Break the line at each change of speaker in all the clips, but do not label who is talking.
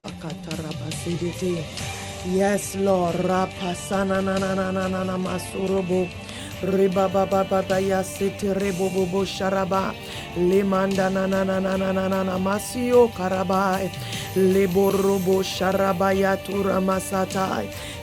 Akatarabasiditi. Yes, Lord. Rapasana na na na na na na masurobo Riba ba ba ba ba ya siti ribu bu bu sharaba. Limanda na na na na na na na na masio karabai. Liburubu sharaba ya tura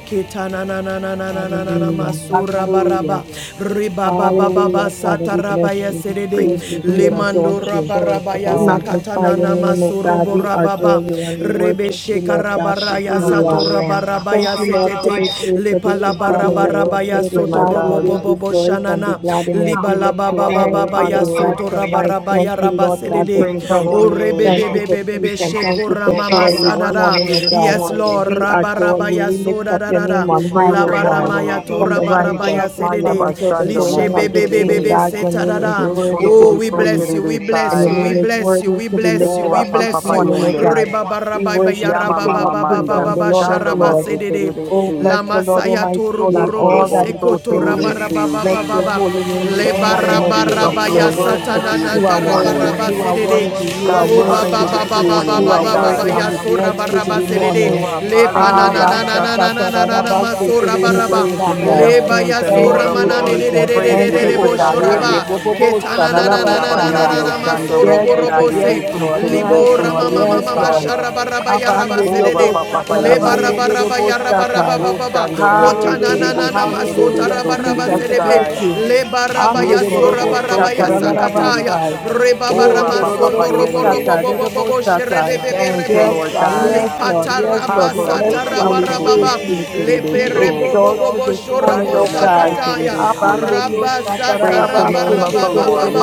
Kitana na na na na na na na na
Hallelujah.
masura
Hallelujah.
baraba riba baba baba ba ba
Hallelujah. Father,
sata
we bless
raba ya
you. We
sedede
praise
Thank you,
you. We
Jesus.
exalt
limando
you.
Glory
rabaraba
to
ya
We
God.
sakata
magnify
na
your
na
name, O God. We
boraba
adore you and we
rebe
worship you, Lord God, for
shekarabara
who
ya raya
you
sato
are.
Hallelujah.
Thank
ya
you, Lord, for this
setete
day, for
lepa
this
la
is the
Father,
day
baraba
we
that you have
raba ya
worship
made, O
you,
soto
my
God. We
robo
God.
bo
will
bo
rejoice and be
shanana
glad in it.
liba
We
la
lift you
baba
up
baba
and
Thank
we
you,
honor
ya
oh God,
you.
soto
for
raba
life. Thank
ya
you,
raba
Lord God,
We
for
sedede
praise your
strength.
o
holy
rebe be
name.
Thank you
be
for
bebebebe
peace and thank you
shekura
for
Oh
mama
God,
joy
we
this
worship
sadada.
morning,
you
oh
this
God.
Yes,
morning.
Lord.
We adore you.
Rabarabaya
We lift
soda
up
da
your
da da.
name
We
on high,
praise
oh
your holy
God.
name.
Labaramaya
Thank
From
tura
the
you,
rising
barabaya
of
Jesus.
the
Haya
sun
sedede.
until the
bastando
going
Lishe
mose
down of the same
terebe.
bebebebebe
God, your
seta da
name is
da.
worthy to
Oh,
Yekorobo
be
we
so
praised
bless you. We
terebe
and
bless
sai.
your
you.
name
We
is
bless you.
worthy
We
to be
bless you.
Oh,
lifted
We
up
rapa
this
bless
papa
you.
morning, O
yende.
God. We
Rebabarabaya
worship the
Yama
King
mama
of Kings
mando.
and the
rababababababa
Lord of
Chando
sharaba
Lords.
mose
sedede.
terebe
Oh,
si.
bless the
Lama
Lord, O
saya
my
turu
soul, and
borobo
all
Yekorobo
that is
so
sekoto
within
terebe
me.
si.
Bless your
rabarababababa.
holy name this
Leba
Thank
morning,
you,
O King of
Jesus. We
Rabarabarabaya
glory.
worship you
You
this
satanananda
are
morning.
worthy,
rabaraba
you are
sedede.
worthy, you are
God, we
Ruba
worthy
honor
to
you
be
this
baba baba
praised.
morning.
You
baba
are
My
baba
God,
worthy, and
baya
we bless you
baraba
this
we lift you
morning.
up.
sedede. Le
Abba,
Hallelujah.
Shakata,
panananananananana
Radaba, Sete,
masora
We
Rebe,
baraba.
praise you, King
Sandai.
of
Le
Kings
baya
and
Thank
Lord
sora
of
you,
manane
Lords.
de
We
de
Jesus.
de de
praise
de
Thank
you, the
you, O
great I
God. Ebo,
am.
boshoraba.
Bo, Bo, Bo,
Oh,
Shadalaba, Sandai.
Yabayando,
Ketananananananana
Shando,
masoro
Yes,
Mose,
God. Yes,
Terebe,
borobose.
Si,
Lord.
Terebe,
Yes,
Libo
So,
Lord.
mama
Terebe,
Yes,
mama
Lord.
Sai.
sharabaraba yaraba
Oh,
sedede.
Rapa, Papa,
Le
Yende.
barabaraba
Abanderiobosatarabanderiobosatai.
yaraba
Oh,
baba
Shando, Mose,
kotana na
Hallelujah.
na
Terebe,
na
Si, Terebe,
masota
Hallelujah.
raba
So, Terebe,
Jesus, we
serebe
bless
Sai.
you.
le baraba
Ye,
ya sora
Korobo, So,
baraba ya
Terebe, Si.
sakataya
Anderiobosatarabasai.
re baba
Oh,
rama
Rapa, Papa,
sondo robo
Yende.
robo bobo bobo sherebe
Indorobosatarerobosatai.
bebe
Thank
rebo
you,
Yes,
Lord
God.
God.
li
Yes, Lord. Yes,
pataraba
Lord. We bless
Hakorobo
sata
you
so
and
raba
we
raba
terebe
ba
praise
si
you.
le
terebe
We
bere
so.
bobo
exalt you
bobo
this morning,
shorobo
Chando
O
mo se
God.
sakataya
terebe si.
raba sata
Praise the
raba
name of the Lord.
baba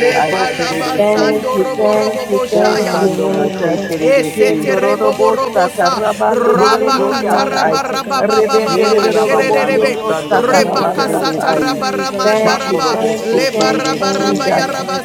le
so
palaba
terebe si.
Thank
sando
you,
robo
thank
robo
you,
O
thank you,
boshaya
shando mo
Hallelujah.
se
Jesus.
Thank you,
terebe
Esete
Yendo
si.
rodo
rebo
bostata,
borobosa.
Jesus.
rabande de rodo
Rabakata
Hallelujah.
Glory be
bostatai,
to God. You are
rebende de
rabarabababababa
Yea,
worthy,
rodo
my
bonde
King.
abayando
de
shererebe.
shando mo
ostata
You
se
are worthy to
terebe
Rebakasata
be
rabastatai.
si.
praised, Lord
rabaramanda
Thank you,
raba.
Makorobo
thank
Jesus.
you,
so
Leba
thank you,
terebe
rabaraba
si.
Thank
ya
Jesus.
you, Lord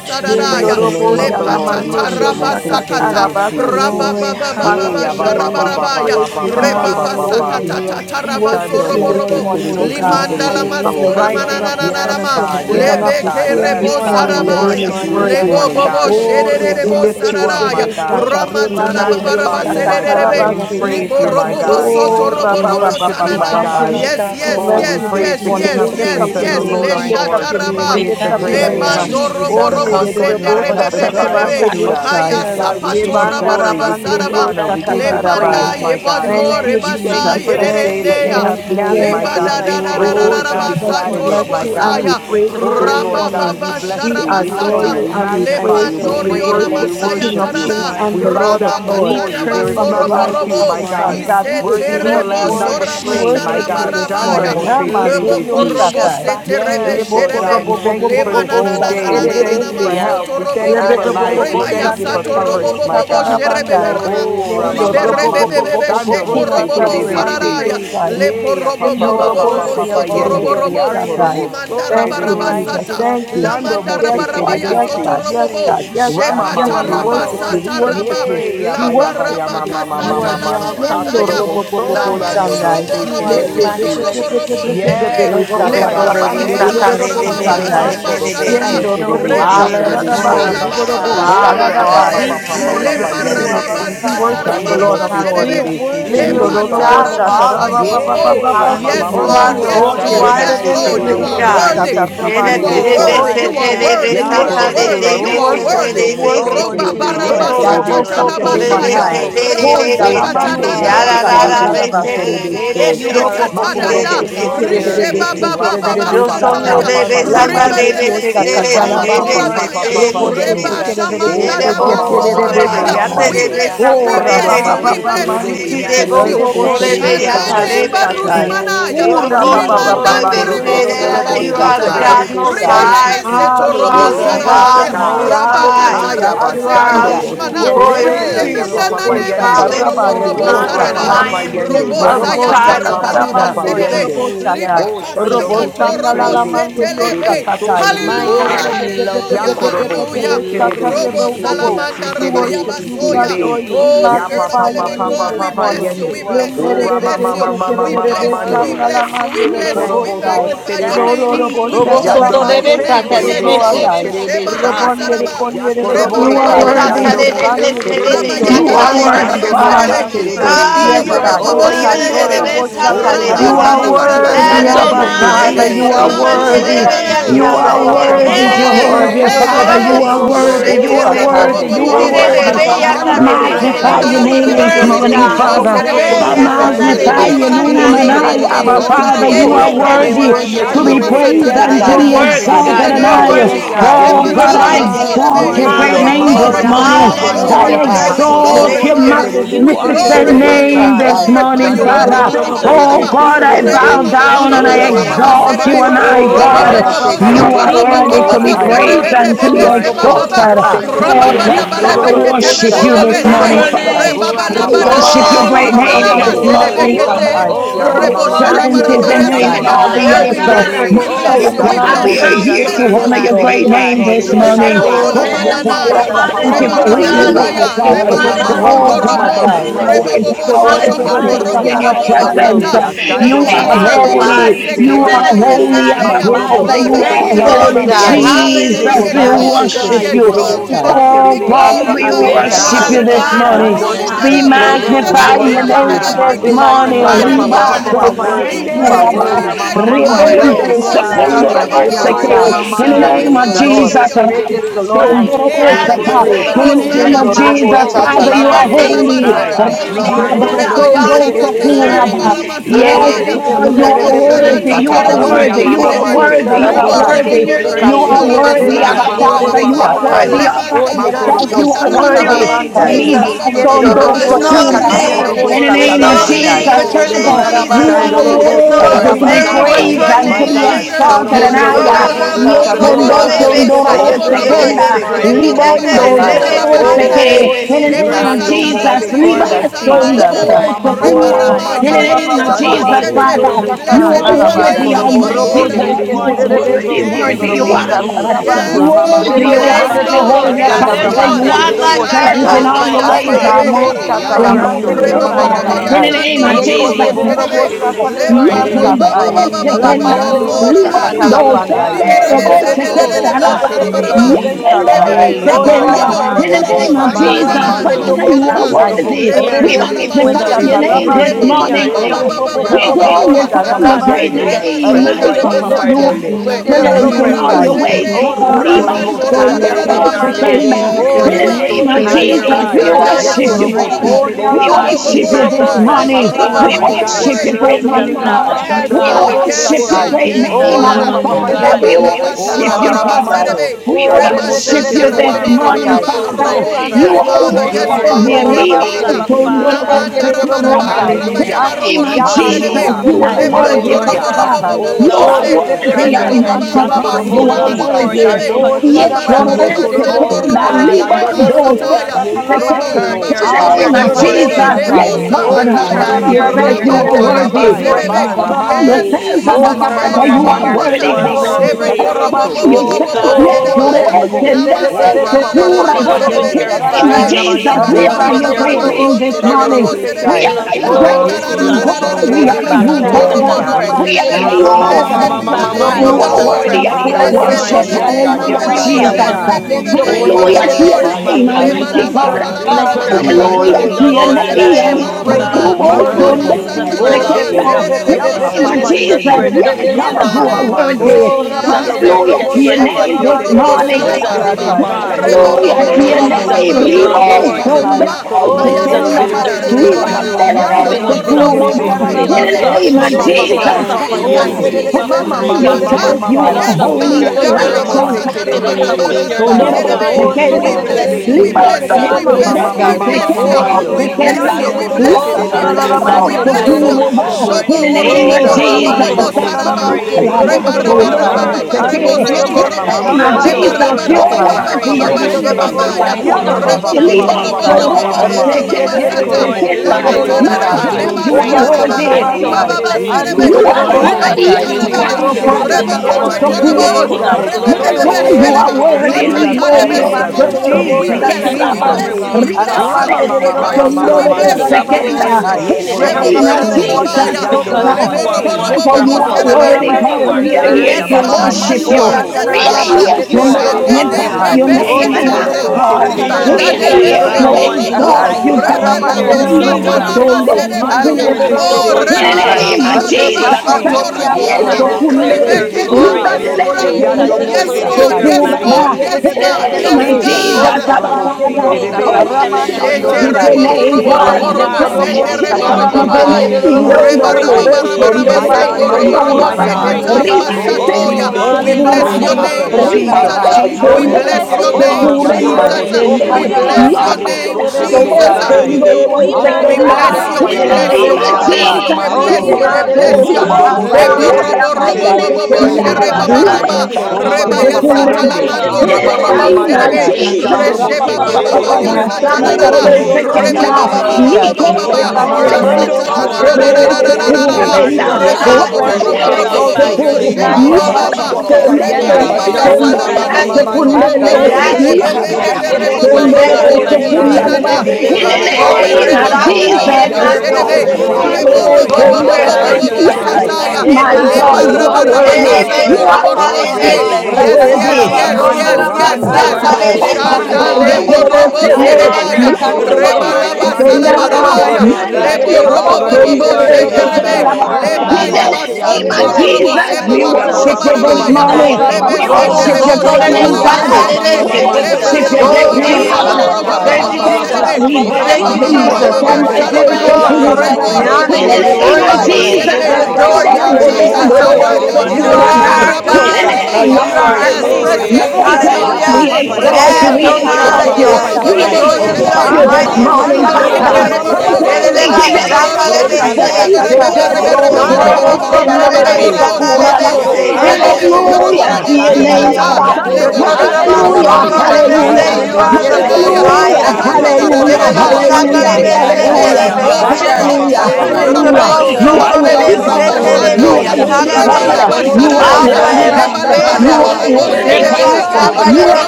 Praise
Yendo
the
Mm.
Jesus.
robo
name of the
Thank
Lord.
you,
nyalamande
Lepatata
Mando
Dios
mose se
Jesus.
rabasakata.
terebe si.
sakatarabasete.
Glory,
Father, we
Rabababababa
Yea,
bless
ababa ba
you,
hallelujah.
we
ba ba
sharabarabaya.
praise
ba ba
you, we exalt you.
Rebabasakata
Hallelujah.
We worship
Shando
you
tatarabasorobo
mo
this
se
Glory
robo.
be
morning,
to
O
terebe si
God.
God.
Limanda la
From the
so.
Hallelujah.
masura
You
rising
are
of the
worthy
Yes,
sun
this
mananananama.
until the
God.
going
Mm.
down
morning.
Yes,
of the
Lebeke
God.
same
Yes,
this
You
rebo
are
God.
morning,
We
worthy
your
this
name
sarabaya
is
worship you
morning,
this
God.
worthy.
We
lebo
morning,
thank you
bobo
God.
for
Oh,
waking
sherere
us
We
up
rebo
lift
this
you up,
sararaya
my
rebebebebebebe
morning.
God.
We
We
ramatala
satarebande
thank you,
Dios
magnify
babaraba
Lord
you,
God,
my
for
God, and
sererebe
bringing
we
us in your
sakatarabasete.
praise
libo
you, my
robo
presence
bo
God.
this
Oh,
soto
morning.
robo
We
robo
worship you,
We
my
sanana
thank you,
God.
rababababababai.
Lord
yes
God,
We
yes
for
bless
Oh,
one
we
yes
more
you this
praise
yes
the
morning.
King
yes
opportunity
We
of
to
lift
yes
Kings
up
praise
your
and
you
yes
the
name.
this
Lord
le
We
of
lift
morning.
up
Lords.
your
We
name.
shataraba
We
We
praise
lift
the
up
thank you,
your
great
le
Lord
name.
I am,
bando robo
Oh,
the
Jesus
robo
conquering
sende
lion
for
nederebosa
rebe
of the
be be
setting
tribe
be
of
be
this
Judah.
tarabanderiosai.
kaya
atmosphere,
God,
Lord
we give you
sapatora
glory.
Jesus.
baraba
We give you
We
saraba
honor.
Rebandarabanderiosai
We
thank you,
give
le
you
Lord
praise,
katarabai.
panda
God,
my
that
yebo
God.
you,
Thank
so
Lord
you,
We thank
rebasa
Jesus.
you for this
Thank
Jesus,
day
Yerede.
you,
that you
Sedeya,
have
have
thank you,
made,
gathered
thank
my
us
you.
Libada
God. We
da
right
will
da da
now,
da da
Oh,
Lord
rejoice
da
and
God,
be
to
Jesus,
Basa
we
glad in it,
bless
worship
my
you
you,
and
God.
we
Torobosaya,
praise
to
you this
Oh, Lord
praise you,
God,
morning.
we
Rababa
to
bless
We
seek
you. We
you,
honor
adore
Sharabasata,
you.
you
We
Lord.
and we
And
magnify
praise
you.
so
you.
We
We
we
Lepandorio
praise you.
worship
We
the
bless
Ramasaya
King
you
worship
of
this
you.
Tarara,
Kings and
We
the
morning.
bow
Lord of
down
Lords
We
before
Ramakataria
you. There is
from the
none
praise you
like
rising
Basoroborobo,
you,
of
this
my
the
God.
sun.
morning.
God, we
Worthy is
We
the
exalt
Iseterebo
lamb
you.
that was
We
worship
slain,
Soramanda
my
worship
you
you
God.
this
this
Shando
Rabarabaya,
morning.
Mose
morning.
Aman
Lebo
Dedio
We
Terebesi.
Korobo
shall
Satai.
back you
Seterebe
Yes,
Lebo
this
Lord
Sherebe,
God, we
korobo bo
morning.
thank
bo
you
bo
for
bo
this
bo
new
Oh,
day. We thank you for
shaterebende.
hallelujah.
health. We thank you
Lemananananananamasotoroboro,
Rebe
for
bo bo
life.
Adonai,
bo
We
we
thank
give
you
you
Rebayasa
sande
for
Torobo
coverage,
robo
praise.
my
bobo
God.
King of
sherebe
satarabandai.
glory,
rama
we
Oh, Rama
Yendo
worship
Mama
libere
robo bo
you.
bebe
bo
Mando.
bo
bebe
bo bo
Shando
bo
sheko
King
Mose
of
robo bo
glory, we
satarebande
Terebesi.
sararaya
praise you.
le
Yea, ya
porobo
papa
You
bobo
papa
are
Endorobo
papa
bobo
worthy
papa
of
soto
all of
robo
yende.
our
robo
Ya
seketerebesatai.
praise.
korobo
limanda
so
Thank
From
raba
the
you,
raba
terebe.
Jesus.
rising
sata
of
Thank
the
you.
la
Shando
manda
sun to
Yes,
the
Mose
raba raba
God.
going
ya
Yes,
down
Terebesi.
of
soto
God.
the
robo
Yes,
bo
God.
same,
Yes, God.
Rama
you
Yes,
shepata
Mama
we
alone are
Mando.
worship
rabasa
you. We
worthy
sata
to be
worship
raba
you.
Yay,
praised.
We
la
yaba yaba
worship
baraba
you
yama
this
mama
You
kasata
are
mama
morning.
la
the all
mando.
mama saya
Hakorobo
Endorobo,
consuming
la
so
Yendorobobobobo
mando
fire.
yando mo
sandai.
robo
se
You
te
robo
are
de de
sondo
si.
robo
matchless
robo
King.
sete
Yes,
Lebebebebebebebebebebe
Logo
You
Lord
le
are the
Soto de
God.
baraba
satarabande.
baba
soon
Thank
Besata
and
you,
de de
raba
de
coming
Jesus.
baba
King.
reba
Besete de
Hakorobo
sharara
And
si
Yendo
te de
so
de
we
robo
si
reba
te
Father
de
of
bless
de
kata
you,
so.
shatarabande
kala
Abba
glory,
baba ba
robo
Father.
Oh,
shama
Father of
rapa
all
sararabai.
tore
that
papa
We
is
We
good
papa
and
le
worship
papa
praise
the
perfect in
you,
King of
yende.
this
Abba
parababa
Kings.
life.
We
sata
worship
Father.
the
Chando
Yes,
Lord
mo
rabaraba
of
se te
Sata
Lords.
We
de
serebe
de si te
le
you
de
worship
Lendo
are
de
you, our
robo
sai.
God of
pataraba
King
all
of
gods.
sayoko
Yay,
glory.
yama
yes
Hallelujah.
mama
You
shatarabababababasete.
lord
are
Oh,
the
mando.
yes
El
only
Onde
Chando
lord
mo
wise,
yes
Shaddai,
se
true,
te
you
lord
and
de
rerebende
you
are
de
living
are
si
robo
te
God.
de
worthy
de
worthy.
si te
you
Yeda
de
shatarabande
te
are
de
de
Oh,
so.
robo
worthy you are
Besete
sete.
de
Adonai,
We
worthy
you
you
are
are
Besata
worship
de
you,
worthy
de
Lord. We
you are
Yakoroboso,
glorious.
worship
Besete
you.
worthy
Yando
We
Mose
worship
Oh,
roba
you.
Terebe,
Eh,
Si
baraba
Jehovah
God, we
sata
Terebe,
Yotorobo
lift
Jireh,
up
Si
we
your
Soto
give
name
de
on
Terebe
you
talabashaya
high.
Sai,
Besete de
praise.
raba
Onda
O
la
sakata
You
mande
Shando
nana
Ya
are
Mose
da
riosa
da da
Terebe,
masorobo
Si
besé,
wonderful.
te
Terebe
katarabasete.
de de
So,
You are
Lobo
besí, sí,
bobo
de
excellent
de
Eshatatadada,
in
sete
all
Makoroboso
besa,
the
ya
earth.
Terebe
te
terebe
Si,
ve.
sete
Rapa
Thank
terebe
Yo
Papa
you for
soño
Papa
Rishebababababasataya,
your
de
Papa
loving
La
besata
Yende,
mande
de
yo
kindness.
besé, te
O
de
sakata
de
la
Rapa
Thank
de
you,
Papa
bande.
Lord
besé,
Papa
Ribebebesikatamatorabaya,
te de
Papa
Robo sheke
Yende,
gozo.
tere tere
Jesus.
tere
O
Ye de
Yama
sheke
gozo
Mama
tere
por
Oh,
tere
de
Mama
be,
Rebashamandarabasolabaya.
Mama
ya te
satai.
We
de
Mando,
hallelujah.
bless you, we
besata
Ora
de
Shando
ba
bless
ba
you,
besé.
ba
we
Mose
ba
bless you,
Si
Terebe,
we
mande.
ti
Si
Hallelujah.
de
bless
Terebe
you.
gozo
Lebo
So
por de
Thank
sheke
be,
Terebe
you,
tere
ya ta
Sai,
tere
Shanane
tere
de
satai.
besé.
Jesus.
Barusmanaya,
Yea,
Yo de
Ora
Yabba
ba
We
ba
gozo
ba
Yando,
give
por
ba
de
you
Rimandana
bande yo
Makorobo
besé,
ro
de
praise.
ro
so
la
We
la,
to
robo
the
give
you
you
are
the
the
satere
Ribosalabasataya,
side.
tere
God
highest
tere
most
sai.
Thank
praise.
you,
high.
Jesus.
You are
We
the
Hallelujah,
give
Glory
you
to
the
Ribalebesetorobosaradaya,
God
hallelujah,
God.
most
highest
high.
praise.
hallelujah,
Yes,
You
yes,
are a
Ayabasando
hallelujah.
yes, yes,
Mosi
Rabakatarabasebobushmana,
Hallelujah
yes,
to
yes,
the
Ore
royal
be
King
yes,
be
of
Terebe,
be be
priest.
Yapa
be be
glory.
Lebendanane
sata
Yende.
Hallelujah.
rabande
robo
yo
Oh,
Oh,
yes, yes, yes,
our
Conquering
sata.
Rapa
yes, yes, yes,
saradaya,
rock,
yes,
lion
Yende,
robo
Yendo
our
of the
Mapa
robosta
Papa
sayata
tribe of
redeemer,
Papa
rabaraba
Judah.
Papa
katarabande
our
de
serebe,
Yende.
robosta
savior.
tai.
Oh,
We
libakasa
Shando
ya
give
Robosta
you
Mosi
Robo
nalala
praise.
Terebe,
mande
Si
riosta
Terebe,
setelebe.
So
katai.
Terebe
My
O
Hallelujah,
God,
Sai.
rebe
we
pe pe
love
pe pe
hallelujah,
you.
pe pe pe
Yakorobo
pe
We
pe
hallelujah.
So
love
yes,
sata
Terebe,
yes,
you,
yes,
Si
rebe
Robo
yes, yes, yes, yes.
Terebe,
ubobo.
Jesus.
Si
salamanda
We
We
Mhm.
rabaya
Terebe,
worship
praise
Si
Yes,
you,
you.
we
yes,
basoya.
yes,
Terebe.
adore you,
yes.
We
we
Oh, Spirit
bless
Yapa
of
magnify
the
you,
Mm,
your
Lord
living
so
name
Papa
God,
this
we
God.
Papa
bless
Mm,
morning.
you,
yes,
Yende.
we
You
yes,
are
bless
yes,
Lende
you,
O
de
we
yes.
de de
worthy.
Rama
bless
You
you,
Mama
are
beste de
Mama
we
de
worthy.
de
Mama
bless
You
you,
are
besta
we
Mando.
Very
nala
good,
bless
worthy.
you, we
mande
Ye
very
de
good.
bless you,
And
we
Korobo
so
robosta.
So
we
magnify your
Terebe
thank
name,
Gloro
you,
Si.
we
robosta
Robo
tala
soto
Yando
Jesus.
glorify
mande
your
debe
Yes,
Mose
name,
We
sata
yes,
we
sotoro
Terebe
come
debe
glo
to your
So
se.
exalt you.
anai.
Terebe
Sheba
presence
Sai.
this
Robonde de
Ramasaraba,
morning
Ya
conde de
Sino
with
Reba
Korobo
to
You are
debe
robosta.
Baba
grateful
So
sata
worthy.
Le
Yando
hearts, Lord
debe se
Mose
pande
Yasataya,
de
Jesus,
Terebe
terebe
kendo
Si.
You
Rabayata
with a
la
yata
are
robosta
baba
debe
worthy,
Chando
baba
se.
God.
sacrifice
yes,
serere.
Mose
of
katarabande.
yes,
Terebe
yes.
praise.
Rebo
Si
Yes,
bo
God, you
bo
are
bo
are
Rapa
God.
bo bo
Papa
Yes,
very
good.
God,
Oh
good,
serere
Yende.
rebo.
are
God,
Dededebe,
you
very,
are
O
very
Ya
You
good.
Ramanda
Mama
satarebe,
are
la
Kandorobochakatarabande.
wonderful.
You
baraba
Mando
We
worthy,
lift
Yando
Oh
up
serere.
Abba
your
my
Mose
name. We
Adonai,
Yes,
Father.
Rebe
yes,
King,
lift
Terebe
You
up
you
are
yo
your
Si.
are
soy
name.
sababush
We lift
worthy.
yes,
up
terebe y
your
yes,
glorious.
mananana.
Yay!
name.
Ya
You
We
ba
ataba
lift
are
y
ba
O
up
yes,
ba
se
your
ba
yes.
my
Eh,
ba
worthy,
name.
King,
ba
you
ba
terebe.
Oh,
are
ba ba.
Jehovah
eh,
Yes,
Yo
yes,
Father.
excellent
torobo
You
in
eh.
are
all
so
yes, yes,
the
worthy.
earth.
yes.
rebebebebebebebebebe
torebe
You
Oh,
shete
are
se.
rebo
sata.
Shando
bo
O
worthy.
bo
Si
You
my
bo
are
bo
Oh,
Mose,
bo
King,
Yabama
worthy.
terebe y
you
sharabaya.
sakatalamande
are
Mando,
atarebe se.
Magnify
riosai.
We'll
Ramanda
your
la
Yakorobo
seek
name
you
baraba
So
this
Yendo
magnificent.
ribio
early,
robo
morning,
Terebe,
God.
robo
O
Father.
my
serebe.
robopopopopopo
Yay,
I
King,
Yakorobo
you
So
are the
Roshara
magnify
sheketererebe.
Terebe
atatarebe,
great
your
baraba
Si,
baraba
We
name
ribio
and
worship
Redeemer.
robo
satarebe
I,
you. We
robo
se.
Yekorobo
Abba
O
worship
Si
you.
Father,
my
We
satorobo.
you
Yes,
Thank
Terebe
are
se
worship
King,
you.
you.
you
Sai,
We
worthy
terebo
Risheba
are the
worship
so.
to
katala
you.
Yando
be
great
Mose
praised
Yes,
I
and to
You
God.
Terebe
are
be
am,
Yes,
Si
and
masatara
worthy,
we
God.
Terebe
In
exalted.
God.
Yes,
the
Si
And
You are
praise
name
God.
I,
of
you.
Terebe
worthy,
Yes,
Si
Jesus.
God.
God.
oh
Terebe
You're a
God,
We
You
Epatola
So,
I
say
mighty
yes
are
king.
to your
exalt
basorebe
your
name, O
Ye
you.
great
We
Lord.
Yamama
name
wonderful.
Lord,
this
Hallelujah.
we
Mama
glorify
lift
you.
You
up
morning.
We
your
are
name
I
Mando,
Hallelujah.
on
glorify
high.
you. We
Blessed
Hakorobo
wonderful.
exalt your
glorify
So
Savior.
you.
majesty.
Terebe
We
You are
Si
magnificent
glorify
Terebe
you. We
name
glorious,
Sai,
this
Lebonderebesteterebestatai.
glorify
morning,
you.
Shando
Jesus,
Ora
Father.
Mose
baraba
Jesus,
Oh
Terebe
saraba.
Si
God,
Jesus.
I
Rema
bow
Terebe,
baba
down
baba
and
We
I
baraba
Oh,
Jesus,
shout
Yendororobosheketerebesteterebestai.
Ramama
with the
exalt
serebe.
you.
Jesus,
And
voice
I,
Mando,
of
Oh,
Robo
Yando
God,
bobo
Jesus.
bo
Mose
triumph.
you
soto
Terebe
are
We
robo
Si,
worthy
bobo
call
to
bo
be
Glory,
on
rabababababababashatai.
your
Yekorobo
praised
name
serebe
glory,
and
bebe
to
this
be
be
glory,
morning.
baba
glory,
exalted.
Yendorobostata.
glory.
Roba
Oh
We
bada
God,
bale
I
call on
beke
your
worship
terebe
you
name
bebe
this
Glory
this
is
she.
morning,
your
morning
Father.
Yekondororoboshakalorobostai.
name.
Reba
I
bala
I
bada
because
la
worship
there
your
is
Glory,
great
masura
Rapapapapapapa
name
none
glory,
manama
this
like
yende.
glory,
serebe
morning,
you.
glory.
Abba.
kete.
Ribabababababababandororobostatai.
Oh, ya
Oh,
Oh,
mama
Rebo
Glory
shora
to
excellent is
baraba
your
mamando,
your
ya
Jesus,
name
name,
Lebenderirobostai.
in
we
yasaya.
all
korobo
God,
the
Oh,
si
bless
our
we
earth.
you.
Uh,
bless
God, our
you. We
terebe.
King,
bless
Oh,
My
you. We
Sando
God,
our
bless
mo
we are
you.
si
Yendoroboshakatalamande.
We
here
Jesus,
to
we
bless
counselor,
terebe,
Yes,
you.
honor
si
your
Lord.
great
Yes,
terebe,
magnify
si
name
Lord.
this
the
you.
terebe
lifter
morning.
of
Shebo
so.
our
kola
Oh,
Oh,
Ya
hands.
God,
mananaya.
I
Jesus, you
thank
Yekandorobestetatai.
you
Reba
for
are
papapapapapa
There
raba
who
Great
is
you
Hallelujah.
is
yende.
no
awesome.
your
are,
east,
Leba
God.
Oh,
there is
faithfulness
rama
laba
My
no
towards
mama
Oh,
Hallelujah,
us,
mama
God,
my
God,
robo.
I
mama
we
God.
There is
Jesus.
no
bow,
bless
Reba
mamando.
I
time,
you.
bobo
bow, I
shoto
there is
bow
no
moko
Hallelujah,
My
robo
need
down in
Hallelujah.
to
your
God,
back
Jesus.
we
Yekondorororobosakatarabande.
love
presence.
sata.
Hallelujah.
Uh,
you.
Yes,
We
Lama
Shando
You
bo
God.
are
se
My
up
soba
the
terebe
baba
holy.
glorify
God,
si
we
you.
meaning
We
You
sekata
terebe
that
are
ma
we
worship
si.
need
you.
holy,
magnify
Abba
you.
Yendo
My
Makorobo
Father.
so
You
robo
Father,
to
God,
go
are
Thank you,
we
terebe
to
Lord
si
holy.
be
adore
God.
satarabasai.
terebe
you.
si
exalted, be
and
terebe
Jesus,
to
we
My
Hallelujah.
make
so.
Yekorabasai.
exalted, be
God,
worship you.
you
the
are
Nekorobo
whole
exalted,
so
be
Oh,
terebe
wonderful,
si
God,
Alpha
we
and
glorified,
terebe
be
Omega,
You
the
fairest
worship
are
sai.
of
you
the
beginning and
this
the
magnified,
God
end. We
morning.
be
Dando
most
worship
10,000,
Bose
lifted
high.
you.
We
up,
We
be
worship
rebe,
You
lifted
you.
thing
We
up,
magnify
rose
are
Robo
be
of
the
your
worship
rabai
you.
lifted
name
God
up, be
this
Sharon,
We
most
Ramando.
high.
clarify.
You
And
morning.
magnify
are
glorified
Rapa
your
in
our
lily
our
Papa
Riba
name.
of
Lord
Papa
You
the
and
lives,
are
our
Papa
sondo
worthy.
be
valley,
You
Savior.
are
Yende.
praised,
Oh
sokuraba.
be
worthy.
bright
Yamama
and
You are
this
magnified.
is
Lay
morning
Rebende
worthy.
Mamando.
There
Oh,
ourselves
is
at
Spirit of
your
none
Ye
the
star.
like
Yaba
Living
sekondorobo
feet,
you,
God,
Lord
we
Yaba
seke.
God.
Oh
Jesus.
In
worship
the
Great
you,
God,
we
name
is
Yamamando.
we
of
the
Dando
Lord.
worship
bless
Jesus.
Bose
you.
Great
you.
Rabba
is
rebe
the Lord
Si.
and
My
greatly
sondorobo
Ye
to
God,
Have
be
Ebalaba
we
your
seka.
praised.
way
In the
out
love
Koroboso.
name
today,
Solobosaya,
you.
of
Yando
Yendo
God.
the
Bose
robo
Jesus.
Oh
We
thing
rebe
sata
Father,
that
King
la
commit
you
we
Si
of
Rogandalaba
our
are
need
day
Terebe
to
manderio
to
kings,
Salaba
holy.
you.
do.
Sai.
Lord
satai.
of
We
And we
Sebobosa,
have to
lords.
Lebo
command
Rikando
Rababa
our
sekete
Rebaya
do
de
Bose
de
sondo
bodies
de
to
de
rebe
it with
serve
Lion
Si.
sete.
sokuraba.
you.
of the
the question
Sakatalabarabara
Ye
tribe
Oh,
that
Yes,
of
rebe
Sadabaya,
We
Koroboso
God,
you
you
Judah,
are
need
Terebe
command
to.
we
Remashaya
our
Si.
worthy.
give
You
sata
are
you
We
spirits to
do it with the people. We do it
Ye
be
Tatarabaraba
worthy.
rabande de
You
Yamama
praise.
with
are
Kerebe,
the
robo
Mando.
lifted
worthy.
people. We
You
God,
Chando
are
we
sararabai.
give
Bose
in
worthy.
you
your
Ye
Terebe
Liborobobobo
You
kande
name,
praise.
are
de
Si.
de
Salaba
de
worthy,
Ye
Jesus.
God,
Salaba
Abba
sete
Yaba
de
we
de de
Baba
give
Father.
Baba
You
you
Korabaraba,
are
Baba
worthy
Baba.
praise.
all by
Onde
Lemandalaba
God,
yourself yourself.
kendo
Makorobo
You
do
Sianda
are
In
receive
your
sakatala
Rabaraba,
worthy.
our
it with
name,
pandai.
Lord,
praise.
Terebe
Jesus.
Riba
si
the
Yendo
praise
terebe
this
sondo
Rebababa
God,
robo
There's
so.
no other
morning,
receive
Sarabaraba
Thank
Lord.
sokuraba.
shakatalele
our
bo
name.
Hakorobo
In
Serebe,
the
so
There's
name
worship.
of
no other
terebe
satalamandai.
si
name
Jesus,
but
Oh
your name,
terebe.
Father,
Lord, we
you
Girarabande
Jesus.
de
are
Chando
thank you
robo
There's
se
no
this
Oh,
other
worthy
terebe
to
morning.
be
Spirit of
name
God,
sai.
but
sararabasatai.
praised
your
Spirit
Lord,
of
and
we
My
to
name,
God,
be
God,
bless
Spirit
Thank
of
Jesus.
you
Spirit of
exalted.
the
God.
And
Yendo
this
Living
I,
do do
uh,
do
God,
bo
morning.
sa
Spirit
Yororobo
Lamando
ye
of
ta
the
re
robo
Living
be
soto
Lord,
be
kondo
robo
be
de
we
God.
be be
sondo
so
besa
be
Oh,
be
robo
robo
exalt
be be
you
yate
Shando
be
robai.
be
this
sekenda,
Mose
bese.
so do do
Leba
Terebe
do
morning.
bo
Yate
Si
raba
sa
ya
de
libondo
Terebe
de
tai.
So
la,
de
ba,
Lord,
sorobo
Terebe
we
sata
sherebe.
de
Si.
seke.
Oh
give
In
you
the
bese.
Kema
name
Jesus,
of
sa,
Rikando
praise
Jesus,
Jesus,
Mose
or
Jesus,
Terebe
liba
Si.
sando
sondo
refine,
Jesus.
oh
lobo.
Oh,
ah.
robo
my
Mama Mama
Reba
sokunda.
Mama
Oh
God.
rama
In
ya
the
rapa
Mando.
ra ra
pa
Something
We
name
pa
of
pa
just
pa
Shando
want
pa
to
Jesus,
ne
Mose
be
Father,
dio
is
Terebe
sa
close to
ka
you
hard
you,
Sai.
Blessed
ta
are
be
ra
the
to
bai.
worthy,
name of
Jesus.
face
Yakorobo
our
So
Almighty
Robo
We
Lord.
se
just
God.
Terebe
ke
You
te
want
are
Si
re
to
re
be
be
Terebe
worthy,
se te
close
Yes,
Si
to
re
The
do
worthy
do
you,
you
bo
Terebe
Lord.
are,
sa
world
ta
is
So.
God.
ra
Jesus.
Yes,
bande.
terrible.
Rama
Lord.
The
Re
Mama
Worthy
be be
Mama
you
be
Yes,
Thank
are,
be
Purify,
Mando.
be
oh
you,
be
God.
be
Lord
Lord
environment technologies
Jehovah
development.
Shando
sa
God.
God.
Our
ta
Yes,
ra
There's
Father,
Mose
no
God.
bande
you
di
are
God
do do
Terebe.
bo
like
sa
our
excellent
tai.
in
O
God.
all
Purify
your
rapa
Shatarabaya
our
An ne
papa
ways.
do do
Serebe
hearts.
bo sa
yende,
Rabba,
You
ta
Karabaya.
la
are our
man
tondo,
ne
Holy,
do
yabayando,
do bo
holy,
sekenda.
purifier,
sa
In
Rebabarabaya
tai.
Lord,
the
yamamamamando,
holy,
name
Santo
you.
of
Le
and
Robo
holy,
ye
we
con
Jesus,
Robo
ne
give
do
you
do
Thank
holy.
korobosi
bo
Serebe.
praise
sa
Rabba,
ta
this
re ra
terebesi
My
ba
morning.
sa
name
yekondo,
is
tai.
terebeso,
robo,
Holy
La
o
Leparababababababaya
sekenda.
pande
shando
Water.
Dios
Oh
mosi
God, we
Soramanda.
katala
Libondo,
love
pandai.
you,
terebesai,
sendo,
Lord.
Amen.
robo,
Liberebe
ya
Sebe
Oh
sekenda.
Hallelujah.
Lelelebo
korobosi
God,
Rabba,
we
You are
love
Sharabaraba.
Rebebebebebebebebebebe
you,
terebesi,
great.
yekondo,
standai.
You
robo,
Lord.
Rebebe
ye
are
Rebo
Ona
yabai
great,
la
Oh
sekenda.
Robo
yabai
greatly
you,
In
God,
mande
Robo
the
Lord,
to
we
be
Robo
Dios
robo
name of
Sana.
praised.
rabai
praise
You
you,
Jesus,
Kananana,
are
tarabande
rabando,
Father,
Dios
you are
Rabasiaraba,
ye
Jesus.
matchless.
satai.
Your name
worthy.
We
koroboso
Leba
is
are
We
Rebende
nothing
Katanaba
Dios
terebesi
magnify
matchless.
Sarada,
your
without
You
terebe
are
si
you.
name this
Reba
terebe
tarabande.
We
Baba
mighty.
are
morning,
God
O
terebe,
Baba
Abba.
nothing
Baba
ya
Baba
We
without
papa
You
worship
papa
you.
rebobobobobobo
Baba
are
papa
glorify
Sata,
papa
your
God,
mighty.
we're
great
sarabande.
yende,
Lord.
God.
Reba
name,
desperate
o
Sanda
ya
for
my
you,
papa
God.
Thank
papa
Lord.
Rabasata,
You are
Rebebebebebebe
you.
yende,
We're
Thank
Laba
you.
Raba
excellent in
desperate
all
Raba
for
seteterobosai.
your
Mm.
Merciful
you,
ways,
O
Serere,
God.
Jesus.
Raba
rapande
Riba
Yakorobo
Dios
so
Have
Sharada
your
terebe
way
katala
sondorobo
Raba
in
si
our
mande.
terebe
lives,
sekenda.
we
si
Satori
O
In the
terebe
Araba,
pray.
so
name of
Have
Hallelujah,
terebe
Leba
We
your
Jesus,
are
rebebebebebebe
way in
sai.
we
our
Jesus.
Kasata
lives,
worship
we
seterebe.
you,
Yakorobo
pray.
God.
si
Yabashorobo,
Ona
Oh
terebe
We
la
si
Lobo
God,
you.
mande
we
worship
Bobo
you
terebe
Robo
this
Dios
sai.
magnify
Thank
Sondo
you,
morning.
Oh
God.
We
my
tarabasete.
God,
worship your
Spirit
Worthy
O
of
great
the
is the
name,
Living
Lamb
God,
of
God.
Yes,
katalamanderi
Shando
We
God.
God.
Mose
orobo
worship
terebe
Yes,
your
satai.
si.
God.
Worthy
great
is
Yes,
the
O
name,
Oh
God.
Lamb
our
Rapa
of
Papa
Father.
God.
Leba
We
Yende,
rebebebebebebe
laba
Oh
You
worship
Rama
are
you,
sarabaraba
Mama
satarabandai.
God.
awesome,
serebe.
Mando,
We
O
Shando
Reba
Jesus.
Mose
worship
shanda
you
You
terebe
this
rebebebebebebe
are
si
morning,
terebe
satai.
rababarabaraba
so
wonderful, my
Father.
terebe
robo.
You
Yes,
Lebandere
sai.
King.
Savior
are
Father.
orobo
Yes,
You are
worthy.
Father.
Yakorobo si
Yes,
Jesus,
glorious,
sakantalarabaste.
Riba
Father.
terebe
Abba
si.
Father.
Lama
Savior
sondorobo
Yekandere
You
Jesus,
orobo
are the
darabaraba.
sekuraba.
sai.
Raba
In
soon
Hallelujah,
yaba
the
and
Ande
name
robo
of
coming
robo
King.
Jesus,
yamando
serebe.
Hallelujah,
you are
And
Lepo
so,
worthy,
rebebebebebebe
Lord
torobo
Hallelujah.
God,
robo
Father.
we
bo
satai.
bo bo
Oh,
You
bo
love
O
to
are
se.
be
Shando,
in your
rebebebe
worthy,
Reba
Savior
Shando,
presence.
baba
Almighty
baba
Jesus,
God.
We
You
sekantalamanderi
sura
are
Yakorobosi,
long
manama
osai.
for your
serebe.
Shando
worthy.
O
touch,
Mose,
Jesus.
sarabaste
Ye
Yekorobo
Oh
Libarabarabasando
Korobosi,
sekenda
robo
our
tererebestoi.
robo
God, Lord
Yando
champion
libondo
Mose,
Dororobo
kabasataya.
Jesus.
Jesus.
sorobo
Ye
seke.
satalamande.
Turn
Koroboso,
In the
your ear
name
Andere
Lebalababababa
of
Rapapapa
towards
orobo
our
serere
Yende,
Jesus,
you.
satai.
debo
yea,
praise.
Oh,
O
God,
Rebe,
all
samandaya.
by
Jesus,
Turn
Rebe,
your
katarabase
yourself,
Rebe,
ear
thank
you
you,
are
Robo,
towards
thank
tererebende
our
Rabatalaba
Rabai,
you,
worthy.
Dios
thank
serere.
Rabai,
praise.
All
you.
by
Ramando,
Yes,
taramande.
yourself,
Jesus,
O
Mama,
our
Jesus.
Mama,
turn
Yes,
Father,
your
Mama,
you are
ear
Mando,
Thank
kataranarabande
you,
worthy,
Father
Shando
towards
Jesus.
God
our
Mose
robo
God.
Shebo
praise.
all
korobo
by
Terebeso,
We
bobo
taramande.
Oh
Ye
bobo
yourself.
God,
Yeah,
we
thank you.
O
bless
sedabaya.
Korobos
Thank
you
Korobobobobobobobo,
and
this
Lama
Oh,
Delebes
santa
morning.
rebebebebebebebe
la la la
Rapapapa
la ba
Fill
Papa
us
Tokuraba.
serebe
In
robo
with
Yende,
your
the
rebe
name
Oh,
of
taranaban.
fire.
Yaba,
you,
Jesus,
Yama,
we
Fill
Lord
Mama,
us
honor
Jesus.
with
Arrebande
your
Mama,
your
great
Mando,
Holy
robo
name this
Shando
Spirit.
morning.
Mose
We
tererebesai.
Fill
honor
us,
Terebesi,
your
Lord
great
Oh
Baba
Ye
name,
Sion
Jesus.
Jesus
Koroboso
God.
You are
We
our
Torobos
Jesus.
honor
Terebesi,
you,
Baptize
Yaraba
us
Oh
creator.
Father.
Terebesai,
afresh.
We
rabande
honor
Rekus
Jesus,
robo
you,
Sion
san.
Blessed
Abba
be
Thank
Jesus,
the
you,
Torobos
Father.
name of
Robo
Baptize
thank
You
the
us
are
you,
Yerele
Lord.
Jesus,
Ramamamamamamamando.
worthy
thank
afresh
you,
Yes,
of our
tatarabande
God.
this
Reba
Yes,
Blessed
thank
be
robo
worship.
God.
the
Yes,
morning.
Sion
you,
God.
name of
Yes,
the
Hallelujah,
Torobos
God.
Breathe
Lord.
Yes,
sanarabasai.
Jesus.
upon
God.
Blessed
us,
Yerele
be
we
the
Yendo
thank
We
pray,
name
in
you,
konde
of
de de
the
de
the
Robosan
Hallelujah to
Narabasai, Yendo Conde
mighty
Oh,
Lord.
your
de
glorify
name of
thank
name,
your
Jesus.
satai.
name,
you.
Almighty
O
Jesus.
Jesus.
God.
Mighty
God.
Let
Jesus.
God,
your
You
We
are
Lebalabasalabarabarabai,
will
honor
we
Jesus.
be
Hallelujah
your
to
done
creator,
your
in
exalt
name
our
you.
this
our
name,
lives,
Oh
We
oh
morning.
Rabba
praise you.
Jesus,
creator.
God.
We
We
Rubo
Oh
Thank
honor
you,
worship
Makodobo
you.
your
si
Jesus,
Sondorobo
name
we're
Oh,
this
lost
Jesus,
terebe,
Sekenda.
we
morning,
without
In
O
you.
ya
the name of
Thank
God.
papa
Jesus,
Jesus,
we're
yende,
yeah,
thank
nothing
ya
in
you,
God,
the
mama
you
without
re-be-be-be-be-be-be-be-be-be-be-be-be-be-be-satai.
are
thank
name of
you.
mando,
you, thank
worthy.
Oh,
Jesus,
Sando
Jesus.
mo
we're
se
Hallelujah to your
desperate
terebe,
Shebo
for
name
si
this
you.
you,
korobo
terebe,
morning,
Lord.
so
Thank
Abba.
Eka
Jesus,
you,
terebe
salabaraba.
we
rabandere-ro-bo-sata-rabandere-re-re-be-satai.
Lord.
raba
sai,
need
Reba
sion
you.
ba
Hallelujah
ye
ba
to
ba
Oh,
torobo
your
ba ba
worthy,
korobo
ba
Jesus,
name,
ba.
si
we
sierebe
Baru
long
ba
Rimo
ra
for
terebe,
ba ba
you.
ba
rabandere-ro-bo-satai.
ya
sienterebe
ba.
Sondorobo
korobo
Maya
Jesus,
Oh,
so
so
we
rebebe
cha
Sekenda.
terebe
da da da
thirst
sion
da
si,
for
da da
you.
torobo
da ba.
Livandelebe
rabandere-ro-sakata-raba.
yando
Thank
Fill
mo
Sando
you,
us
se
sieraba
robo
up.
Father.
so
terebe
Sekuraba. In
si,
Fill
reba
Thank
the
kokotore.
us up.
name
rapa
of
sion
papa
Fill
Robo-sara-raba-sete-re-re-be-sai.
papa
Jesus,
us
Jesus,
torobo
up
papa
in the
Oh,
Jesus,
Father,
mighty
yende,
sierebe
name of
all
Jesus.
mama
by
mama
Jesus.
Ashapata.
you,
mama
rebebe
yourself, you
mama
thank
Fill
ne-re-re-be-sete-re-re-be-sai.
are
us
Yes,
sion
you,
up
mando,
with
holy
God.
your
torobo
and
Leba
Sando
la
spirit.
mo
ba
righteous.
sieraba
sa
se
thank
ta ra
Fill
you.
ba
terebe
us
ra
up
ba
si,
with
reke
ra
your
Yendo-ro-ro-bo-seke-te-re-re-be-sai.
ba.
love,
We
of
sioro
Akarabasodobo
God.
Yekorobo
Oh,
so
We
sekenda.
God
koreba
that
bless
is
bless you,
you,
we
one
terebesi.
bless
Lord
Libondo
of
sienterebe
you,
the
we
God.
Mama
God,
bless
sorobo
mama
you,
We
we
ne-re-re-be-seke-te-re-re-be-satai.
truth,
mama
rebebe
the
bless
mama
God
worship
of
sekerabo
sion
Orre
you,
be
you,
mando.
we
be
love.
be
torobo
be
sekenda.
bless
be
Yando
you,
Jesus.
be
we
be be
mose
sieraba
bless
Oh
you,
God
we
God,
was
we
terebesi.
bless you,
Labandalabo
we
satararabashe
rebaba
magnify
faithful.
bless you.
you
Yakorobo
sion
this
sokuraba.
kererebesete.
torobo
so.
In the
Shobo
morning.
robo
you.
name
God
sierebe
of
You
was
Jesus.
Orra
are
robo
Jesus.
worthy
bobo
When
Makorobo
to
I
just.
so
be
saraba,
hope
Thank
Rekesion
basatararabashe
for
you.
praised.
years
terebesi
Torobos
reba
to
Lord.
You
raba
are
come, I
ndererobosai.
raba
Yaraba,
Thank
Akandalabasodorobo
worthy
terebesai.
baba
to be
forget
rebo
seke.
you.
Ye
In
soto
praised.
ya
the
your
mama
robo,
mama
name
You
Rebabasion
of
hands
alone
leba
mando
are
Torobos
and
Jesus,
raba
worthy
you
you
to
are
raba
Oh
be
Annererobosatarabanderiosatai.
Yerebe,
rapa
Thank you.
baba
worthy,
praised.
papa
Thank
baba
Abba.
you are
sheba
From
yende.
the
My
You
baya,
are
Rekasian
God,
rising
worthy.
of
Yaba
that
the
the
Tarabas
papa
worthy.
rebo
sun
Yendororobosatarrebesete
to
things
papa
the
koto
that I
Yoro
You
Libondo
papa
robo
going
are
papa
rebesai.
can do,
down
robo
papa
of the
sorobo
Korebe
worthy.
bobo
papa.
baba
same,
the
sekerabo
God
praise.
your
Sienterebe,
Yekorobo
basata,
Rebendererebesete
name
and
so
the
Lama
sekenda.
alone is
Tarada,
My
rerebesai.
worthy
You are
to
terebesai.
be
story
God,
Rebabasion
Leba
you
that I
are
praised.
Torobos
Sadanaba,
Yakorobo
have
worthy.
And
worthy.
si
so
done,
Yaraba.
Opatararabasai.
we
Ubaba
bless
We
terebe.
you
and
Serebe,
You
this
look
are
to
Shando
glorify
you,
You are worthy. Thank
morning.
Liba
your
you.
the
mose
worthy.
Lord.
Annererobosatai.
name,
God
We
O
and
terebe
We
Catalababa,
the
si
Thank
worship
God
God.
you.
you
that I
terebe
have
this
We
Thank you.
so.
honor
robosatarabashe
morning.
Thank
your
Torabo,
name,
King
Lord.
done,
Akarabatandarabosokuraba.
rerobosai.
Abba
of
Your
Yakorobo
you.
name
My
is
In
and
Father,
You
glory,
the
you,
Rebebebe
we
God,
are
so.
you
great
name
worthy.
because
and
are
praise
of
Sheleba,
you
you
are
this
worthy.
greatly
Jesus.
Jesus,
good
you,
morning.
and
Matatalebe
praised.
you,
your
you,
Libondo
you, you,
Jesus,
Rebande
you,
You are
mercy
sondo
Sikoto. We
Jesus,
bless
King
endures
you,
of
we
Jesus.
sekelaba.
worthy.
glory,
bless you,
we
forever.
we
Thank
bless
exalt
you,
you
Father,
Rama
you.
we
this
we
mama
Ribandelebe
mama
honor
bless
morning.
you,
your
mama
we
Thank
sondolobo
name
mando.
bless
King
you,
of
this
we
you.
bless
glory,
sekenda.
you.
we
morning.
Lord.
Alapandereroboshakantararabasatai.
uh,
Ye
In the
sing
We
your
Shebo
Rivers of
name
lift
of
Thank
up
living
koroboso,
you.
your
praises
waters
Jesus,
Rabarabaya,
name,
flow
yando
this
because
Father.
you
Lebo
morning.
are
mose,
Shadanaya.
Father,
ya
you
Robo
We
are
you,
papa
wonderful.
Serebe,
worthy,
you,
You
God.
yende,
glorify
you,
are
We are
your
oh
here
name,
ya
great.
to
Yes,
you,
mama
God.
Leboshatararabasetererebesatai.
you,
worship
Yes,
O
You
you.
are
Adonaiah.
God.
mamando,
We
Yes,
are
great.
Lion
God.
yando
of
here
the
to
You
mose
tribe
are
of
Thank
Shande de
Judah,
magnify
terebesi,
I
de
kandararabaseterererobosatai.
your
awesome.
ye
O
name
worship
You
and
are
besetara.
you.
I,
koroboso
uh,
God.
King
Riba
awesome.
of
terebesi
We
da
are
le
There
King,
is
here
Hallelujah.
I
to
no
terebesai.
besedo
one
robo.
glorify
nerererebesatarerebesatarerobosatai.
exalt
beside
you,
your
you.
Reba
Father.
name.
la
There
uh,
Oh,
is no
Rima
basata
one
na
Jesus.
above
Arapandererobosende.
sondo
you.
Mando
maserebaya.
There is
mose
sokuraba.
no
Oh,
In
one
the
terebesi
like
reba
Andererobosatai.
unto
name
reba
of
you,
terebeso
Thank
baba
Jesus,
you,
Ekarabasion
Jesus.
terebesi,
bashoto
torobo
Jesus.
ye
Sandarabo
Thank
robosa.
Creation
you,
siaraba
koroboso
Lord.
declares
Arepapatorianderebesete.
sokunde.
your
Libeketa
O
rebebe
We
glory.
terebesai,
worship,
Libende
sion
masura.
torobo
Creation
yando
worship
Yes,
senderabo
mose
we
sierebe
declares
God.
rebebebebebebeshatai.
your
worship
Yes,
you.
O
terebesi.
God.
sokuraba.
majesty.
in
sienterebe
Yes,
We
God.
And
Oh,
the
bless
name
so
Yes,
your
of
nerererebesete.
we
reka
name,
Jesus,
Jesus,
God.
Or
God.
bless you
Abba
rapan
siantaraba
deri
makorobosi
Lord,
Father.
we
osai,
sioro
maker of
terebe,
Oh,
glorify
heaven
karaman
your
korebe
and
deri
excellent
name,
shando
Shete
is
earth.
osai.
your
mose
rebo
sierebe
Jesus.
name,
robo
God.
My
robo
terebesi.
Lebese
nioso
to
robo
Oh, how
God,
robos,
torobo
sende
Yando
rebo
Hallelujah,
Lord
excellent
robo
Mose
is
hallelujah.
the
kataraman
siantaraba
God,
bobo.
deri
we
name.
give
He
robos
you
sioro
don't
Reba
know lo
taçai.
raba
praise.
Terebeso.
We
vos
bara
Lord,
reke
Or
give
your
bara
en
you
My
name
sion
is
rapan
delebe
God,
basando
praise.
deri
my
We
torobo
robo
great
God,
robos,
and
give
my
robo
you
senduraba.
siaraba
greatly
kataraman
God.
to
praise.
seketaya
be
rebe
Riba
deri
praised.
Oh,
robos taçai.
you.
sende
basatoya.
Oh,
Jesus,
Or
sienterebe
se
We
rapan
bless
Jesus,
deri
hallelujah.
your
curaba.
We
reka
name,
Jesus,
Hallelujah.
Hallelujah.
We
robos
bless
Thank
bless
Jesus,
Jesus.
you.
your
taçai.
Ribondo
siantaraba
name,
Or
We
Jesus.
sondo
We
bless
sioro
lo
rapan
your
bless
bless
name,
your
vos
you,
deri
Hallelujah.
se
King
koreba
name,
Oh,
robos
of
curende
taçai.
glorify
Yakorobo
Jesus.
glory.
your
so
O
sende.
sienterebe
name,
We
We
Hallelujah.
Holy
kanala
Terebesi
bless
reba
your
worship you,
rabastete
name,
sion
Terebeso
King
deri
God
Yabanda
of
is
lo
torobo
vos
besai.
Jesus.
glory.
Terebesai.
sondo
Ye
lo
sierebe
kon
We
vos se
deri
We
Oh,
kenda.
bless
rapa
magnify
Hallelujah
besleke
you,
In
papa
to
you,
Father
we
the
the
King
of
Lamb
deri
of
bless
of
you,
name
bes
Yende,
we
of
glory,
God.
bless
glory.
taçai.
Yamamama
you, we
Jesus,
We
On
bless
Mando.
you, we
Hallelujah
bright
deri
exalt
Ribonto
to
bless
you,
and
Oh,
the
bes
you.
King
King
Shando
morning
of
taçai.
of
ruboste
Bad
Mose
Lebo
Kings.
glory.
zor
star,
robo
Terebesi
lebende
We
robo
yamandai.
se
bobo
lift
Terebeso
bo
your
Or
Hallelujah
ye
kenda.
to
name
bad
the
shereba
on
Lion of
Terebesai.
high,
the
baraba
Libondo
King
here
rabastono.
of
tribe
lo
our
with
Oh,
of
vos
Or
reba
Spirit.
ye
us.
rapa
se
friend
ya
glory.
papa
Judah.
sata
Yende,
curaba.
King
We
counselor,
God.
mando
of
In
robo
the
Thank you,
glory,
magnify
Yamamama
robo
bebebebebebebebes
your
we
name
Dr.
of
Mando.
taçai.
serebe
holy
worship
Jesus,
thank
name.
you.
U
Shando
you,
reshe
rapa
We
King
Mose
pa
baba
pa
of
Worship,
Jesus,
pa
baba
pa
go
ya
thank
ni,
you.
glory,
Terebesi.
where
laba
the
glorify
we
sata
your
Ye
bless
doctors
You
holy
sondorobo
you.
can't
are
rakaterios
name.
korobosto
go,
great,
King
reba
sekenda.
of
For
Hallelujah.
baba
you
Jesus.
worthy
terebesi.
glory,
are
baba
katararararmandai,
to
baba
we
be
King
Yikondo
Ye
give
over
baba
you
yamama
all
praised.
Lord
ya
the
of
praise
Hallelujah.
all
mamando
this
sendelebe
sata
Thank
rekandererorobos
da
so
earth.
da
Glory
you,
to
shando
Lord,
We
they
your
morning.
mose
they
sorobo
bow
say,
down
sokura
to
they
sheketererebesete.
You
thank
terebesi.
they
you.
are
We
benda.
you.
they they,
Ye
God
push,
reba
we
and
Reba
ah,
you
bobo
press,
are
You
korobosto
we
Wakanda
they
robo
are
God
they
robo
all
exalt
sienterebe.
say,
by
you,
bobo
terebesi.
soku.
worthy,
we
you
yourself.
sheba
are
Reka
Rapa
baba
oh
magnify
papa
Yebe
sion
you,
worthy,
baba
Jesus,
papa
we
papa
torobo
you
reba
extend
There
yende.
sendelebe
we
is
are
raba
siaraba.
ya
no
ourselves
beg
O
worthy,
this
you,
one
we
salama
sondorobo
like
ramama
Rebe
ask
robo
morning.
you,
robo
you.
mamando
robo
sokundele.
robo
we
None
shando
torobo
ask
can
you,
Andererorobos
mose
lebe
you
be
are worthy, you are worthy, you are worthy. you
be
sierebe
compare
Jesus,
be
to
Yakaraba
you.
terebesi
you,
we
bo
satayebonde,
my
beg
terebesto
sondorobo
sienterebe.
of
bo
God,
o
you,
my
We
are
Thank
we
sokunda
terebesai.
Jesus,
lift
King,
worthy.
sanana
your
Ye
In
name
the
because
leba
on
you
la
korobosto
go
are
high,
ba
where
name
the
Abba
rebo
of
excellent
robo
in
terebesi.
doctors
bo
rebebebebebebeseterererebesatai,
Father.
name.
all
bo
Jesus,
the
bo
We
cannot
Yando
earth.
sherebe
Abba,
mose
go,
Glorify
You
your
glorify
Baba,
are
your
lebo
name.
rebendererorobos
terebesto.
Lobo,
name,
lobo
O
bo
Go
glorious
bo
in
where
bo
Sondo.
the
God.
all
bo
uh,
earth
the
bo bo
that
Makorobosto
you
earth.
For
got
Hallelujah.
to
sheketerererebesatai,
you
Yakande,
And
listen
sataya
are
terebesi.
my
so
cannot
we
God,
leba
go.
Shando
everlasting
endererorobos
you
raba
are
to
love
mose
raba
you,
ya
worthy. You
everlasting.
sando
terebesi.
Lord.
uh.
are
robo
katarabandederorobos
robo
O
Abba
We
satai,
worthy.
rebe
se
You
bless
Father,
are
Yerebesatarebese.
yes
robo
you
you,
are
yes
worthy.
rabai
King
yes
of
Lord.
Thank
yes
ramando
all the
yes
We
ramando
rakatarabanderiosatai,
earth.
yes
uh.
shando
worship
mose
you,
Abba
shanda
Yororabasatarebese.
Lord.
Father,
terebesi.
lebo
you are
robo
We
Ye
Repandoroboshatai,
korobo
glorious
honor
serebaya
si
and
you,
beautiful
reba
terebesi.
la
Lord.
ba
beyond
Mando
Yererererebosotolebe.
sala
We
mose
description.
Yekandoroboshekenderebe,
barabaya
uh.
or
terebesi.
glorify
lebo
you,
Ha
Reba
Yatarabasatarebese.
robo bo
Lord.
korobo
bo
You
so
bo
siente
are
de
God and
you,
terebesi.
you
shenderebe
mesioro
thank
are God
lema
In
Dando
you,
the
Reboboboboshelebosiandarabandai,
alone.
mose
a
thank
name
you.
yabasondo
of
corabasianta.
robo
Thank
terebesi.
robo
you,
Jesus,
Father
sema
we
Ye ya
God,
ba
Jesus.
makura
your
worship
ba ba
you
ba
name
this
Rebebebebestetoroboseke,
We
ba
is
barabaya
ba ba
You
our
ba
morning.
are
thank
Reba
ba
you,
ba
lebe
strong
worthy,
We
you
ba.
Robo
are
sende
tower.
worship your
Jesus.
lebo
Paparoboshe
soto
great
de
worthy,
de
name,
Oh
We
you
sharabaraba
rama
sata
Catariando,
Father.
de
thank
mama
Ribasien
sende
de
you,
mama
We
se.
leba
mando.
worship
la
Jesus.
your
terebesioro
baba
great
Ye
Go,
are
ya
baba
name,
ba
We
ba
Jesus.
ba
sato
Abba.
ba
We
robo
ba
bless
koribasian
Rebebebebebestondorobosai,
ba
you,
robo
thank
ba
Abba.
you,
bo
ba ba
taraba.
Reba
serebe
ba.
Jesus.
Father,
Jesus.
we
Baba
We
Oh
worthy.
Baba
bar,
thank
reba
We
you,
Thank
rama
baba
yende Repandereroboshatai,
riba,
mama
you,
baba
Ribabasion
Jesus.
praise
thank
baba
mama
your
you,
We give
name,
mando.
sandalabo,
you
my
sharabai
you.
Ye
God,
glory.
torobosierebe.
thank
my
rebo
korobo
sokuraba.
We
so
you,
honor
robo
King.
In
bo
you.
Jesus.
the
We
You
name
Ribasion
terebesi
of
are
Yekandorobosekendererebe,
worship
sharabaraba
Thank
Oreboboboboboshererobosiandarabandai, Orebebebebeseteroroboseke, Orebapaparorobosekatariyando, Rebebebebebesondororobosai, Orebababababayenderorobo, Repakatarabazendederebezai,
worthy
you.
Jesus,
to
serebe
We
be
terebesi.
adore
praised,
torobosiaraba.
Ya
kota
you,
sendele,
Lord.
ta
you,
ta
korobo
Jesus.
ta
You
so
ta
are
bendolo,
ta
Rikasian
thank
terebe
You
Orebezarabazuriamanderioseke,
are
wonderful,
reba
sokuraba.
terebe.
our
raba
In
tarabasioro
Iposha,
the
Oh,
Redeemer.
God.
name,
barabaya
Shando
You
You
are
are
our
koribasien
yes
yakaraba.
King.
Mosete
press in
glorious,
terebe.
Debe,
My
press in
God,
King.
Alapanderiosa
press
Hallelujah.
we
in
Rapapapa
We
Ribasion
press
exalt
in
give
you,
Torobos
we
you
Yende,
robo
exalt
praise
robo
Yaraba,
you,
this
Adonai.
Yapapapa
robo
we
Rekatatamanderiosai,
robo
Show
bo
morning.
Yende,
exalt
yourself
you
serebe
Ricasian
this
mighty and
Rebandoriando
Tarabas
morning,
Hallelujah,
strong,
Yamamamamando,
Yende
Yoro
Condorobo,
Father.
God.
rebo
Oh
robo
hallelujah,
God,
robo
we
robo
give
Yereba
Yamamamamando,
you
Sedebesatai,
the
Corribesiente,
sata
sotororo.
de
hallelujah,
de
highest
Yakorobosi,
se.
Rebe
praise.
Rekatatatata,
rebe
Ribasion
be
hallelujah,
rebe
Ekerebo,
rebe
Torobos
Yekoroboso,
bara bara
Yotorebo
sorobo,
bara
Yaraba,
you,
soto
bara
hallelujah,
Thank
de
bara
de
rebo
sendelebe,
Brocoterebundiaramande,
robo
Yakorobose,
you.
sata de
hallelujah.
de
sorobo.
sokuraba.
Ribacasian
se.
Zicandorobo,
Reba
Rebo
Yekorobosi,
be
Thank
Tarabas
be yo
so.
you.
robo
Yoro
Hallelujah
Zedebesai,
Hallelujah,
thank
robo
to
you.
Yapapapa
your
sa
You
cha
are
name,
Yende,
cha.
worthy,
Abba.
hallelujah,
Corribasion
Shando
Lebo
you
Liparalabandere
are
robo
Torobos
robo
Mosete
worthy,
robo
Debe,
robo
Yaraba,
Hallelujah,
Si,
robo
worship
Pocatalapangai,
hallelujah,
robo rebe
and
Yende,
yo
Yotarabasotolebese,
hallelujah.
You
Bebe,
robo
are
praise.
the
Ribasion
hallelujah.
Bebe,
saranaya.
Repanderobo
Torobos
Bebe,
Hallelujah,
Thank
Lema
Messiah.
Satai,
da
you,
da
Yerebe,
da
you,
O
Rapapapa
da da
hallelujah,
in
worthy.
the
la
Papa
la la
Papa
ba
Jesus.
mighty
robo
hallelujah,
Yende,
robo
name
Seketerebesai,
Thank
of
Yerebasatalebese,
Hallelujah,
you,
Oh,
serebe.
hallelujah,
my
Jesus,
Oh
Lord,
uh,
telebese.
God.
Yananamatandai,
Spirit
thank you,
I
of
hallelujah,
God,
Fire
Thank
up the
Spirit of
you,
glorify
Holy
hallelujah.
Yababababababababa,
my
God,
your
Ghost,
Spirit
You
of
are
name,
God.
Lord,
Lord.
Abba
worthy,
fire up
We
the
Lord,
Yotarabasotalebese,
God.
Makoroboso
Father.
Holy
Lord,
You
Lord,
telebe.
I
Terebe,
Rabashadaya,
Ghost,
are
worship
lift
Si
Lord,
worthy,
your
fire
Terebe,
you.
God.
up
Lord,
name
Yatarabasa.
the
So
on
Holy
You
high,
We
Terebe,
are
O
Ghost,
Rebalabashadaya,
Alpha
Sai,
worthy,
God.
and
Uh,
bless
God.
Arabasata
Chando
you.
You
Father,
mo
Lebalabadolo
Rebos,
are
Omega.
for you
Lobose
We
are
worthy,
terebe
de
God
Terebe.
si
of
God.
Bebekendo
all
exalt
terebe
You
the
you,
Fire
are
Lord,
up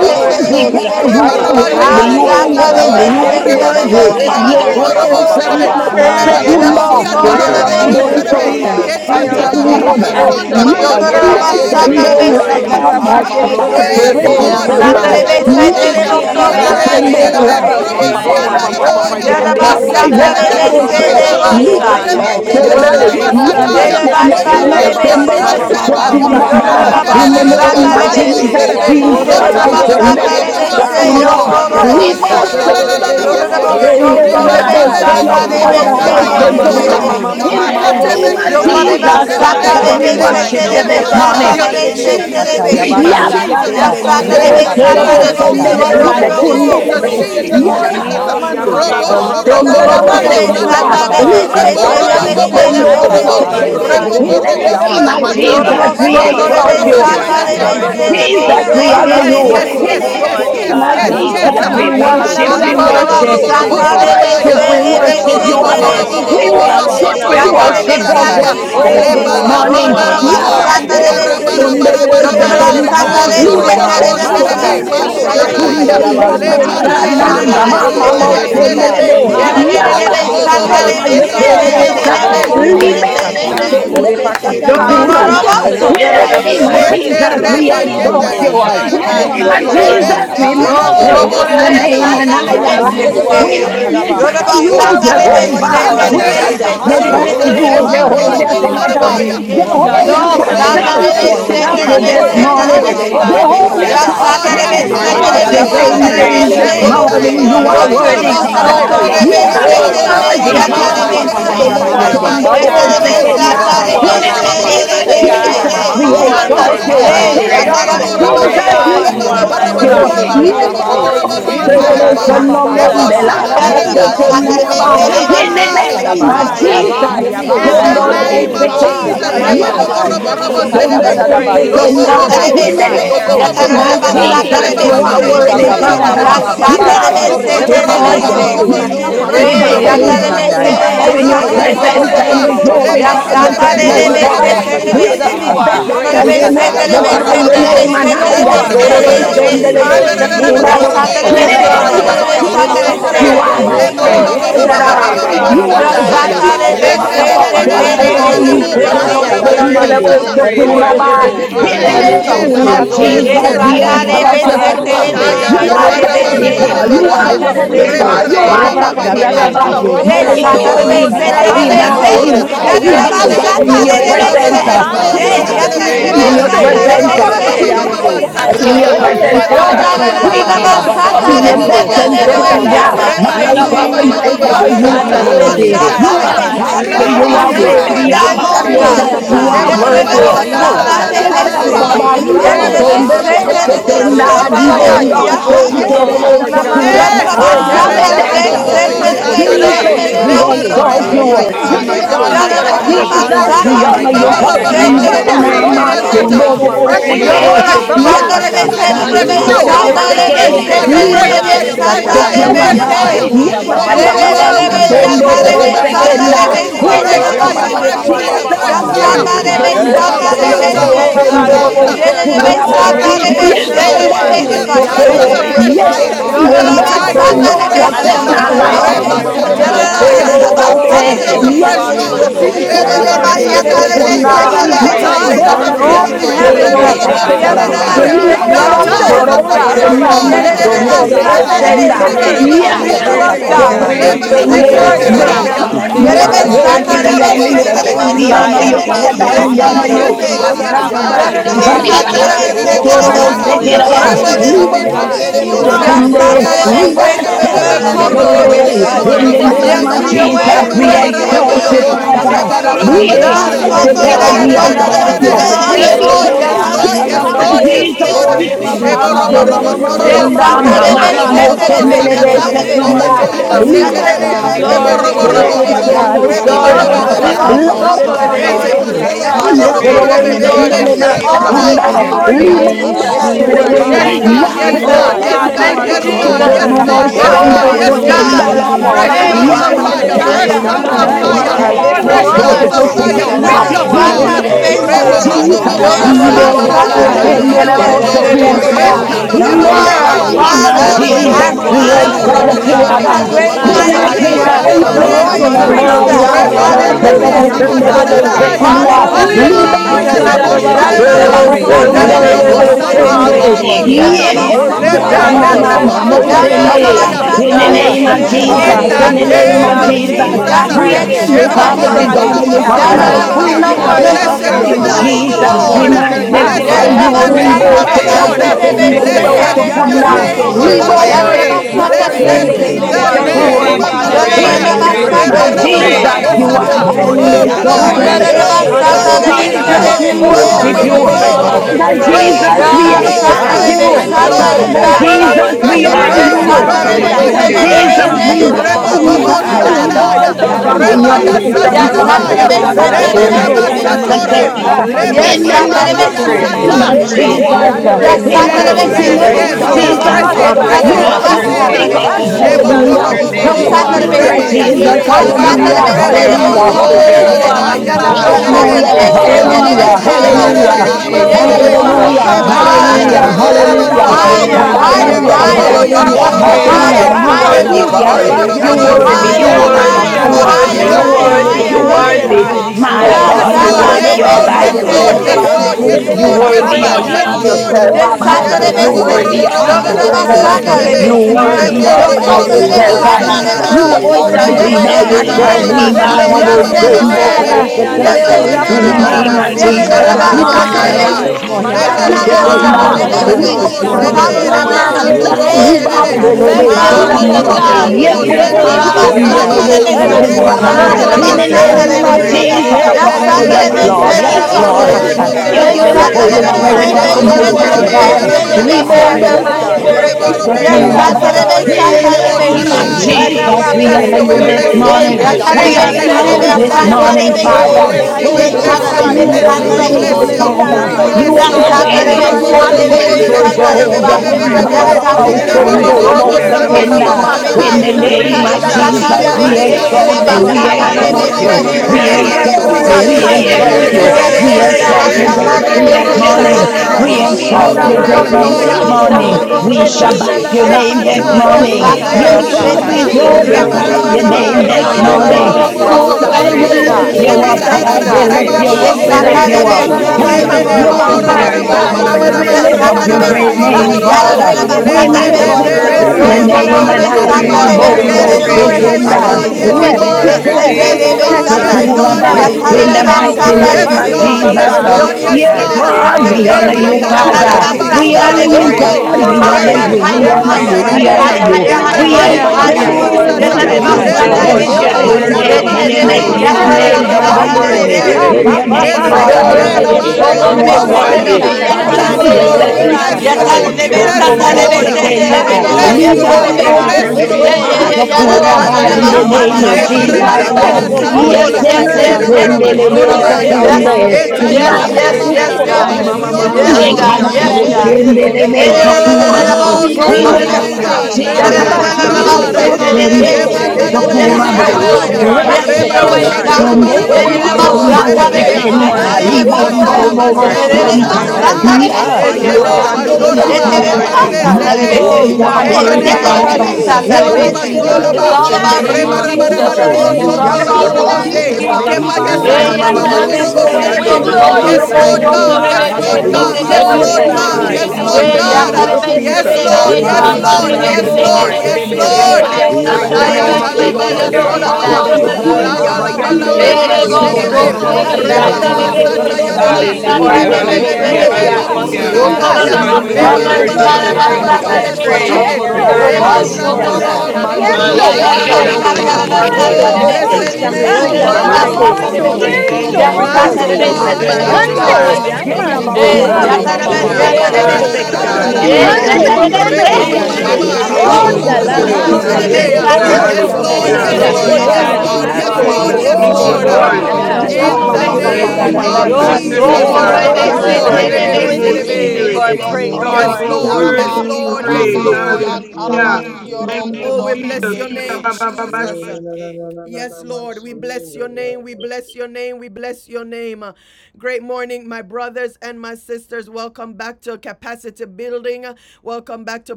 the
uh,
Holy
Saraba,
worthy,
Ghost.
You
Lord,
God.
are
We
telebese.
You
God
Lord,
Yakorobo
are
Fire
all
up
Lord.
si.
the
by
Rebarabayada
worthy,
Holy
glorify
you are
Ghost.
you,
yourself.
Labasholobo,
uh,
worthy,
Thank
Lord.
you
you,
And
Asatalebese,
are
Yay.
your
Arabasete,
Ya
God.
Urememe
ba
We
ba
eh,
telebe,
ba
worthy.
mercy
ba
Mandala
Yes,
ba
Ye
ba
rebande
satara.
honor
ba
ni
ba
endures
Baribiorobo
ba
korobo
you,
robo,
ba ba
Sarabe,
my
ba.
forever.
sendelebo
Eh,
Glory,
God.
glory,
Oh,
sekunda,
Rebalabosia
You
glory,
Rebasion
are
Fire
Jesus,
up the
glory.
torobos
yerebasotalebese,
lebende
Holy
Jesus,
Dalalalabasarabe,
wonderful,
Ghost.
telebe,
yaraba.
Jesus,
sendelebo
Fire
Jesus,
up
Ketatala
Jesus.
the Holy
Baribio
Jesus.
Wonderful,
sekuraba,
And
sayatalebese.
Retasian
Ghost.
wonderful,
so
ye
we
Sandorobo
Mando
terebes
mo
kondo
bless
Alebande
wonderful,
ni
yoroko
you
wonderful,
terebe
wonderful,
Sarabaya,
si
this
robo,
Yotarabasatalebese.
morning.
terebe.
rebasian
wonderful,
satarabande
taraba.
We
Yakorobo
sendelaba
si
in
Yes,
the
You
praise
terebe
Ya
you,
si
Lord,
Rebasat
provide
Rima
sata
for
de
terebe
Onde
God.
the
de
so.
de
yoroko
de
besa
God,
de,
te
We
nos
de
Shatarabaya,
give you
boso
the
to
Yeah,
yorobo.
de
Yenere,
the
In
Lord.
the
bese.
highest
mighty
Lelebe,
name mighty
praise,
ya pa
name
In
my
Korobosi
pa
the
of
pa pa
God.
pa pa pa
Jesus.
Onde
divine and
Ya
de
We
uh,
da
Andalabaya,
de
give
robo,
you
yende.
the
the
basata de
Osetelebe,
Ya
Rebasa
highest
Shiba
bese
sataramande
distribute
kolobo
de
praise,
so
tioro
in the
Baba,
my
bosa
terebe
gospel
God.
and
si
ya te
bring
conosiorobo,
Remandala
terebe
O
in
bese.
Lala
these
terebe
Hallelujah to
Ya
terebe.
the
Sataya,
people.
da
rebasiente
Lamb
kandarabasete
de
de
of
O
de de
Oh
basata
ya
God.
de
de,
Lemandora
ba
God,
ba
mesioro
ba
bese
We
Borobio
ba
te
satai.
ba
de.
ba
God,
ba ba
Hallelujah
Serebaya,
ba
to the
in
ba
Yo
ba
King
ba
da
of
ba
da
corabasianta.
Jesus'
ba.
Asakatarabande
I
Kings.
name,
Ramandelele
bow
name
that
basata
of
Chando
de
bo
down
Bosorobo
to
se
name.
bese.
you,
Jesus,
Hallelujah
terebe
to
We
Abba
the
Serebe,
will
O
si
Yo
be
da
Lord
da
of
incredible
terebe
Kotaya
saved
Father,
rabanderi
wonderful.
so
with
Lords.
Bobo
the
basata
rodobo
de
Lion
Bobo
terebe
sendelebo
of the
Lord,
Yoso
we
sai.
bese
people.
will
shakatalala
tribe
yo
Torobo,
secunda.
of
Ya
to
never
de
When
pandai.
Judah.
get
kolobo
I
that is
boso.
Limos
bow
so
tired
done,
of
Remandala
down
Zedere
terebe
to
that
Yo
praising
si.
Lala
is
da
you,
da
you,
bezendo
sondelebo
uh,
done.
Ye
Lord.
rodobo
Serebe,
boso
kolobo
to
bo
de
Ancient
bo
My
sendelebe
of
bo
Ripatale
zararabai.
When
God,
bo.
the
And
Days.
if
you
besata
we
Boko
I
de
are
don't
Lord
bow
is
Zikandala
bese
worthy,
selomborobo
cry
with
Rama
down
you are
to
out,
ye ye
the
mama
labanderi
you, we
te
you.
mama
de
sekenda.
pray
worthy,
rocks
robo.
uh,
you
mama
will
are
bese.
In
mama
I
the
cry
with
Zuko
out.
worthy.
hallow
you.
robo
name
your
mando.
of
Yo
name
We
We
chidaba
Shando
do
bo
tareba
this
thank
not
Jesus,
se
you,
kuraba
want
morning.
Father,
we
terebe
uh,
we
thank
satarebe
rocks
Holy, holy,
si.
katete.
I
crying
worship
Ye
you
out
you, we
this
seterebe
for us,
holy,
kolobo
Rakatata
glorify
morning.
Lord
so
thank
your
satarebe
you.
Jesus.
terebe
name
manderio
name
holy,
si
We
this
Jesus,
sata
seterebe
thank
terebe
you,
morning.
se.
Jesus,
My
Uh,
sai.
yabando
God, if
Jesus,
Abba,
In
we
Ya
yanda.
holy,
the
Father,
don't
Father,
name
for
Reba
holy,
praise
of
satarebe
for
Jesus,
you,
baba
holy,
that.
you
God,
baba
are
Jesus,
Jesus.
satarebo
good
holy, holy, holy,
sata.
the
and
Jesus,
Yababarabarabosorobosendelebe,
your
Thank
Yando
holy,
Rubo
mo
sotorebo
branches
se
bobo
mercy
so.
will
Jesus,
sekundelebe.
praise you,
endures
shedede
terebesi.
Jesus,
bo
Lord.
sata
Jesus,
forever.
Ye
We
ya
ramande.
do
ba ba
not
Robo
ba
want
ba ba
Yo
ba
Shorobo
Zikandala
Rebasion
trees
ba
holy,
ba
Robo
ba
Torobos
sotorebe
ba
praising
ba
lamanderio
Yarababarabasondolobosekenda,
ba
Sadaba,
you
ba
satai.
Yerebe,
ba.
for
satarebe
holy,
Rebo
us,
Oh
Robo
Lord.
Ribandari
seterebe
shando
holy, holy,
mo
robo
Bobo
se
Ricasian
And
serebo
Shorobo,
terebe
so,
Tarabas
Lord
satarabande.
libandolobosondoloboseke.
sotorebe.
terebe.
God.
Rebo
Yoroko
In the
from
Oh
sin
Robo
ya pa
and
name
pa
of
pa
Rebebebebebe
grace
Salamata,
Hear
and
yende.
Jesus,
our
Rebasiente.
Yorebo
we
truth,
Ya
Leba
sotarabande
pa pa
voices
Raba
pa
and
exalt
sotorebe
this
Raba
rodobo
you.
mercy
yende.
In
Hallelujah,
the
morning,
sata
Yasete,
satarebe
name
Shando
and
Lord.
of
love.
mo
yamando.
se
Jesus.
serebo
Praise,
Uh,
Jesus,
Hear
we
terebesi.
honor
our
Yes,
serebe
praise.
Thank
you.
Ye
yes,
se.
Rebabaziando
you,
In
yes,
the
voices,
korobo
Hallelujah,
Hallelujah.
corrobo
yes,
Lord
so.
yes,
name
Glory
of
God.
Jesus.
shatai.
yes,
Uh,
Yando
to your
thank
yes.
name.
Jesus,
Hear
you,
we
yando
I
our
Rebanda
mean,
yando.
Yo
worship,
Shanda la
we
distinct
Shando
thank
mo
canaliando
Hallelujah,
se
barebo
con
toraba
you,
worship,
no.
robo
voices
robo
we
of
Jesus.
this
Lord,
terebesi.
Uh,
satarebe
morning,
sarabaya.
worship,
the
Yenderorobo
we
God.
Lord.
Glory
serebe
thank
to
Oh
Lebo
worship
We
ya
you,
your
robo
ba
you,
bo
ba
sararabastatai.
setere
bo
Abba.
ba
bo
name.
ba
bo
worship
Uh,
ba
se.
We
Lord.
ba
you
Oh
ba
on
ba ba
one
worship,
ba
we
ba
Glory
ba.
robo
to
rebebebebebebe
accord.
Yatarebe
We
worship
your
your
satai.
name,
shararaya.
great
We
worship you,
Abba
Father
Thank
satarebese.
Oh
praise
we
you,
this
Leba
you
Father.
la
Lord.
on
worship
ba
morning.
you, we
one
ba
Oh
ba
Yororaba
rabababababai.
ka.
accord.
God,
Makorobosi
worship
we
Oh
you,
honor
Yera
Yabandele
satarebese.
terebesi
you
bara
Jesus,
bara
this
sondorobo
we
We
bara bara
terebeso.
morning.
Yotaraba
rebebebebebebebe
uh,
bara
sekenda,
worship
magnify
Yes,
you,
My
biyot
satare
we
Lord
sororobo.
you.
you.
God,
robo
libende
God.
my
robo
seterebe
My
Onda
worship
la
Father,
you,
Thank
I
bolsun.
God.
serebe.
Jesus,
kenderobo
we
Sando
manderiosa
glorify
mose
praise
sekunde
Bashoraya.
Yararaba
you.
we
you.
terebesi.
lebe
satarebe
Leba
My
catararabastatai.
ra
worship
Ye
you,
Jesus,
God,
sana,
shara
we
my
we
seterebe
have
mama
bara
Father,
koroboso
mama
Arribanderiosa
been
adore
I
seterebese.
honor
here.
you.
terebesai.
serebe.
sendelebe,
catirorobo
you.
We
Ya
uh,
ya
satai.
Robo
I
bo
Yererebe
Hallelujah
baba
koroboso
to
bo
bow
the
Yenno
Thank
down
Lamb
baba
satarebe
to
you,
ye
terebesi.
of
you,
yende
God.
sarabara
Ye
my
thank
ba
korobo sa,
God,
seterebe
you,
my
korobosi
bobo
sete.
Hallelujah
yabababanderorobo
to
thank
the
Father,
terebe.
you,
libende
King
satai.
thank
and
of
Sando
you,
I
seterebe.
mose
Kings.
senderobo
we
worship you,
terebesi
oh
Repacataramande
thank
Hallelujah
Yotaraba
you,
sekuraba.
God.
to the
uh,
In the
Lord
terebeso.
I
of
name
satarebese.
God.
of
Yes,
Rebebebebebebebe,
Lords.
worship
Jesus,
you,
We
we
rebe
papa
We
Abba
ke
lift
exalt
your
maya
thank
yende.
you.
you,
name
Father.
sororororobosandai.
In
we
on
the
Yes,
high,
sayabo.
name
Viendo
thank
my
of
Adonai,
papa
I
you,
Lebe
Lord.
robosa,
bow
Jesus,
yende.
we
God,
We
sete
down
the
Yo
to
rebo
talalamande,
bo
dio
strength,
bo
you,
magnify your
glorify
uh,
sotarebe
robosa,
you,
Makoroboso.
name
for
tai.
and
you
I
are
satarebe
Jesus.
am.
Yando
uh,
good
Rebande
You
de
thank
mose
and
you,
are
your
We
bosta,
sese.
thank
worthy.
mercy
terebesi.
you,
tarabasta,
magnify
endures
Yoraba
You
tai.
Honduras
you,
are
for
satarebe
all
worthy.
Hallelujah.
Oh,
In
Brocona
You
we
Jehovah.
la
forever.
la
the
are
sando,
do,
We
Alright,
seterebe
manda,
name
worthy.
thank
sando,
of
you
You
seterebe
for
llamando,
are
Rebasion
sando.
magnify
this
Jesus,
First
seterebe
you,
we
worthy.
Torobos
use of
robosa,
Mando
bolsun.
this
tai.
We
Jehovah
Sebondolobo
keep
We
mose
Yaraba,
worship,
mind,
our
thank
push
Father.
clothing
Sarabaya.
minds
this
all
you,
Reke
terebesi.
thank
fixed
right
morning.
you,
on
We
Jehovah
Glory,
Yo,
you,
minds.
of
press
my
Yakorobo
Father,
Sienterebe,
all,
glory,
thank you,
in this
so
we
Father.
satarebe,
glory.
morning.
Father,
exalt
We
Nioso
Baba,
terebesi.
you
thank
keep
you
setarebe,
this
our
Amande,
for
take
Torobos
life,
minds
the
morning.
Rikando
setarebe,
mando,
fixed
giver
se.
of
on
Yaraba,
mose
praise,
our
you,
robosa,
Jehovah
my
Yes,
you.
Ya
souls
Reta
terebesi.
God,
tarabasta,
this
Father,
God,
King.
yes,
we
we
tai.
satarebe,
Thank
morning.
Yakorobo
worship,
You
God,
you.
really,
Ay,
are
exalt
Thank you
yes,
so
Siantarabas
your
setarebe,
my
really,
for
God.
great
Abba
to
arabasta,
terebesi.
be
keeping
Yoroko
praise,
name
satarebe,
us.
yendo,
Father.
this
Rebe
se.
Yakorobo
robonde,
morning.
di
You
praised,
We
praise.
so
You
are
We
thank
Sierebe,
are
you
Yo
thank
my
for
Hallelujah.
robosa,
Abba
Shemandalabarabarabaradio
terebesi.
worthy,
torabo,
God.
Nioso
Baba,
Serebe.
tarabasta,
Chanto
sustaining
you.
Father.
ya.
us,
You
mose
sotorebe,
Torobos
Lord
You
are a
Oh,
are
terebesi.
Baba,
Yaraba,
my
Jesus.
setarebe,
Thank
worthy
you.
take
God.
Mupa
the
Reboloboboboborabaraba
pa
praise,
Reta
pa
We
yatarebe,
praise,
Adonai.
pa pa
thank
You
you
pa
se.
praise,
are
Shekalaba
pa
for
praise.
You
your
rababababababababastandai.
are
yende.
my
divine
Siantarabas
Sharaba.
wonderful.
Oh
Andere
ya
coverage
Mama,
ba
Yeterebe,
Yahweh.
Yoroko
ba
over our
ba
robosa,
Mama,
ba
Ribadobosumborobosekenda.
Reba
ba
You
ba
In
ba
are
satarebe,
the
Mama,
families,
ba
Thank
ba
my
tarabasta,
Lord.
Yepotoloboborabarabo
Siente,
ba.
El
name
take
of
Serebe.
serebe,
the
Oh,
praise,
Yeah, ya
Shaddai.
praise,
Jesus,
praise.
We
sebe.
mama
we
You
Shekarabas
thank
mama
Nadamande
you,
are
Dios
Lord
mando
exalt
my
God,
you.
we
In
give
Satai,
you
Jesus,
Yantarabas
for
Ye,
mamando
Yandanananama
Elohim.
my
praise,
the name
Yoro,
of
mamando
Rapande
family,
yatarebe.
de
Soloboraba.
my
praise.
la
Oh
Jesus,
Voz
mama
both
we
God,
Rebe
you
mando.
are
Satai,
Sion
exalt
my
homes,
Chando
Lord
you.
Torobos
mose
Rebande
God,
Rapha.
de la
Jesus.
your
Voz,
terebesi.
Yaraba,
Oh
word,
Rebababarabarabiyoloboboboraboraba
Neke,
Cover
Yeah,
them
ya
Tete,
ba
under
praise,
Masayata.
ba
the
Jesus,
Te,
ba
Reba
your
ba
blood
ba
of
ba ba
Jesus,
Lebo
Santarabas
Rabaka
word.
Jesus.
ba.
They
Yarada,
Talamande,
get
ba,
Samanderebo
Jesus.
God.
ready
Yorokonos
to
satarebe,
Rabarabio
go out
Yeboroboserebesonomondelabasekendalaba.
Yekondoro
Oh
Yorobo
de
on the
serebe,
Voz,
God,
In
se.
we
the
highways,
Salamandaya.
Yabai,
give
Reke
name
you
of
yabai,
Catalabasatai,
highways
Satarabas
Jesus,
yabai,
praise.
Praise,
Yendo,
In
This
the
yabai,
Oh
Yaraba
God,
Ramande
morning,
in
name
we
robo,
de
the
Lord,
of
give
I
Voz,
you
rabai,
Ikondolobosekenda.
mighty
ask
Jesus.
for your
name
praise.
yamando,
of
Catalabatai,
blessing and
We
Jesus.
yakorobo
your
give
uh,
Yabarabatondo
si
you
mercy
We
Yekatalaba de
terebe
praise
Yo
in
in
si
this
sata
and
glorify
de
Dodo,
your
terebe
your
bese,
Sodo,
shai,
the
coverage
name,
atmosphere.
Dodo,
ya
oh
over
name
Sede
yakorobo
them,
Oh
of
God.
tararaba
de
Lord
uh,
so
God,
Jesus,
we
sata
God,
de
We
terebe
give
in
Bocondo,
you
you
bese,
honor
are
si,
te de
school
praise
your
worthy,
in
and the
bese,
Ribababa,
this
sando
school
name
mo
Baba,
Father.
ya
this
se
bus,
You
Baba,
sata
atmosphere.
terebe
morning.
de
uh,
are
si,
Sotorre,
bese,
at
We
worthy,
te
their
de
oh
bow
Baba,
Jesus,
Receive
rapa
Father.
jobs,
down
our
bese,
no
to
Yende,
papa
Jesus,
My
matter
you
worship,
where
papa
God,
we
we
this
they
Remene
papa
we,
there
bow,
are.
is
ya
Robo
we
nothing
morning.
praise
tara
yende,
uh,
bow,
you,
Sandai.
we
bese, de
Just
Lord.
bow
oh
cover
de
in your
Shabawi
Yendo do
sata
them.
do
yababa
de
better
We
do
reba
do
baba
presence
do do
bese,
you.
baba
and
do
we
sien
praise
do
you,
baba
se
Deliver
ya
terebe
baba,
glorify
from
your
than
Jesus.
sata
Thank
the
great
the
sioro
catalamande
de
Reba
Lord.
de
You
you.
harm
de
name,
do
yando
are
do
and
mo
God.
bo
bese,
Sherebe.
se
koreba
great.
te de
shata
Thank
da
terebe
sian
We
da
danger.
bese,
You
ta
bow
si,
you.
are
taraba
ta
Yes,
yo
down
tara
yes,
de
great.
Yes,
and
Lord,
we
there
I
yakorobo
bese,
is
pray
catala
etele
so
te
for
de
la
You
rekasa
la
are
nothing.
magnify
boro
those
la
terebe
bese,
who
your
te
boro
si
are
de
bo,
taraba
do
Yes,
great.
shai,
name.
Name,
no
sick
no
And
bese,
no
te
I,
de
re
sioro
and
You
no
sando
bara
are
bese,
si
mo
la
bara
need
se
la
great.
Yakorobo,
korebe
la
de
bara bara,
terebe
healing
yes,
mande
this
bese,
re
siere.
there
si,
Sendelebe,
bara
is
morning.
bara
We
yendo
bara
nothing.
ya
Hallelujah.
robo
bara
yakorobo
Sekuraba.
bo,
sata
In
de
shata
I
si,
worth
ta
Oh
glorify
re
Jesus,
pray
la
bese,
in
bara
te
the
your
the
de
God,
bara
name
pandai
name
you
yababa
bara
de
of
baba
of
name,
bara
de
said,
bara
le
baba
Abba
sata
come
be
Jesus
yo
baba
de
to
se
and
Jesus,
Jesus,
se,
te
serebe,
praise,
you
de
Jesus,
de
baba
reach
Father.
de
de
dine.
are
there
de
out
bo
de
le
baba
and
is
We
you
highly
nothing.
bala
sai
praise,
ba
Oh
soto de
ba
touch
Oh,
exalted,
them
ba ba
magnify
bese,
ora
right
ba
Rabbi,
ba
Abba.
Jesus,
praise.
ba ba
your
ba
ba
ba
ba
God,
ba
where
Yabai,
You
sa
we
holy
ba
ya
sa
are
se
sa
dine
Rabo,
name,
te
ya,
at
they
El
sata
your
are.
highly
de
Rabbi,
re
le
Hallelujah.
ba
table
le
pa
le
this
bese,
pa
Shaddai.
pa
le
Ramando,
te
God, you
le
exalted.
le
Lord
Yes,
morning.
te
le le
pando
And
de
God,
yes,
le
are
I,
robo
so
le
there
they
Adonai,
le
bese.
is
Ramando,
bo,
may
we
We
ba
catala
word,
nothing,
bara
dine
Yakorobo,
panda
bara
at
receive
yes, yes,
la
your
bara
worship
la
bara
your
yes.
word,
ya
you.
Yakorobosi,
mande
table
sa
blessing.
Sendelebo,
ah.
this
sa,
re
praise.
be
Sekuraba.
Your
Lion
be be
of
morning.
be
Rabba.
word,
the
be
Yekoroboso,
Yes,
In
be
yes,
God.
tribe
Fill
there
of
Yes,
Never
is
us
the
yendo
up
nothing,
yes,
Judah,
name
re
with
there
yes,
Sandomose,
I
of
encountered
is
bande
your
de
yes,
do
nothing.
Jesus,
Yes,
Yes,
greater
bo
yes,
worship
yes,
Yes,
spirit.
we
yes,
you.
Yekorobosi,
shata
satare
Yeshua.
la
yes.
exalt
yes.
be
glorious
you,
Fill
se
panda
I
us
you are
tere
up
bow
Father.
there is nothing, yes,
yondo
with
be
Sandomose,
word,
Shaya
your
down
You
image
yes,
to
re
are
yes.
tata
Yes, yes,
of
you,
satare
be be
be
there
be
raba
anointing.
O
is
be
worthy,
be
raba
Sandomose,
acknowledge.
se.
be
Cynthia,
God.
be
raba
the
You
Fill
se
God.
are
de
raba.
nothing.
us
tribe
de
up
de
Rapapapa
of
de
with
worthy,
Yes,
zo
Reba
Yende,
your
God.
Reba
your
Judah.
You
raba
name,
love.
ba
are
Reba
ba
Rapapapa
ba ba
worthy,
your
ba.
Fill
And
sienterebe
dadada
name,
Yende,
you are
us
the
Abba.
up
bande,
sioro
with
Rapa
Ye
your
praise.
zede
My
papa
de
conquering
satare
God,
one,
koreka
Yende,
be
glory.
Oh,
we
Lord,
bocanda
se
la
Spirit
you
bow,
of
tere
the
Rabbi,
we
pande,
be
di
living
se.
reign,
bow,
siantaraba.
we
God.
Ramando,
Jesus,
dodolo
Hallelujah,
Name,
Ya
bow,
de
we
Spirit
Jesus,
la
Jesus,
Reba
of
ba
Shandomose,
the
bow
we
catiando,
living
give
Terebe,
down
we
you
in
de
God.
Si
your
satare
reign,
satioro
de
you
poca
Spirit
be
praise.
of the
glorify
Terebe,
kono
presence.
se.
God,
living
uh.
rabacata
you,
reign.
God.
la
we
We
name
Spirit
Ye
siorobo.
is
of
bow
the
mandai.
Hallelujah,
Yakorobosi,
living
praise
And
glorify
down in
you.
and
God.
Reba
from
your
Terebe,
Jesus,
the
praise,
we
Listo,
satare
crown
give
Terebe,
be
of
presence.
Reba
uh.
you
ba
our
ba
sienterebe
Terebe,
We
heads
praise.
ba
praise.
to
Hallelujah.
the
bow
mamastiando,
sioro
Terebe.
sole of
down
We
our
in
adore
your
Sataya,
Anoint
koraka
our
Hallelujah.
repende
feet,
de
presence,
the
Yo
bodies
Lord
Father.
da
Oh,
sianta.
da
afresh.
of
da
becaturia
da
We
Yababa,
da
Baba,
Lord,
Hallelujah.
bow
Rebarababababa,
ba
cata,
Reba
We
Baba,
you
sa
down
come
Baba,
ta
in
to
Baba,
de
your
we
reign.
you
Baba,
se
I
as
adore
yekando,
Sotorobobo
satioro
Hallelujah.
te
a
thank
presence,
de
you,
Baba,
kono
Baba,
living
Serebe,
bo
yenda
Lord, for
la
ya
Baba.
Jehovah.
ta
God,
labasa,
de
siorobo.
be
sacrifice,
the
My
this.
God,
se.
tarabase,
praise,
Reba
Mm.
my
Jesus,
Lord
Rebarababababa,
praise,
Yo
tere
Thank you
de
God,
da
for
Oh,
da
you
da
your
as
are
praise.
a
thank
da
sienterebe
ba
besoto,
God,
living
peace,
Mm.
you,
worthy.
sa
God
papa
ta
Lord.
You
reka
de
Lord.
Shatarabasekataya,
God.
are
be
Thank
Thank you
se.
sacrifice,
pastuta
for
you,
worthy.
praise,
Lord.
Lama
You
We
siantaraba
lifting
are
Thank
us
tatamande,
you
up.
for
praise,
Hallelujah.
the
sioro
worthy all by
download,
Thank you
praise.
thank
Sayabaseterebo,
repacando
koraba
Glory
for
to
God.
yourself.
your
You
Praise, praise, praise.
you,
are
God.
thank
Ya
riamande,
Jesus.
da
sianta.
da da
anointing
worthy
ba
Oh
Oh
you,
over
Shebarabarabaya
sa
our
dicando,
all
God,
Glory.
God,
ta
by
you
de
lives
are
be
this
we
yourself,
se.
chatatatapa,
Sandalalalaba,
thank
want
morning,
to
worthy.
be
you,
Ya da
Oh
Abaribo,
Jesus.
da
yekondo
close
thank
Rebo
Hakorobosai.
to
se
be
que
you,
God,
se
you
te
you.
Sondorobo,
te
de
Sotorobo
be
alone
Jesus.
Lord,
are
se
Sekenda,
it
repapa
te
is
de
Oh,
papa,
praise,
we
worthy.
Shebabaya,
Lord,
be
Yekorobosai.
Libondo,
none
ya
want to
like
Lord,
ta
be
Father,
de
yekondo
Yes,
you,
you
se
se.
close
Lord
to
are
Senkerebo,
Lord,
Lord
God.
Lord,
you.
catalamande,
Yo
God.
worthy,
da da
oh
Sokuraba.
ba
Ese
Oh,
Lord,
You're
sa
In
God.
the
ta
Uh,
terrebo
the
de
praise praise,
Alpha
be
Hayabashando
and
robo
the
shatatatata.
mose
se
Hallelujah.
name
bobo
Ye
te
Holy
de
of
We
is
Omega.
Almighty.
be
terebe,
your
se
sandara
bless
Jesus,
praise,
kondototo,
te
We
name.
You're
you
de
the
terebe.
le
we
uh,
bo
this
sekende,
so
baraba
beginning
exalt
to
Holy
adore
morning.
Oh
de
and
you.
my
yendo,
is
the
be
dio
Yeah,
the
In
thank
se.
God,
We
end.
my
sondo
you,
lion
the
of
robo
Lord,
God,
sekende,
draw
the
Ya
my
name
we
Hallelujah.
da
robo
close
da
of
thank
God,
da
to
tribe
you,
love
bobo
my
da
sekende,
thank
ba
you
of
you.
God,
shaba
Jesus,
my
this
sa
you,
sekende,
we
ta
God,
Judah
my
de
honor
morning.
riba
de
you.
Lord.
be
that
Father,
God.
baba
yendo,
your
baba
sits
se
We
name is
te
baba
de
Koriba,
Hallelujah,
baba
be
praise
se
upon
yes.
Thank
praise,
candillando
the
sata
you,
te
Hakorobosi
de
Nama,
glory.
bo.
throne.
conde,
tata
praise,
you,
terebe,
uh.
Jesus.
Lord,
Sondorobo,
mamá
fresh
terebe,
Oh
We
praise.
fire
Hallelujah,
duco
Seke,
terebe,
God,
de
fresh
Yoruba
I
worship
fire
you,
honor
sata
terebe.
Oh,
de
Worship
fresh
babacata,
you are
the
you.
Yababa,
bless
Lord,
bese
fire
uh.
de
rest
your
Jesus.
de
of
fresh
Mando
Raba,
the
wonderful,
be
holy
My
yendo,
mose
fire
day.
We
name.
Torobo,
God,
sata de
my
terebe,
bless
mabacate
you
fresh
Seke,
si
le
holy,
Father,
are
you,
I
bese
I
fire
de
terebe,
my
de
good,
tepende,
fresh
de
Nakamba
so
worship
be
God.
le
fire
Libondo,
terebe,
you
for
fresh
you
Lord,
kuruburu
We
are
you are good, you
sata
uh,
sai.
de
fire
shake
Thank you,
bless
catalamande,
fresh
my
not
you,
the
Sokuraba,
worthy
sick the rest
fire
of
bese.
my
God,
the
ori
of
are
all
my
the God. We thank you for this mercy, O
day.
Yakoroboso
King.
robo
Father,
God
Yakanda
Ye
I
de
You
bobo
terebe,
de
Almighty.
bababababa
bobo
We praise you, O Lord God.
are
de
Laba,
si.
bobo
be
sandai,
so
worthy
glorify
Jesus,
Yay!
to
yata
robo
your
de
be
Rukuruburu
Sondolobo
be
robo
good,
name.
shake
uh,
rebanderi
praised.
the
sata
Lord.
de
saraya
Sekenda,
My
rest
You
of
Ya
robosai,
bese
in
are
ba
God,
de
fresh
ba
the
de
my
ba
worthy
the day.
ba
fire
name
to
ba ba
Father,
boso.
be
of
fresh
I
ramanderio
ba ba
fire
bow
ba
Jesus,
praised.
ba
fresh
Ya
down
ba
to
ba.
There
Father.
fire
Timo
is
sata
sacatalamande,
you.
Praise,
Rakamba
uh,
none
new
Sondo
Oh,
like
tongues new
you.
Reba
Sando
praise,
kuruburu shake the
Teleme
sick
tongues
the
Sion
Mose
Oh
rest
new
of
God,
the
praise.
we
Torobos
Sendolobo
rebababababababasa,
could
Terebesi.
day.
tongues
search
Ye
Yaraba,
Yerebe
yendo
Baptize
Sokuraba,
far
korobo
us
and
Thank
we
you,
robose
so
could
Reke
satarebe
afresh,
que
Rukuruburu
te
search
God.
Sion
Yakanda
shake
terebesi.
wide.
serebe
the
Laba
debende,
Torobos
Ba,
Ya
rest
We
of
ba,
Baptize
ba,
could
ba.
us
Soko,
korobo
Rokondo
the
search
Yerebe,
si
sayaterebe.
do
afresh,
do bo
high
God.
Yebe
and
day.
terebe
we
Reba
could
shekanda la
Sion
terebe
Yoraraba
Neme
search
Baptize us
mande.
low
Torobos
terebe.
Rakamba
afresh,
satarebe
Sonomo
and we
God.
Rakata
Mama
Yaraba,
will
Sena
kuruburu shake the
tata
mama
Father,
find
sick
mama
that
setirebe.
the
Laba
rabase
Raba
Reba
te
there
mama
de
rest
is
de
of
de
the
Sion
none
be
Maraba
mando.
day.
se
like
te
Satalabaya.
de
Torobos
de
Sando
de
you.
Yararaba
Sondolobo
Mose
bo.
And
Yaraba,
Baptize us
so we
satarebe
Terebesi.
afresh,
se.
draw
Ribande
Reke
de
Worship,
God.
de
close to
bo.
Sion
you
thank
worship,
Rebebe,
Thank
Zida
you,
Leba
this
worship.
Torobos
raba
Sitirebe
Lama
you,
Lord.
morning.
rebebe,
God.
zede de de be
Yerebe,
yatarebe
robo,
you.
Yakarabasendelebesekuna.
Sandaraya.
zeda
Bakururukurakurashikurukurabarasanayi
Receive
rabai,
raba.
seterebe
Praise,
se.
our
My
ramando.
Baptize us
worship,
Rekata
God,
Sando
Thank
praise,
afresh,
we
Mose
Open
riba
Thank
give
riando
God.
pray,
heavens.
korobo
soro
praise.
my
Terebesi.
Rebolobo
uh,
God.
seke,
shakata
Ya
la
Hallelujah.
yararaba,
korobo
mande.
Sananaya.
Hear
We
so
our
thank you
Shekarabasian
for
limondo
open
voices,
Taraba,
terebesi.
Yando
Baptize
we
us
heavens,
Rereburukurukurakurashaburabusanayi
baba
soro
Ye
pray,
God.
afresh,
baba
Lord
Word,
sena
korobo
God.
Nesion
si
God.
basete.
Ederebo
word,
Yararaba
masondolo
Torobosi
terebesi.
Sanana.
Jesus, we
Araba,
Ye
satarebe
senda,
se.
Rebebebebebe
Riba
korobo
stir this
so
Kukurukurakuraburakuraburakurasa
sotoria
Speak to
yabando
word,
Recasion
us,
bakata
terebesi.
la
God.
atmosphere.
praise.
mande.
Torobosi
soro
Leba
We
Randomo
Laba
Speak
sende.
to
Rebe,
se
stir
us,
Hallelujah.
this
Oh
terebe
My
Savior.
Sandaraya.
Jesus,
si.
God,
Rebasa
you
atmosphere
Oh,
are
Yerebe
Jesus,
Lebolobo
bless
and
Tarabasi
worthy.
your
we
We
Jesus,
Debebereburukururushakurabasanayi
name.
satarebe
Kotorobo
honor
say
Rebebebebebebebe.
you,
to
Oroko
Jesus,
Bless
you,
Serebe.
God.
Oh,
seterebe
We
Jesus.
honor
Abide
God.
you,
with
seterebe
Rebasiente,
us.
Father.
Yes,
rapapapapapapa
Hallelujah.
We
Yekonda
honor
We
la
honor
God,
you,
seterebe
yende.
say
yes,
you.
O
mande
to
rio
se.
you,
God,
God,
yes,
Yaba,
God.
satai.
yaba,
Yes
Your
we
Tabernacle with
name,
yaba,
us
Riba
Limanda
Serabukuraburakuraburasikumusurashanayi
glorify
de
here.
yaba.
de
la
Brakate
you,
de de
O
bo
Robo,
Lord,
Korobo
God,
we
saraba.
Tabernacle
rabai.
with
Rokondo do
bless
us
do
Sekeraba,
Father,
you,
do
hallelujah.
Spirit
Rebo
bo
of
here.
we
the
Lord, we
bow
shaba
living
Libanda
We
down
God.
bless
give
kotolo
to
you
you,
you,
seketerebe.
Hallelujah.
bose.
Rama
uh,
honor
we
mama
this
Robo
Tokunde,
O
bo bo
bless
Yes,
bo
God,
God,
morning.
you
you.
bo
mama
yes,
for
Libas
yes,
are
be
your
We
be be
give
bo
Lord,
Karabas
mercy
you
worthy.
bo
satarabande
You
we
robo
dio
are
Yandomo
glory
robo
Kerebe.
bo
se
worthy,
endures
this
bless
satai.
robo
you,
In
God.
terebe
the
robo
Lord,
morning.
You are
forever,
si.
we
name
saraba.
of
to
Rakata
We
your
give
Jesus,
worship
worthy.
way
you
tata.
Hakorobo
Reba
and
you,
we
we
raba
yes
so
Rebasion
to
raba
you.
your
worship
Yekando
ba
You are
exalt
terebe
ba
do
this
you,
will,
worship
ba.
bo
si.
Torobosi
you.
morning.
We
worthy,
Ye
Father.
Reba
Araba,
Jesus.
sakatala
God.
raba
We
korobo
We
raba
We
give
so
mande.
raba
honor
you
ra.
Yes,
Hallelujah.
exalt
so
you,
Recasa
to
terebe
you,
praise
Ye
the
Rebo
Lord.
de
God.
sai.
this
de
most,
Tioro
We
We
de
so to
satala
de de
honor
de
morning.
exalt
de
Conosi
de.
Dandomo
you.
you.
se
pandai.
We
We
Yes, Lord,
the
Orobo,
Rebo
yes,
si.
exalt
Hallelujah.
glorify
you,
Lord,
most,
Ye
sakatala
you,
yes,
say,
rebasiente de
Father
Lord,
korobo
Lord.
mande.
yes,
si
Jesus.
Lord.
O
Hallelujah.
mesioro
terebe
The
Thank
reba
si.
ba
Spirit
ba
Shebo
Korobo
of
ba
the
robo
ba
Mama,
robo
mama,
living
Serebe
mama,
God,
sororo.
rebasiente
Hallelujah.
Yes,
sete.
mama,
Senda,
fall
Robo
Robo
Oh
bo
Mama
Satarebe,
you.
bo
afresh
God,
bo
on
mando.
rebasa
bo
shanai.
Mamo
bo
we
us
bo
love
right
you.
taraba
Seterebe,
Yendo
now,
Sendelebe
sakata.
rebe
Lord.
Yatarebe,
be
Laba
be
noción
Lord,
Se.
be
Sekunda,
be
we
shalama
be
torobos
love
Rebebebebebebebebe.
Pour
se
y
you.
te
your
de de.
oil
araba
sataramande
Yatarebe,
de
Rebo
Libanda
upon
Lord,
do
Oh,
Se,
us
we
do
robo
ya
right
bo
robo
love
papa
bo
Torobo,
Terebe,
papa
bo.
now.
you.
Se.
rabacasian
sorobo,
satai.
Reba
yende,
ba
Lord,
ba
Rebo
Saturate
we
ba
ya
sekeraba.
ba
us with
tarabasioro
ba.
bless
satai.
papa
Yorubo,
your
papa
La
you.
ba
blessing
papa
Reba
ba
and
Sotorebe,
papa
Praise,
ba
your
conociorobo
Se.
Lord,
sote
ba
we
yende,
praise,
ba ba.
grace
kanala
exalt you.
pande
makorobo
praise.
Yekorobo,
de
rebasiente
do
and
de
your
bo
Yatarebe,
me
Lord,
Se.
we
superbe,
sendelebe,
satai.
peace.
All
ya
magnify
mama
sekunda.
this is
you.
Yeah,
Spirit
Rebende
for
de
of
de
thank
the
you,
mamando,
be
shekarabasian
se
Libondo,
te
Jesus,
de
taraba
we
de
Yeah,
de
Jesus.
ya
serebe.
be
worship
Yes,
bye.
Thank you,
God,
you.
rebasa
yes,
Yes,
satalamande
God,
Yakorobo,
Jesus.
Oh
tioro
God,
yes,
in
baba
God,
the
you
God,
Thank
name
are
you,
yes,
of
Thank
sendelebe,
you.
basoto
God,
Jesus.
conociorobo
yes,
Jesus.
glorious.
sorobo,
God,
For
yes,
rapande
Oh,
God,
de
ya
de
sondo,
you
God,
are
be
papa
yes,
Glorious
papa
se
God.
sekenda,
glorious.
yende,
rebabasiente de
God.
laba.
me
oh,
ripanda
you.
Fresh
ya
la
God,
Hey,
you
you
mama
tongues
Ya
you
are
are
masse
of
the
te
ba
are
de
fire,
de
mamando,
ba
excellent.
de
Rikasian
be
worthy,
ba
fresh
Messiah.
living
ba
tongues
dando
of
mighty
mo
God,
ba.
We
Belong.
satai
you
se
God,
will
Ya
God,
are
fire,
look
you,
you
ba
Tarabasioro,
ba
are
Lord.
for
ba,
terebesi,
amazing.
no
fresh
alepondo
worthy.
I
do
tongues
ye
other.
do
sorobo,
of
bo
There
korobo
is
fire,
beseech
so
you
sekenda.
Ribasatioro,
God,
wind
Yatarebe,
sakatara
none
this
of
you
like
are
God,
In
terebesi,
the
you,
God.
morning.
glory
Satarebe,
basete
Ye
amazing,
Father
name
Conosiorobo.
of
o
Se.
God.
God.
God.
I
Reborobo
Korobosto,
Jesus,
bow
Open
You
You
There
up
are
is
the
down
kataramanda
to
are
no
you,
doors of
amazing,
Yabayando,
O
Glory,
Idorobo,
equal
God.
yamandai
glory,
heaven
God,
with
uh,
and
You
you
you,
are
are
Chandomote,
sendelebo,
and
a
pour
I
out a
mighty
Ye
God.
miracle
glorious,
blessing
sokuraba.
Lord,
glory,
God.
glorify
this
my
Korobosai,
working
your
glory,
in
God
faith
You
the
morning.
this
glory,
name.
is
are
glory,
uh.
for
our
your
morning
Rabababa,
name
I
righteous
of
people.
God.
Father,
Oh,
and
King.
cast
de de
my
de
our
Jesus,
Lord,
You
be
Kurubara
my,
I
are
we
crown
Ramamamamando,
a
my,
satai
at
my,
your
and
my,
holy
Shiribara
exalt
Counselor,
we
you,
my,
feet.
lift
God.
Thank
my,
up
Rebebebebe,
our
uh.
my.
your
Shiribara
Abba.
great and
name
We
My
Lord,
mighty
my
Shunday.
God,
name
you
we
King,
magnify
Sakatadaya,
Rapapapayende,
are
uh,
Ribasion
love
is
way
your
for
the
you.
your
Yarabare
maker
royal
name,
Soto,
people.
and
God
Chamamamamando,
God,
I
of
priest.
Hey,
Rakubara
Torobosiaraba,
We
uh,
Ye
Moses,
am
press
we
Rebobo
word,
Sidra
into
Korobosti,
bless
Yamando,
your
Robo
your
Hallelujah,
you.
Sorobo
word,
Rikasian
Kurubara
mountain
presence
God
Jesus.
this
Sendebo
mover.
of
Sunday.
Yakorobosto,
praise,
Tarabasioro,
Sakatadaya.
Jacob,
morning.
You
we
Secunda,
are
bless
Lord,
Hallelujah,
Shandomose,
you.
Redeemer
my
Ye
and
Conosiorobo,
faith
Hallelujah,
Jesus.
is
Hallelujah,
God of
for
Lebo
your
Deliverer
Libe
Shele
Korobosai,
this
celestial
people.
word,
Baba,
hallelujah,
Sorobo
morning,
praise,
God.
Ribasiente,
O
we
Holy
and
Leba
we
bless
Rapapapayende,
Lobo
you.
hallelujah.
One of
Mesioro,
Sendebo
worship
Sando
you
Israel,
Yadadadabasatalebesitelebese.
this
Robo
Thank
Sende,
Rapapapayende,
Robo
Father
You
you,
morning.
Hallelujah.
are
God.
Sata,
Oh,
We
Corribasiente,
We
worthy,
Yekoro
worship
you
you,
are
lift
God,
Rihanna,
our
we
Lebeke
our
you
Yadadadabasatalebese.
Sanama
Ramamamamamando,
are
eyes
give
Rebo
worthy,
my
to
refuge,
Mamo
you
thee
Robo
Shando,
God,
this
father.
our
Sende,
praise.
word,
Shando,
Sataya,
We
morning.
you
strong
are
in the
God,
word,
tower,
we
Bless
name
worthy
Yadadadabasatalebese.
of
me
Yekorobosi
give
to
glorify
you
for
be
your
your
in
Terebe
our
Jesus,
holy
the
in
praise.
the
hiding
Terebe,
word,
name.
suffering
praised.
name
place
with
ah.
of
name
in
Dedebosatarebese.
God,
this
of
the
your
we
We
give
name
morning.
lift
Jesus,
of
you
Jesus.
parents
From
your
the
and
we
word,
Jesus.
that
praise.
honor
name
Amande,
I
rising
on
you,
of
God.
the
My
high,
establish
God.
with
O
We
your
Yasetelebese.
God,
Amande,
Yabayando,
we
sun
honor
food.
God.
give
to
we
you,
the
you
ah.
Hallelujah,
God.
You
abide
praise.
Father,
Yararaba
in
Jesus,
We
the
going
Shebokoroborobosatadaba.
on
Yekorobosai
we
of
decrease
You
as
the
soto
bow
are
shadows
the
you
Terebe,
Jesus,
rebo
of
down
magnify
to
Blessed
the
hallelujah,
same
be
Shando
same.
you,
soto
you,
the
God
Mose
rebo
Increase,
name
Abba
Almighty
you
of
this
the
Jesus.
Terebe
glorify,
so.
We
Lord.
Father.
Si,
morning.
increase,
we
O
Ha,
yesterday,
increase,
hallelujah.
magnify
today,
Blessed
glorify
Reba
and
be
you.
the
Yararaba
the
Bless
increase.
bakato,
name
name
Siente
Yakorobosi,
Ooh.
forever.
sata
of
Ribo
de
of
your
baba,
the
the
name,
Bes,
rebe
And
Jesus.
Lord.
we
sorobo
se
Lord
Thank
give
you, the
rebe
you
We
thank
God
Yoroko
basete,
Yakoroboso,
name
call
you,
I
sendelebo
se
Lord.
praise.
of
Reba
Blessed
Almighty.
be
come,
rebe
I
the
You
Yando
come
are
sokunda.
Jesus,
to the
se.
name
Mose
andakando,
Siente.
of
our
you
do,
Rabando
the
Terebe
Glorify
are
God,
Libo
your
and
city.
Lord.
Sai,
we
name,
Yararaba
give
boseke,
Kurokoto,
you
Hallelujah
increase,
sorobo
sata
to the
rebe
we
praise.
Blessed
tete.
Yabayando,
King
se
Shakura
be
ancient
te
You
of
sendelebe
We
the
of
increase
brada
are
rebe
God,
you.
your
Kings.
enter
days,
se.
uh,
our
name
name
brada
is
of
Yekorobosi
into
God,
sekuraba.
the
Rabbi
your
and we
sekere
You
great
Lord.
Terebe
In
give
and
Kurokoto,
the
presence
you
basara
Yararaba
great,
Hallelujah
with
Terebe,
worship
name
to
sata
praise.
you,
the
of
we
praise.
rebe
basara
Kurokoto,
Oh
Lord
Oh
praise.
mai.
se.
Jesus,
of
God,
worship
we
you are
Lords.
come
you,
bright
Rebarabarabayasata.
we
uh,
and
Rababababando,
before
Endorodobo,
highly
you
We
Hallelujah,
Oh,
morning
elevate
Rakura
Yes
star,
this
hallow
your
shatai.
God,
Hu
blow
brada
your
yes
wind,
exalted.
morning.
name,
God,
yararaba
blow,
Rabando
yes
hallelujah,
sekere
name,
On your
O
Father
God,
sata
Entorobo
blow
yes
rebe
basara
solid
wind,
hallelujah,
se
Father.
hallelujah.
Jesus,
we
God.
Kurokoto,
Sandai,
re
mai.
rock
blow,
we
we
rebo
exalt
Oh
your
blow
Spirit
worship
stand.
soto
Rende
Shando
of
de
wind,
you.
de
name,
rebo
10,000,
Rebasion
Mose
You
Healing
All
so.
exalt
and
are
torobos
Besete
Terebe
blow.
your
other
de
Father
Si
de
ground
worthy,
deliverance
Terebe
Blow,
is
yaraba.
Rabando
for
Jesus,
God.
So
wind,
we
sinking
Ya
Besata,
those
name,
Terebe
blow,
who
sand.
Worthy,
sata
exalt
you
Kurokoto,
blow,
need
Sai,
exalt
rebe
it
you.
Ando,
the
And
Rekesien
wind,
Ye
this
so
sata
we
blow.
out
your
angels
terebes
Yekorobo
Father
name.
morning.
Ramande
reba
in
stand
so
de
Burn,
heaven,
sata.
upon
Jesus,
yoroko
are
your
we
bow.
fire,
Listen,
terebesi.
Healing
honor
Besata,
Jesus,
worthy,
of
Ya
word.
the
burn,
you.
Lord.
Yapa
Jesus,
We
sata
burn,
mind,
papa
rebasiente.
Hallelujah.
rebe
Thank
stand
Yabasoto,
Jesus.
se
fire,
you,
Father
healing
Rabbanakurakutu.
re
yende.
upon
of
your
the
burn.
Lord,
rebe
E
Jesus,
We
thank
se
we
re
Oh,
body,
you,
promises.
rebo
worship
bow,
ramama
we
you,
so.
We
Rebobobo
Catarabasatai,
Lord
bow,
stand
we
mamando.
healing
God
out
bow
shadadaya.
upon
of
Shekarabasi
the
Onda
Yes,
every
Almighty.
rock,
down
Lord, thank
in
Lord.
your
you,
Lord,
Yaba,
Rebaya
Thank
organ.
antarabasi
Lord.
Basete,
yaba,
the
Should
Ya
I
Touch
presence. In
oro
go
rock,
every
to
yabai.
sata
sasalabaya.
Mando
rebe
organ
Jesus,
Korea,
in
you,
korebasi
the
Korea,
that
Rabbanakurakutu,
Shaddai,
sata
Korea,
robo
is
Leba
Korea,
body
Lord.
Korea, Korea,
Shebe,
higher
laba
this
rebe.
Korea, Korea,
than
enterebe
sataya
Korea,
Shabo,
I.
morning
satore.
that
Shaba,
We
basata.
need
give
worship
you
Eh,
Shamando.
rekasion
Yes,
you.
healing.
Lebeke
Praise,
sata
praise
the
this
Sando
torobosi
babaya
rebe.
abamando,
mose
praise,
Yakurakutu,
morning.
araba
name
sasa.
of
Line
We
the
terebesi.
praise,
work
Jesus,
of
Sando
worship
rebebebebebe
Ya
every
rabasion
you
mose
in
Rabbanakurakutu.
the
Lord.
this
organ
Yes,
in
We
the
sotoya,
torobosi
mighty
satanabese
yes,
terebeso.
de
morning.
Korea,
name
Praise.
body,
yes,
worship
erebe
of
Shaba,
Korea,
Lord
boso.
We
yes.
ba,
you,
ba,
we
Korea,
Press
ba,
God.
ribababa
ba,
in,
God,
Korea,
Jesus,
ba,
worship
ba,
press
magnify
Korea,
you
you,
rekasian
ba.
you
sotoria
in,
exalt
Let
are
Yetanaba
press
your
your
this
we
in.
bandai,
name,
tarabasi
blood
worthy,
morning,
satanabe.
God.
oro
worship
Jesus.
flow
We
Oh,
anne
the
you,
We
de
we
de
Shebo
way it's
Jesus.
broke
Jesus.
Hallelujah,
Your
the
korobo
korabasi
name,
Yo
designed
You
bobo.
to
worship
Holy
besete,
anta
are
scarlet
be.
you.
hallelujah,
Spirit.
great
satanabese.
Reba
mande
ya
de
and
Hmm.
and
de
I
de
We
Jesus,
come
Ha
greatly
press
rekesion
to
satalaba.
the
into
bocata
be
against
la
hallelujah,
Aya ba
your presence this morning.
moon
ba
satanabese
Reba
swelling
torobosi
praised.
panne
de
ba
Hallelujah,
of
ba
of
de
ba
the
ba
ba
ba
hallelujah.
ba
boso
ba
araba
ba
belle,
body.
ba
burning
hallelujah.
Rabbanakurakutu,
ba
in
le
the
Oh,
tanabese.
I
ba.
mountain
Abba
come
panna
in
mighty
la
the
Yarama
against
Yo
Oh,
name
Father.
burning
pando
of
Glory
mama
do
swelling
serebe.
of
to
Hallelujah,
mama
the
your
mama
name,
Jesus
satanabese
bossata,
uh,
Oh,
Rosha
face.
hill
Lord.
da
Abba
bando.
le
Rabbanakurakutu.
hallelujah,
of
we
tenebese
da da
de
da
Ye
Glory
da
I
moon
da da
to
Father.
bose.
Mighty
your
hallelujah,
pelelelende
come
glorify
korobosi
name.
of
your
God,
against
Yes,
riondo
we
lo
terebe
name,
serebe.
every
Oh,
lo
oh
we
hill.
will
sai.
Abba
glorify
God.
hallelujah,
come
boldi
Reba
la
And
Ah,
shoulder
ya
your
the
Chando
da
Father.
da da
sea
You
hallelujah,
pain.
bandai,
da
are
bose
name.
da
higher,
da
Adonai,
da
terebe
worthy,
we
We
Oh,
you
I
hallelujah.
are
so.
Abba
acando
sorobo.
we
come
Ya
higher,
worthy,
pa
glorify
zata
glorify
Father,
hang
pa
against
God.
pa
we
your
Rebo
higher,
every
your
in
You
pa
bo
are
pa
Hallelujah,
bo
name.
pa
bo
basede,
name.
praise
pa
bo
higher,
worthy.
Ah,
you.
breathing
the day
yorobo
hallelujah,
baba
yende.
Oh
for
robo
Wonder
your
issues.
Praise,
Oh,
Chando
bazuda
God,
hallelujah.
God,
Abba
higher,
serebe.
we
You
bones.
bose
baca
give
higher,
wonder
I
you
Lebo
Father,
worthy,
terebe
we
all
God,
come
robo
turia
si.
the
God.
Holy
robo
what
praise
against
baca
robo
Ye
You
glory
you.
will
ro.
Thank
every
you.
and
make
te,
for
worthy,
all
your
knee
your
Sana
the
na
you
koroboso
higher,
na
Oh,
place?
pain,
na
Abba
na
every
terebe
honor.
worthy,
ma
Come
grace.
you
higher,
Father,
si.
we
joint
like
Honor
a
Thank
and
worthy,
higher,
Ye
pain.
you
You
glory
higher,
rushing
worship
Rokonde
worthy,
korobosi
you,
higher,
you
de
mighty
belongs
I
to
thank
wind,
terebe
bende
come
higher.
di
you.
Jesus.
worthy.
sai.
Ah,
Rama,
against every
Ye
For
My
stretch
bosatai.
Oh,
ya
Ya
you
your
Yes,
God,
Abba
mama
are
you
pain
thank
fear
Lord.
the
up
mama
that's
Yes,
Rakande
mama
Father,
the
worthy
de
King
we
you
all
mama
of
floor.
Lord.
give
on
rocking
the
by
the
bende
satanabese
you
Yes,
di
all
day
mando.
the
Fill
Lord.
dobo
yourself,
body.
you
Yes,
earth.
this
bobo
glory.
tenebese.
are
Chando
Ah,
Lord.
Father.
de
Yes,
the
Lord,
place
de
mose
You
I
You
de
with
Lord.
are
terebe
Yes,
decree
end,
God
worthy
fire
baba
Lord.
and
si.
all
Rain
I
the
all
this
on
Yes,
by
by
us
declare
day
yende.
Ye
this
over
Lord.
of
yourself,
your
morning,
the
morning.
Yes,
yourself.
Rama,
Onda
Abba.
day.
koroboso
Ah,
people
Sata
la
Shebo
stretch
bo
this
You
You
bo
terebe
your
bo
mande
fear
are
rebese.
ro
di
Rain
up the
si.
bo
morning
worthy
the
ro
on
all
dobo
bo
us
You
by
bo
God
are
floor.
bo
this
bo
Chando
that
Yoraba
that
satala
bo
great,
they
yourself.
created
mose
you
morning.
shall
the
Sata
serebe.
be
are
bande
terebe
You
heavens
si
rebese.
great
healed,
to
and
Le
the
that
Rain
terebe
worthy
be
on
bo
they
Mande
all
si
Yo
ro
de
earth.
shall
us
bo
de
by
be
ro
Ah,
solta
terebe
this
bo
praised.
bo
Where
so
de
bo
set
they
yourself,
Father,
morning.
terebe
besatai.
Sata
Abba.
you
stretch
free.
your
sai.
are
You
You
sararara.
are
the
fear
rebese.
are
up
the
God
the
Brokonde
Re
de
Jesus,
all
ba
Yes,
floor.
de
worthy
ba
Mind,
Yes,
by
Almighty,
ba
by
rain
God,
ba
body,
and
on
ba
in
and
ba
us
the
yourself,
yourself.
bekatai.
ba
Jesus,
ba
this
name
amen.
oh
soul,
of
that
shara ba
God.
morning.
ra
Jesus,
shall
Rebende
Uh,
Yes,
Rimarobo
ba
be
de
ba
and
ba
Jesus.
set
Jesus.
Father,
serebe.
we
somborobo
bosatai.
amen.
free.
Rain
How
Oh,
lift
on
We
Le
my
up
Yes,
us
ba
build
your
ka
and
God,
sekeya.
this
up
excellent
In
Roko
tara
name
the
this
is
ba
my
and
ra
amen.
your
we
name
ba
morning.
si
of
God,
Bokoro
We
ya
name.
morning.
ka
Jesus.
my
How
ra
build
glorify
ba
up
Yaraba
ra
God,
your
ba
Namaste,
Sata
sa
my
name.
ya
ourselves
excellent
Indorobo
uh,
ba.
sign.
God,
this
rebese.
is your
We
my
Le
morning.
Hallelujah.
bo
name.
honor
senkerebe
We
God,
I
ro bo
your
Yaraba
How
ro
build
bo
name,
up
bo
Maka,
Sata
declare
oh
sekenda.
bo
Hallelujah.
bo
God,
life
wonderful
ourselves
rebese.
bo
for
is
Shando,
this
bo
this
the
Libo
you
We
morning.
are
morning
Shando,
name
the
follow
serere.
over
the
sondo
La
of
le
your
bo serere
wind.
mande di
sendo
Yekorobo
sekenda.
Hallelujah.
everlasting
people.
Jehovah
robo
dobo
Hey,
King.
this
we
uh,
serere.
will
Spirit.
be
satai.
morning.
Soterebesi,
Oh
We
led
Libandelebe
by
Lebo
the
build
Yes,
up
God,
robo
wind
Hallelujah,
Hallelujah.
we
I
we
of
Mandobo
sokundo.
robo
honor
pray,
God.
worship
ourselves.
you,
bobo
yes,
you.
oh
we
We
Hallelujah,
hallelujah.
Seterebesi,
Lord.
build
sendo
pray in
Yebondo
up
uh,
robo
this
Yaraba
hallelujah.
ourselves.
Sata
city.
sendelebe
Yekorobo
sarabaya.
Lord,
Hallelujah
Hallelujah.
rebese.
Lord
you
to
Rebo
are
the
Soterebesi
sekuraba.
God,
worthy,
Lion
robo
you
you
of
are
In
robo
Yotaraba
the
are
the
worthy,
the
of
Hallelujah.
Terebesai,
Sata
tribe
I
serere.
name
Almighty,
of
Rokobokododosedakasadadai.
of
praise,
Fill
am.
rebese.
us
Judah.
up,
Jesus,
Alebokatalapanderebesete,
Yes,
Father.
we
Jesus.
praise you. We
Rapapapapapapa
Saturday
Yes,
may
Yende.
praise
Hallelujah
Lord.
say
Lebo
Fill
you,
to
they
us
Yes,
the
may
robo
up,
we
you are
Kurana
Thank you,
Lord.
Lion
robo
say.
Holy
of
worthy,
repandadadabasata.
the
bobo
praise
thank
Have
you.
God,
We
bobo
you
Rokobokododoshikabashadadai.
your
Oh,
Spirit.
tribe
are
Yes,
build
of
way,
Yaba
up
you, thank
worthy,
you,
Saturday
Yama
Fill
Holy
you are
My
may
Rabanda
us
Mama
Holy
Judah.
thank
serere.
up,
ourselves.
worthy.
Spirit
say
Saka
Spirit
Mama
of
heart,
Seba
the
may
For
of
you,
Holy
the
Mama
Lift
you
up
say
bara
Most
God,
Mama
your
High
bara
are
living
Spirit.
Rekete,
the
they
ba
name,
may
Bando.
God.
God,
yara
last
say
worthy,
they
bara
oh
Fill
ba
word,
Yes,
may
the
us up,
say.
God,
God,
serebo.
Hallelujah.
you
Libondo
yes,
grace
Holy
of
are
God,
We
Rababababababababa.
yes,
Na,
God.
Spirit.
Rebo
sendelebe
God,
worthy.
robo
yes,
Leponererebosatayanamandererebosai.
Yes,
You
praise,
bobo
Fill
God,
us
are
na, na,
yes,
up,
sekuraba.
Saturday
You
may
God.
na,
worthy
Holy
In
na,
praise,
are
of
the
God,
serere
our
Saturday
bo
na, na, na,
Spirit.
hallelujah,
may
na,
you
name
na,
honor
wash
say.
Leponererebesete,
of
your
and
are God,
sararaya.
Fill
my
us
na,
people
up,
Jesus,
glory.
We
this
we
own.
na, na.
Holy
You
bless
honor
praise,
you,
morning.
we
you
are
Spirit.
this
bless you,
Lebebebebebebebebebe.
we
Rekete,
worthy,
morning.
Yeah,
arabakandererebosatai.
hallelujah.
bless
Thank
oh
Wash
you,
them
Saturday
Thank
Shando
we
We
may
God.
under
Jesus,
honor
the
Rekete,
You
mose
you,
say
bless you,
they
are
blood
thank
we
you
may
of the
this
bless
you, thank
hallelujah.
you
Rekete.
terebeso.
you.
you,
worthy.
Lamb
Saturday
morning,
may
this
We
You
Ye
thank
say.
are
Father.
you.
Glory
Jesus,
bless
morning,
Shtekatalapandererebosatai,
you,
you.
korobosu
We
worthy
Yeah,
Oh
be
of
You're
bless
Jesus.
to
you.
Jesus.
God,
Saturday
all
We
God.
terebesi
may
you
Thank
our
We
you.
are
Fill
bless
a
you.
us
We
Saturday
up,
praise.
terebeso
may.
praise
rakandererebonde,
bless
you,
faithful
uh,
Holy
you.
we
Hallelujah. We
Oh
Namaste,
Father.
We
Spirit.
praise
terebesai.
need
you,
God,
Kurana
bless
You
you
we
you.
you
Yes,
are
Namaste,
Robo
right
Kurana
the
robo,
Fill
are
Yando
Namaste,
praise
robo
now,
us
praise,
Saturday
you.
mose
faithful.
may
up,
Kurana
Lord
You
You're
worthy.
robo,
are
Holy
the
bo
God,
We
bo
Saturday
We
bo
praise,
terebesi
may
namaste,
bless
faithful,
Spirit.
shere
glorify
be
your
re
yandodobosatalamandererebesatai.
your
Saturday.
be
to
You're
be
the
terebeso.
be
name,
Jehovah.
come
be
praise,
my
be
Ya
name
Baptize
be
down
Ya
this
be.
God,
and
us
papa
Kanamasti
my
with
take
morning.
Saturday,
your
Lebo
care of
yende.
hallelujah.
Holy
Father.
robo
your
robo
Roro
We
Oh
Spirit.
Kuranamasthi
roro
ya
people.
sanda
bo
Thank
mama
Repetetetetu.
raba
Ribarabosondorobosakenda.
sotare
raba
glorify
Repokoroboshakatalamandererobosatai.
raba.
your
mamando.
Give
In
us
bese.
the
Baptize
the
name,
us,
Ye
oh
thank
Work
new
name
Reba
Kuranamakakaranapasti
Ye
of
on
Rekasta
wind
God.
Jesus.
your
sanda
uh,
this
korobosi
Jesus,
katuria
raba
satare
For
people,
we
morning,
you
Lord
sheka
terebe.
bese
mandere
Karanamalasanta
Father.
are
tere
exalt
God
salaba
you.
be
Jesus.
of
Yaba
We
Work
shende
all
Baptize
lorobosatai.
the
on
yamama
satare
us
the
rebo
mama
you,
exalt
with
robo.
mama
you.
your
bese
Karanamasti
Fresh,
mind,
de
yeah.
mama
universe.
mama
those
We
that
Rabatetetetetu.
spirit.
are
Leba
uh,
boso.
fresh
raba
You
exalt
mamando.
Fill
raba
Ye
oil
suffering
you.
us
are
Kuryanamasti
this
ye
yaba
with
the
We
from
ye
the
Baptize
Shando
morning.
ye
us
sondo
exalt
mental
new
with
ye
mose
Worthy,
robo
creator
you.
ye
wind,
your
you're
of
shere
Fresh
Holy
issues.
ye ye
re,
We
terebesi
mighty
all
ye
oil
worthy,
la
this
God.
ba
Spirit.
exalt
things.
your
terebesi
worthy,
morning.
Resho
uh,
great
satare
name
robo
Hallelujah.
You
this
bese
terebeso
Fresh
are
robo
Those
the
Kuryanamastanturiyabakurudapasha
who
ye
robo
oil
ye
are
morning.
Jesus,
this
da
God of
terebesai.
robo
Rebetetetetetu.
We
boso.
morning.
robo
all
lost
Ba
robo
flesh.
exalt
and
ba
your
That
ba
Jesus,
uh,
Yo
ba
worthy,
great
the
mandala
Karanamasti
ba
Makorobosi
forgotten
name
ba
you
sotare
this
open
ba
this
baya.
bo
are the
terebesi
morning,
sete.
morning.
sotare
Jesus,
God
bo
in
Kananamasti
Lord
of
We
the
terebesi
sotare.
God.
Repanda
shabbat
la
David.
your
la
uh,
terebeso.
Pentecost.
name
Jesus,
mandere
You
this
Shepata,
are
Find
Yo
the
Mighty
them,
morning.
Yakorobo
God
obosata
Lord
God,
Saturday,
su
of
la
Yapate,
the
Yeah,
we
God.
Kuryamasanturiyabakurudapasha
Jesus,
terebe
three
bese
God,
si
praise
basatai.
we
Basura,
tere
Jesus,
you.
Hebrew
O
terebe
hallelujah,
find
bese.
boy.
kanda
so.
Jesus.
glorify
la
them.
Mighty
uh,
la
your
You
hallelujah.
God,
Rapa
Rebarabaraba,
name
Oh
can
basete
we
le
papa
this
have
le
Kurudapasti
God,
le
all
Reassure
you
Yo
of
roro
them
Rabarabarebo,
us,
morning.
yende.
are
glorify
bo
that
the
Robo,
you.
besatai.
Robo,
Oh,
God
life
soto.
O
Robo,
of
is
Hakorobo
Jesus,
God,
Thank
we
Praise,
Robo,
worth
you,
so
Mighty
kandere le
lift
le
God.
David.
terebe
you
God,
uh,
living.
praise,
we
up.
si.
Jesus,
Thank you,
besatai.
God, we
Ye
praise,
God.
exalt
Kururuyamakukunturuyamakukurudapasha
lift
you
Shebarararararaba,
you
korobo
Rebasion
Lobo,
right
Yes,
up.
si
Reassure
We
Arramandere
now.
lift
Torobos
them,
praise.
terebe
Jesus.
you
satare
Lord
Senderere,
osata
up.
si.
la
You
In
bese
la
the
can
We
Jesus,
Yaraba.
that
tere
have
lift
name
Chando
You
you're
our
Lebede,
the
basete.
Kururuyamasti
you
of
are
mose
Babo,
the
up,
hearts,
keeper
Jesus
Yeah,
of
Lord
God
Abba
terebe
their
of
you
Anda
si
Rabarabo,
God.
Christ
are
of
Father.
terebe
Aaron
We
worthy,
so
You
souls,
Yes,
Barabaraba,
Nazareth,
and
can
lift
you are
bakatoria
up
terebe
have
your
Satan
worthy.
our
Holy
Moses.
sai.
great
that
basic.
hearts,
Rebarabaribio,
uh,
you're the
name,
bakata.
Lord
Robo,
Ye
Spirit
We
Yada
ya
God.
God.
of
keeper
Robo,
da
of
Uh,
Kururuyamastanturuyamakukurudapasha
the
da
honor
mama
Give
ba
their
you
you,
mama
We
all
oh
living
the
Lebe,
Satan
Receive
God,
Reketete.
mando.
Your
Be, Be,
minds,
our
glory,
basic.
God,
word,
uh,
all
Be,
Lord
show
magnify
the
Ya
Anamashkum
Yo
God,
your
for
mama
Se,
praises.
God
yourself
mama
you
honor,
Rokanada
soto
name
de
Turiyaba
are
the
and
mando.
be
mande
mighty
I
In
worthy
praise,
that
Koko
the
Receive
and
praise.
Satan
of
Zabarabaraba.
all
our
they
all
all
We
fresh
true.
name
have
all
basic
the
all
to
of
oil,
our
libondo
de
Ramash
Yes,
do
belongs
praises.
bo
is
praise,
Lord,
God,
to
fresh
us
Jesus.
praise.
soto
God.
yes,
with
trust
Kuriyama
uh,
fire,
de
you,
sekenda.
your
in
God,
Father
Receive
You
you, O
Hakorobo
basic.
Take
Kokorara
yes,
are
our
Libo
so
fresh,
creation,
God.
Lord
God,
worthy
make
Yes,
your
God.
terebe
of
your
say
worship,
fresh,
si
te
name
all
offer
de
yes,
to
be
Thank
terebe
fresh
God,
you,
faith.
sai.
God,
Jesus.
Satan.
yes,
Turn
adoration.
thank
new
sondo
God,
uh,
you,
Abba,
everything
Ye
up.
levels,
Kuriyamasu
Mighty
yes,
thank
new
over
Yatara
you,
Oh
in
Receive
to
de
korobo
the
God,
God,
ba
you,
si
our
God,
O
you
mighty
you
dimensions.
Kuriyabashu
are
thank
are
terebe
Satan
Lord
the
name
you,
yes,
God,
of
worship,
this
great
si.
basic.
and
God,
Abba
beautiful
high
your
yes,
Jesus.
morning.
Uh,
Father.
Chando
Kuriyabako
priest,
Yo
beyond
will
God,
thank
be
mose
soto
yes,
you.
Yeah,
de
Rabbi
Abasotororobosatai.
God,
be
terebe
done
Take
Kuriyaba
description.
Receive
Yahweh,
God,
Satan
our
God,
si.
uh,
your
we
Ande
we
in the
honor
basic.
Shakir
Yahweh,
name
you,
worship,
Lemanda,
Rapa
name
Kuriyaba
serve,
da,
of
You
da,
are
Papa
Yatara
the
we
we
Father.
I
ba
Rebasion
glorious
Yende,
serve,
come
up.
King.
We
Jesus.
am
debeseketetete.
Satan
that
Torobos
honor
I
Chando
O
you,
we
Borobo,
humbly.
Praise,
basic.
Hallelujah
am,
Mose
O
Yaraba,
Receive
God.
shout
We
Lord
our
honor
katalamande
praise,
Terebesi,
Higher,
unto
you.
worship,
God
your
We
soon
higher,
Karadabashi
honor
Yapa
name
praise,
Almighty
we
you.
Rikasian
higher.
coming
Papa
this
We
ridobosatai.
King.
God.
serve,
Father.
honor
Tarabas
Higher,
Kuriyamaku
we
morning.
Yende,
you.
serve.
higher,
in
Almighty
Yoro
we
the
higher,
We
Yapa
for
Hallelujah,
serve.
higher,
Papa
name
Kuriyabashu
Receive
of
us,
higher.
Hallelujah.
Yende,
God,
Lord.
Jesus,
Rebesion
You
exalt
you
Mapa
hallelujah.
Yatara
are
Torobo,
ba
the
We
you,
Thank
Alebandoroboseterebesatai.
Thank you,
Papa
you,
bless
Satan
Lebo
God,
springs
Yende,
thank
of
Lord
you
your
basic.
Jehovah,
you,
Lebonde
Kuriyabashu
Shaba,
in
this
Rebasat
the
word,
living
thank
Jesus.
Say
name,
Yoro
Yakorobo
morning.
you,
te
Yaraba,
in
water,
Lord,
your
Si
de
O
for
for
dedebesatai.
Kuriyamashi
the
be
Yaba,
Hallelujah.
name,
We
name
Lord
in
We
your
Terebe,
of
I
God
Rabas
need
Yatara
Ande
word,
Sando,
name,
to
ba
praise
hear
your
you
Kuriyamasu
Yara,
Chando
you
are
from
Satan
decree
de
debaso.
God.
and
Almighty.
word,
you
this
Rabaribio
de
Mose
I
worthy.
this
de
Serebe,
You
morning.
de.
Kuriyaba
In
Robo
praise.
declare
morning.
your
the
Terebesi,
se.
deserve
name,
all
We
blood
Shekete
Word,
the
of
God
We
the
of
God,
need
Kesayate,
a
Renda
your
honor,
Yekorobo
Abababasekeke.
all
Yotorabo
Lamb.
worship
highest
the
word
So
word,
Kete
you
self,
Labando,
soto
from
Yinamashu
you
this
you
Ronde
rebe
are
I
Renda
praise,
this
sete
Terebesai,
your
you
decree
worthy
rebe
morning.
Kete.
and
Ribiosaya.
Shekarabasian
word,
I
We
morning.
all
Chando
We
Kuriyamashi
yatare
My
by
bless
declare
debosatadamande
you,
Mose
your
rebe
God,
God,
Lord,
se.
Tarabasioro
we
yourself.
word,
you
glorify
deliverance
Kuriyamaku
Terebesi
to
bless
have
you
your
you,
Hallelujah.
been
ridobosatai.
you
If
Yatare
praise.
Lord,
this
we
we
Your
our
rebe
people.
God,
don't
Terebeso,
help
Akarabasondo
Ande
Kuriyaba
bless
hear
Korebasierebe
you,
sata
word,
morning.
in
you
lobo
from
rebe
Lord,
you,
ages
I
God.
Lord,
sete
We
Yakorobo
past.
what
decree
Yosu
debosatai.
So
rebe
we
and
sekenda.
hallelujah.
will
I
Oh,
we
rebe
exalt
thank
bless
do?
you,
you,
Kururu
you,
declare
Terebesi,
yatare
Lord,
my
we
rebe
Rebasta
Bless
Libondo
Torobosiaraba
against
se.
thank
God,
te
your
Robo
you,
my
bless
de
What
name,
Chando
you,
mental
do
Yeah,
worship
thank
Lord,
you
King.
Mose
yeah,
sendele
bosa.
you.
yeah,
issues.
you.
want
Rosho
you
yeah, da,
Rekasian
da,
bless
Robo
sokura
Oh,
da,
to
Terebesi,
da,
I
do?
ba
your, name,
da,
there
Ramanda
in
ba,
Sayala,
Thank
Ukaturia
is
the
show
decree
Rama
you,
us
Sata,
and
sata
Tarabasioro
name
I
Mama
none
your
mande.
of
bless
rebe
like
Leba
thankful
se.
Mando,
you
you,
your
declare a
for
perfect
Jesus.
name,
Yando
Chando
are
her.
Lord.
way?
Rabarabaya,
sound
Yes,
our
I
Mose
Korebasianta
hope
mind.
We
Sando,
thank
Ye
for
yes,
could
robosta
Oh
Lama
you,
Terebesi
yes,
bless
years
search
koro
Lord,
God,
to
your
yes,
Lord.
help
name,
yes.
Rebesion
Terebeso,
katalamande.
remember
come,
sendele
eternity,
Thank
We
me
will
mighty
praise.
Lord,
sing
God.
Balabashorabaya,
you,
Yakorobo
me because you see me.
and
yes,
Si
Torobosiaraba
sokunde.
we
Rebebebebebe
Worship
Hallelujah.
will
in the
Terebesi
you,
Ketayaba
Ya
yes,
sondo.
find
ba
thank
there
mighty
you,
yes,
is
You
Thank
ba
worship
yes,
Terebeso,
know,
ba
name
none
you.
of
Maseba
like
ba
thank
God.
Rubobobobo
ba
Mama
taking
Jesus
ba.
you,
me
you.
Mama
Mighty
the
to
Yes,
uh,
Ye
thank
Mando,
Shiondo,
stiando.
God,
We
you,
God,
lost
Shando
karaba
yes,
bless
Mose
you,
children
God.
you
Rebesion
sendele
wherever
this
Rebebebebebe
me
Yeah,
they
Terebesi.
da,
are
da,
God.
with
in
morning.
da,
the
you.
da,
sokura
da,
we
thank
da,
Word,
world,
seketetete.
ba.
bo,
Torobosiaraba
you,
Oh,
Lord
praise you, Lord God. We praise
Spirit
the
In
of
soto
Oh
the
thank
the
God.
Ura
rebe
Beautiful
Father
Living
name
you,
se.
Hallelujah.
God
of
God,
Jesus,
Spirit
thank
Yeah,
for
of
Rabakasian
Savior,
da,
Whether
word.
the
the
this is
Haya
you.
da,
babababababa
Jesus.
da,
they're
Living
da,
Taraba
new,
da,
being
the
Bashando
ba,
God.
Mose
Ikondo
fresh,
sete
beautiful
You
the
kidnapped,
are
rebe
Terebesi
sendele
seketetebebekendo.
Remasion
se.
Lord
me
Hallelujah.
Savior,
God,
kind,
your
Terebeso.
you are
Yes
Emandadadaya
Rebeka
to
sokura
unprecedented
your
tai.
good,
or
ba.
Yaraba,
beautiful
will.
saradaya.
Hallelujah.
one
Yakoroboso
Father,
worship
trafficked,
Yes
we
you
dear
to
you,
Rabasto
you
your
Rebaya
Lord
are
to.
are
love,
ways,
Thank
Rebebebe
Rebesion
Terebesai.
worthy of it
worship
God.
Rebeka
kind.
you.
all. You are worthy of
Jesus.
Torobos
sendele
Oh
to.
you,
We
mo
sachalabarabarebo
Rama
I
thank
beautiful
Mama
robo
Yaraba,
pray
you,
You
in the
sondo
one
Mando,
we
name
Father
Ye
Reketete.
sherebeya.
of
God,
adore.
Jesus
my
sekenda.
even
that
Mande
Korobosi.
Aya
you
Rekasian
de
Lord,
We
Yererebasatarebesetereboso.
for
find
bobobo
Libondo
Taraba,
them
your
bless
created
and
you
you
us.
lobo
Lord.
fresh
this
bring
sachalabashema
them
pouring
Thank
you
you,
Thank
senda.
out,
shikatalabandai.
Lord.
Rabasion
morning.
home
are
mighty
sachata.
Thank
Hallelujah.
you,
Yeah,
Torobos
tears.
Ah,
God.
We
to
Haya
ye
their
You
Eshebo
Yaraba,
Yetererebasatarebesetereboso.
bless
kando
basando
Worship
do
you
do
parents
mose
you,
where
this
are
bashoraba
they
bosta
you,
tears
Yakaraba,
worship
Rabasion
morning.
terebesi.
rabarebe
belong.
Lord.
karabai.
this
you.
my
Thank
Torobos
Ye
sete.
morning.
God,
Yetererebasatarebese.
Hey,
Oh
you,
you
ya
are
Yere,
ba
Ramanda
God,
korobosi
In
ba
Yay,
we
the
ba
in
You
worthy,
the
ba
Ooh,
name
ba
na
thank
of
na
ba
na
terebesi.
you,
Sata.
mighty
na
Father.
Jesus,
mas,
shin.
name
We
deserve
Jesus.
Thank
of
the
you,
ooh,
ebalaba
thank
thank
setererebesatarebese.
Oste
you, O
do
Worthy,
you,
Jesus.
kuru
glory.
do
Jesus,
Lord.
Lord
It's
Rokodokodobodosedekasharadai.
Ebalabasolaba,
We
uh,
all
You
bosta
In
God
the
thank
about you,
name
deserve
you,
of
the
Almighty,
kalamande
Jesus.
de
Jesus.
honor,
Rebasion
Jesus.
for
my
Jesus.
Rebarabarabaribio
bay.
It's
Torobos
Ya
all
Sondo
Thank
God.
newness
We
you,
We
about
this
the
go up
Yaraba,
thank
thank
korobosi
Oh
this
kingdom,
Roborobose,
morning.
Rokomokorobodosekadadai.
you,
Lord,
morning.
Abba
We
We
terebe.
my
Jesus.
Oh,
Kepaya
stand
thank
God,
Father.
up
bless
I
Rakasian
Yay,
you,
God,
pray
O
for
you,
praises.
Tarabas
the
Lord.
We
Jesus,
God,
sick
go
Ramamamamando
Sachalabaraborobose,
and
up
you,
Your name.
the
Yoro
for
this
We
shando
your
shut
yatarebesetereboso,
we
mose
in
morning.
Yes,
Lord.
how
this
Ebo
Lord,
glorify
faithfulness,
Thank
torebeso,
you,
you,
O
terebesi.
Koribasiente,
God,
morning,
majestic
yes,
Lord
is
God.
Ha
God.
Lord
thy
Lord.
sarabai.
We
Oh,
God,
wherever
korobosi
this
yes,
name
they
year,
upon
Shekarabas
Lord
this
torebesetereboso.
glorify
the
God,
you,
are
year,
at,
Yoro
terebesai.
Thank,
oh,
Belebonde.
earth.
yes,
Ya
Exalt
God,
this
Konos
Lord
In
in
mama
year,
you,
the
the
matchless
Yay,
Oh
name.
God,
mande.
name
King.
this
de
of
Yorobo,
God,
Atarebe,
year,
de
you
de
hospital,
are
yes,
de
this
Jesus.
We
year.
are
Yes,
Lord,
Seterebe,
greater
Oh,
I'm
yes,
bende.
in
than
ba,
Haya
the,
Rebasien
lost
the
ba,
Lord,
n-
We
thank
ba,
without
Satarebe,
checking
yes,
basando
you,
ba,
go
greatest.
mose
ba,
up
you.
result
Lord.
Lord,
Terebesioro,
ba,
Seterebe,
yes,
this
Thank
ba,
you,
We
and
ba.
morning.
You
are
Lord.
Lord.
terebesi.
Oh,
are
you
Seterebe,
Thank
are
you,
Recasian
Ebonda
Praise
desperate
the
this
la
greater
one,
Lord.
for
Shaya
year,
name
Satarebe,
than
of
the
the
mande.
this
you.
talaba
We
year,
Tarabasioro,
ya
Lord.
oh,
Hallelujah.
one,
build
Seterebe,
We
up.
greatest.
We
soraba,
this
Soto
thank
de
one,
year,
build
you
in
this
up.
the
Bless
year,
you,
We
for
one.
Hakorobosi
this
Lord. Bless
Corabasianta,
build
laba
Bersi.
this
up.
year,
hospital,
laba
time
We
this
in
in
go
your
laba
the
Thank
year.
yabayando.
up
libo
Ye
this
Yerebo,
nursing
you,
you,
presence.
Recasion
You
Mighty
are
sedebe,
home,
Jesus.
morning.
Soto
Lord.
really
God,
koroboso
We
Ah,
de
reba
thank
wherever
mighty
Tormosiaraba,
you,
terebesi
they
raba
good.
Seterebe,
yakando
are
God.
You
do
sata
do
this
are
ya
Jesus,
one,
We
terebesai.
Seterebe,
dada,
Hallelujah.
bosta
morning,
Rebasien
for
Lord
praise
rebe
God,
kaya.
I
be
Satarebe,
you,
Bless
be
you,
O
Lord.
pray
be
Hallelujah.
preparing
be
that
the
Hallelujah.
Terebesioro,
be
you
Seis.
God.
babus
We
you are
Hallelujah.
visit
Hakorobosoterebesi.
them
atmosphere.
praise
Tuka
mananda
this
you.
ya,
Oh
Correbasien
Lord,
We
Here
Yotoraba,
You
your
Jesus,
morning.
Terebe,
thank
are
one,
you,
liekende
worthy.
Sata,
bara
word,
bara
Lord
your
I
Jesus,
bara
You
Saraba,
bara
pray
word
one, one,
bara
are
Jesus,
that
one.
is
raba
Jesus.
you
debosatai.
ya
Rebasion
worthy
for
of
touch
praise.
Satarebe,
our
Thank
every
seteke,
you.
Yendo
preparing
Yo
praise
our
and
Tormosiaraba,
confused
lema
Worthy.
hearts
mighty
soto
for
sando
de
Hakorobositerebe.
mind.
ro
this
bese,
boboshirada.
God.
ro
tere
ro ro
bese,
time
ro
Mando
Rabasion
I
ro,
We
Yendo
and
pray
Torobo
tere
that
so
Hallelujah.
you
exalt
sarararara
domonde.
You
your
touch
are
ya.
moseterebesi.
Siaraba,
receive our
one,
name
everybody
Mando
this
Oh,
worship
hmm?
that's
Yay!
morning,
blessed
Ribasien
hurting
name
this
mighty
of
Receive
Terebe
doboshakaya
God.
our
Lord,
Mama
You are
morning.
mama
praise,
mande.
Rama
we
Siorocono
Sutra
mando.
one,
I
pray.
Thank,
Yendo
pray,
Siorobo,
Lord
Tirikutu.
Rikando
mighty
God,
mo
you are
that
Receive,
se
you
God,
Rama
bobosatala.
thank
one.
my
you,
touch
Ricasian
Baba
mighty
terebesi.
Mande
God.
Lord.
Baba
God.
every
Taraba,
Ye
Baba
ya
mind
ba
in
ba
the
Baba
ba
Receive
yamandoa.
ba
Baba.
Hallelujah.
name
ba
Tell
us,
Ribasien
ba
of
ba
we
ba
Terebe
ba
Leba
We
Mande
pray,
Sheba
Jesus
ba.
da
de
da
Kanda
God.
Worship
da
Christ
da
you,
of
you,
da
I'm
da
Siorocono
Chando
We
God.
mo
Tirikutu.
da
besatala.
se
going
ba
Worship.
Nazareth.
lift
ya.
Mande
Siorobo,
Uh,
you.
you
de
Yekutu
up.
terebesi
on.
Reba
I
debe
ba
We
bese.
plead
ba
terebeso.
the
ba
Bless
yando.
Ricasian
ba.
Nukurukutu.
blood
your
lift
Ye
of
you
name,
up.
Taraba,
Reba
Holy
ba
Rama
korobo
Onda
ba
so
la
Jesus
ba
Yo
ba
Hey,
We
Yekutu
Spirit.
ba
over
soto
Ribasian
mando
every
how
de
to
bless
terebesi.
ya.
cook,
you,
bebo
Hallelujah.
the
Ma
Enterebes
Lord.
cook,
Yes,
Nukurukutu.
bosta
confinement
the
korobo
Yoro,
Lord.
We
this
so
Hallelujah.
Yes,
cook,
dadaya.
she,
Rama
Lord.
morning,
the
Yekutu
Yes,
glorify
Thank
terebesai.
Eya
Lord.
you,
Lord.
Rikasian
cook,
Ye
Yes,
de
kando
you,
Lord.
Tarabas
Lord.
Jesus.
Nukurukutu.
korobo
There's
Yes,
si
Thank
Yoro,
You
Oh,
corodo
you,
Lord.
none
do
are
we
Mighty
Lord,
Lord.
terebesi.
like
we
you,
Korabas
one,
Ye
God,
love
Lord
sadaya.
you
In
we
pa
you,
are
pa
worship.
Oh,
God.
the
pa
Yanta,
we
pa
praise
You
you,
E
one,
bless
pa
are
pa
the
your
name
Jesus.
you
we
pa
cara
name.
of
la
We
are
miracle
praise
bless
yende.
Ribasat
one.
you,
your
mande
we
Jesus.
name,
de
worker.
Oh
Receive
Yoro,
ya
God.
praise
our
ba
you.
You
Konos
You
are
Shamato
are
debosa.
Glorify
worship.
the
yando.
We
rebe
your
be
way
Yorobo,
name,
holy,
Holy
Here we
holy,
glorify
maker.
Receive
Spirit.
our
the
Rikision
You
name
praise,
are
Lord,
Yes,
of
worship.
you
Torobos
Lord.
are
Lord.
praise
worthy
and
Yes,
to
Jehovah.
Yaraba,
We
be
greatly
Lord.
We
to
Yes,
praised.
be
lift
Yeah.
Hallelujah.
Lord.
praised.
Jesus,
Rabasian
your
Tarabas
Lord,
Thank
you
we
you,
are
Thank
go.
Yoro,
you,
God,
Oh, we
thank
and
Konos
I
bless
Jesus.
you.
your
must
name,
Yente.
Jesus.
Kuriyama
Yes, Lord, we bless your name. We bless your name. We bless your name. Uh, Great morning, my brothers and my sisters. Welcome back to capacity building. Welcome back to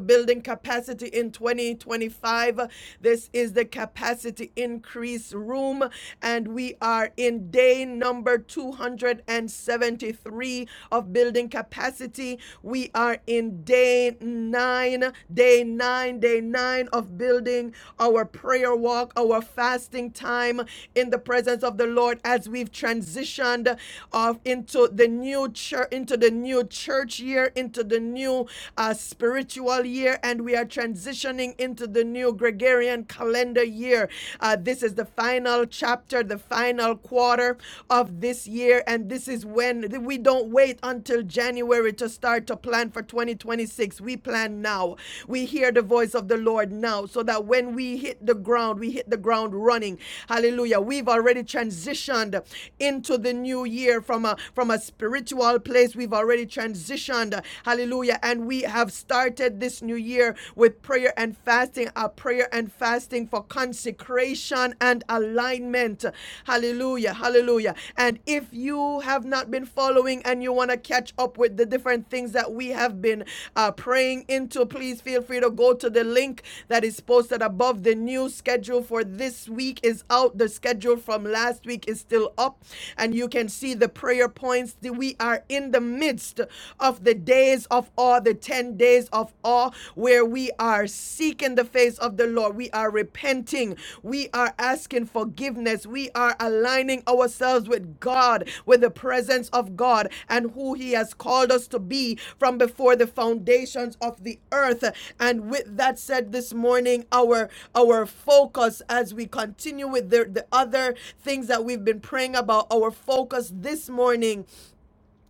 building capacity in 2025. This is the capacity increase room, and we are in day number 273 of building capacity. We are in day nine, day nine, day nine of building our prayer walk, our fasting time in the presence of the Lord as we've transitioned off into the new church, into the new church year, into the new uh, spiritual year, and we are transitioning into the new Gregorian calendar year. Uh, this is the final chapter, the final quarter of of this year, and this is when we don't wait until January to start to plan for 2026. We plan now. We hear the voice of the Lord now, so that when we hit the ground, we hit the ground running. Hallelujah. We've already transitioned into the new year from a from a spiritual place. We've already transitioned. Hallelujah. And we have started this new year with prayer and fasting, a prayer and fasting for consecration and alignment. Hallelujah. Hallelujah. And if you have not been following and you want to catch up with the different things that we have been uh, praying into, please feel free to go to the link that is posted above. The new schedule for this week is out. The schedule from last week is still up. And you can see the prayer points. We are in the midst of the days of all the 10 days place of awe where we are seeking the face of the Lord. We are repenting. We are asking forgiveness. We are aligning ourselves with God, with the presence of God and who He has called us to be from before the foundations of the earth. And with that said, this morning, our our focus as we continue with the, the other things that we've been praying about, our focus this morning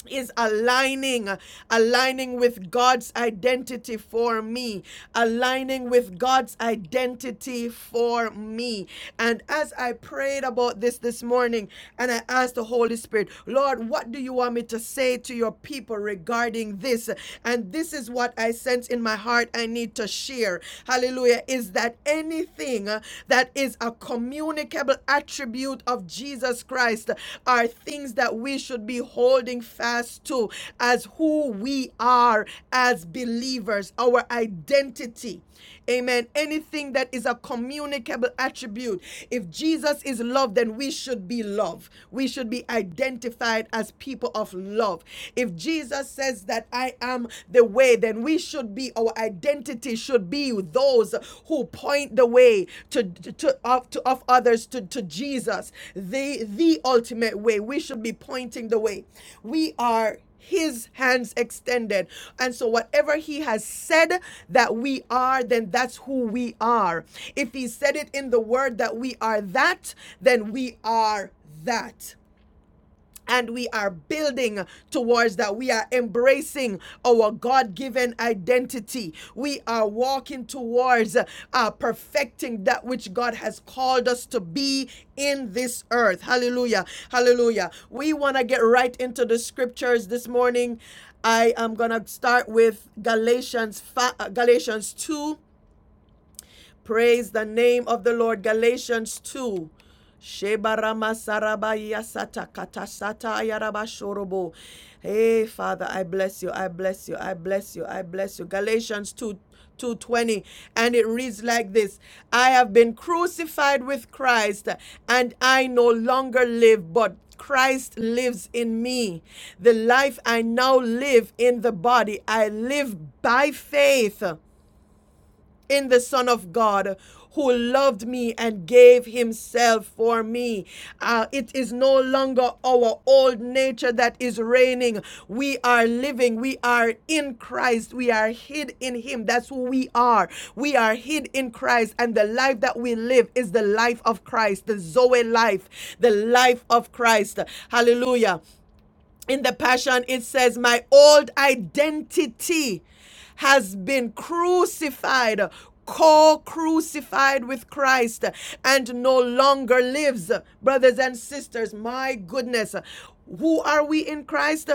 is aligning aligning with God's identity for me aligning with God's identity for me and as I prayed about this this morning and I asked the Holy Spirit Lord what do you want me to say to your people regarding this and this is what I sense in my heart I need to share hallelujah is that anything uh, that is a communicable attribute of Jesus Christ are things that we should be holding fast to as who we are as believers, our identity. Amen. Anything that is a communicable attribute. If Jesus is love, then we should be love. We should be identified as people of love. If Jesus says that I am the way, then then we should be, our identity should be those who point the way to, to, of, to, of others to, to Jesus, the, the ultimate way. We should be pointing the way. We are his hands extended. And so, whatever he has said that we are, then that's who we are. If he said it in the word that we are that, then we are that and we are building towards that. We are embracing our God given identity. We are walking towards uh, perfecting that which God has called us to be in this earth. Hallelujah. Hallelujah. We want to get right into the scriptures this morning. I am going to start with Galatians, uh, Galatians 2 Praise the name of the Lord. Galatians 2. Hey, Father, I bless you. I bless you. I bless you. I bless you. Galatians 2 220 and it reads like this I have been crucified with Christ and I no longer live but Christ lives in me the life I now live in the body I live by faith in the Son of God who loved me and gave himself for me. Uh, it is no longer our old nature that is reigning. We are living. We are in Christ. We are hid in him. That's who we are. We are hid in Christ. And the life that we live is the life of Christ, the Zoe life, the life of Christ. Hallelujah in the Passion, it says, My old identity has been crucified, co crucified with Christ, and no longer lives. Brothers and sisters, my goodness, who are we in Christ?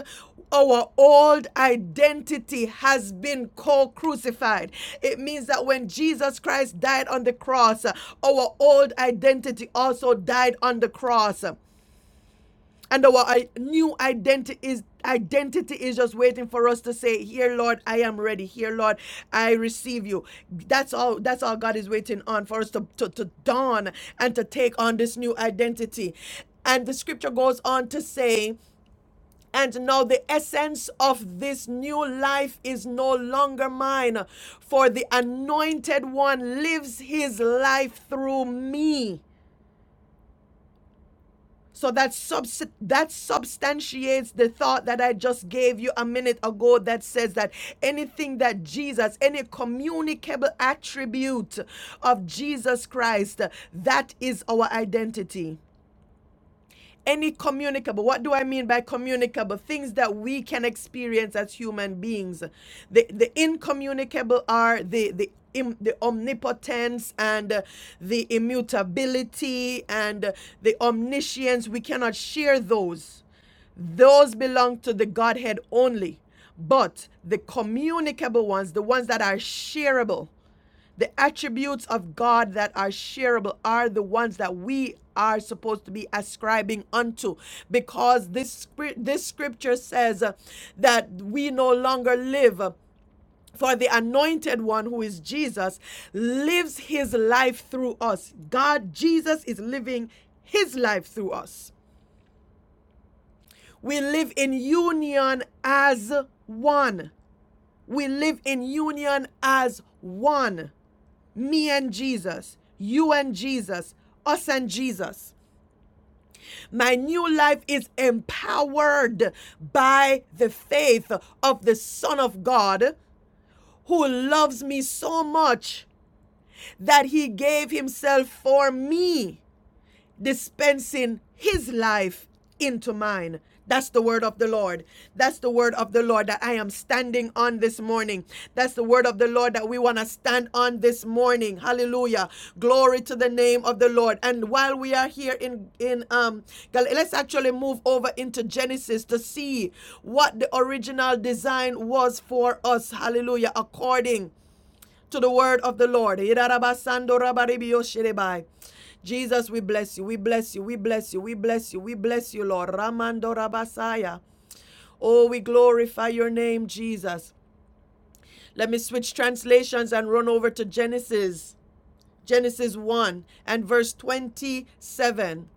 Our old identity has been co crucified. It means that when Jesus Christ died on the cross, our old identity also died on the cross. And our i- new identity is identity is just waiting for us to say, "Here, Lord, I am ready. Here, Lord, I receive you." That's all. That's all God is waiting on for us to to, to dawn and to take on this new identity. And the scripture goes on to say. And now the essence of this new life is no longer mine, for the anointed one lives his life through me. So that subs- that substantiates the thought that I just gave you a minute ago that says that anything that Jesus, any communicable attribute of Jesus Christ, that is our identity any communicable what do i mean by communicable things that we can experience as human beings the the incommunicable are the the im- the omnipotence and uh, the immutability and uh, the omniscience we cannot share those those belong to the godhead only but the communicable ones the ones that are shareable the attributes of God that are shareable are the ones that we are supposed to be ascribing unto because this scrip- this scripture says uh, that we no longer live uh, for the anointed one who is Jesus lives his life through us. God Jesus is living his life through us. We live in union as one. We live in union as one. me and Jesus, you and Jesus, us and Jesus. My new life is empowered by the faith of the Son of God who loves me so much that he gave himself for me dispensing his life into mine. That's the word of the Lord. That's the word of the Lord that I am standing on this morning. That's the word of the Lord that we want to stand on this morning. Hallelujah. Glory to the name of the Lord. And while we are here in in um let's actually move over into Genesis to see what the original design was for us. Hallelujah. According to the word of the Lord. Jesus, we bless you, we bless you, we bless you, we bless you, we bless you, Lord. Ramando rabasaya. Oh, we glorify your name, Jesus. Let me switch translations and run over to Genesis, Genesis 1 and verse 27.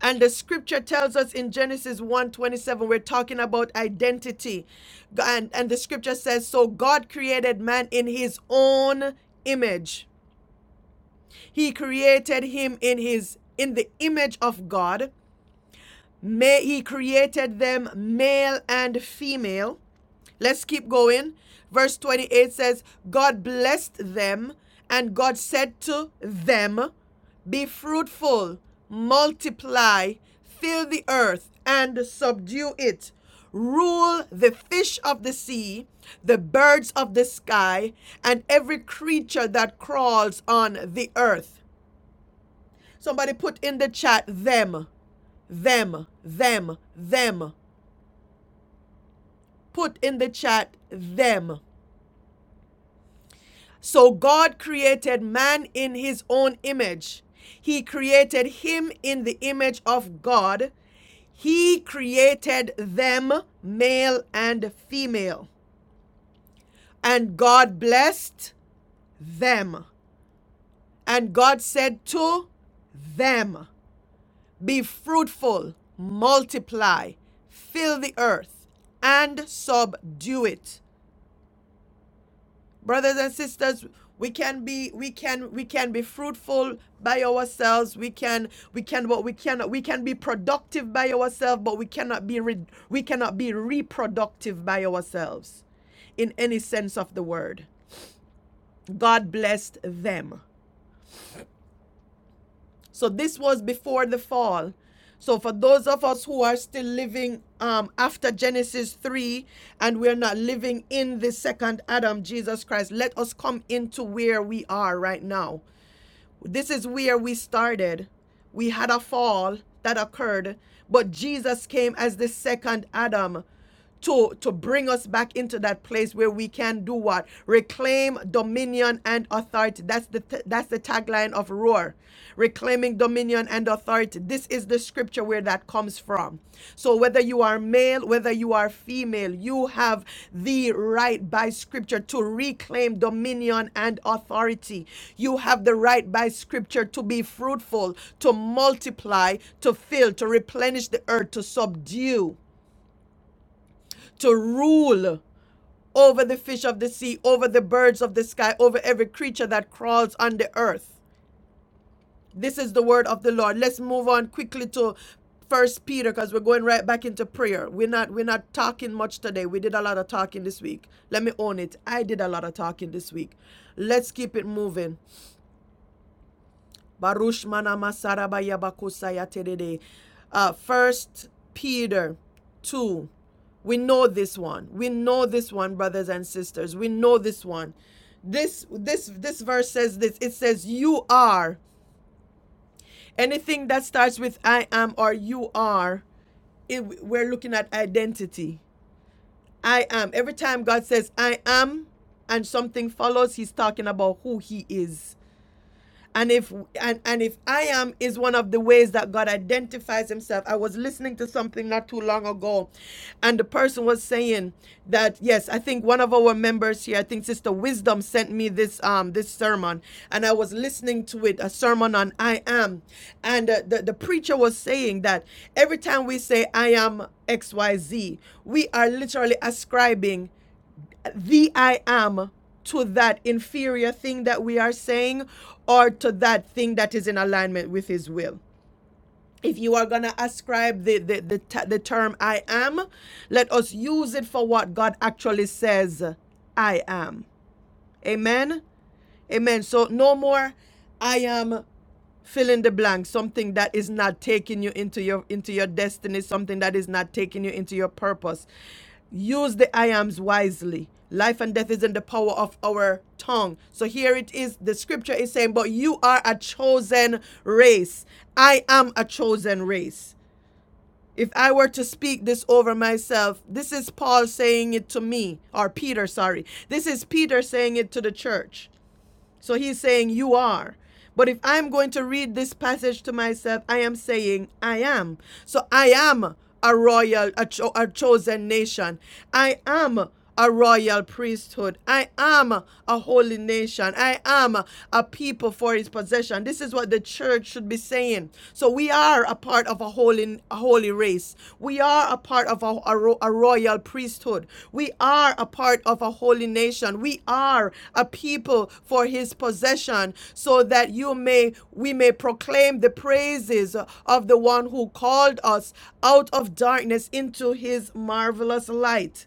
And the scripture tells us in Genesis one twenty-seven, we're talking about identity. And, and the scripture says, So God created man in his own image. He created him in his in the image of God. May he created them male and female. Let's keep going. Verse 28 says, God blessed them, and God said to them, Be fruitful, multiply, fill the earth, and subdue it. Rule the fish of the sea, the birds of the sky, and every creature that crawls on the earth. Somebody put in the chat them, them, them, them. Put in the chat them. So God created man in his own image. He created him in the image of God. He created them, male and female. And God blessed them. And God said to them, Be fruitful, multiply, fill the earth, and subdue it. Brothers and sisters, we can be we can we can be fruitful by ourselves. We can we can but we cannot we can be productive by ourselves, but we cannot be re, we cannot be reproductive by ourselves in any sense of the word. God blessed them. So this was before the fall. So for those of us who are still living um, after Genesis 3 and we're not living in the second Adam, Jesus Christ, let us come into where we are right now. This is where we started. We had a fall that occurred, but Jesus came as the second Adam to to bring us back into that place where we can do what reclaim dominion and authority that's the that's the tagline of roar reclaiming dominion and authority This is the scripture where that comes from. So whether you are male, whether you are female, you have the right by scripture to reclaim dominion and authority. You have the right by scripture to be fruitful, to multiply, to fill, to replenish the earth, to subdue, to rule over the fish of the sea, over the birds of the sky, over every creature that crawls on the earth. This is the word of the Lord. Let's move on quickly to First Peter because we're going right back into prayer. We're not we're not talking much today. We did a lot of talking this week. Let me own it. I did a lot of talking this week. Let's keep it moving. Barush manama sarabaya bakusaya terede. Uh, First Peter two. We know this one. We know this one, brothers and sisters. We know this one. This this this verse says this. It says you are Anything that starts with I am or you are, it, we're looking at identity. I am. Every time God says I am and something follows, he's talking about who he is and if and and if i am is one of the ways that god identifies himself i was listening to something not too long ago and the person was saying that yes i think one of our members here i think sister wisdom sent me this um this sermon and i was listening to it a sermon on i am and uh, the, the preacher was saying that every time we say i am xyz we are literally ascribing the I am to that inferior thing that we are saying or to that thing that is in alignment with his will. If you are going to ascribe the, the, the, the term I am, let us use it for what God actually says I am. Amen. Amen. So no more I am fill in the blank something that is not taking you into your into your destiny something that is not taking you into your purpose use the i ams wisely life and death is in the power of our tongue so here it is the scripture is saying but you are a chosen race i am a chosen race if I were to speak this over myself, this is Paul saying it to me, or Peter, sorry. This is Peter saying it to the church. So he's saying, You are. But if I'm going to read this passage to myself, I am saying, I am. So I am a royal, a, cho- a chosen nation. I am a royal priesthood. I am a holy nation. I am a people for his possession. This is what the church should be saying. So we are a part of a holy a holy race. We are a part of a, a, a royal priesthood. We are a part of a holy nation. We are a people for his possession so that you may we may proclaim the praises of the one who called us out of darkness into his marvelous light.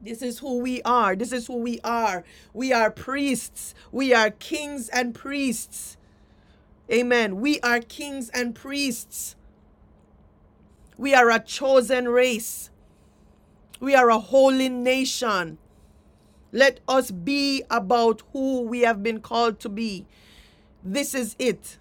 This is who we are. This is who we are. We are priests. We are kings and priests. Amen. We are kings and priests. We are a chosen race. We are a holy nation. Let us be about who we have been called to be. This is it.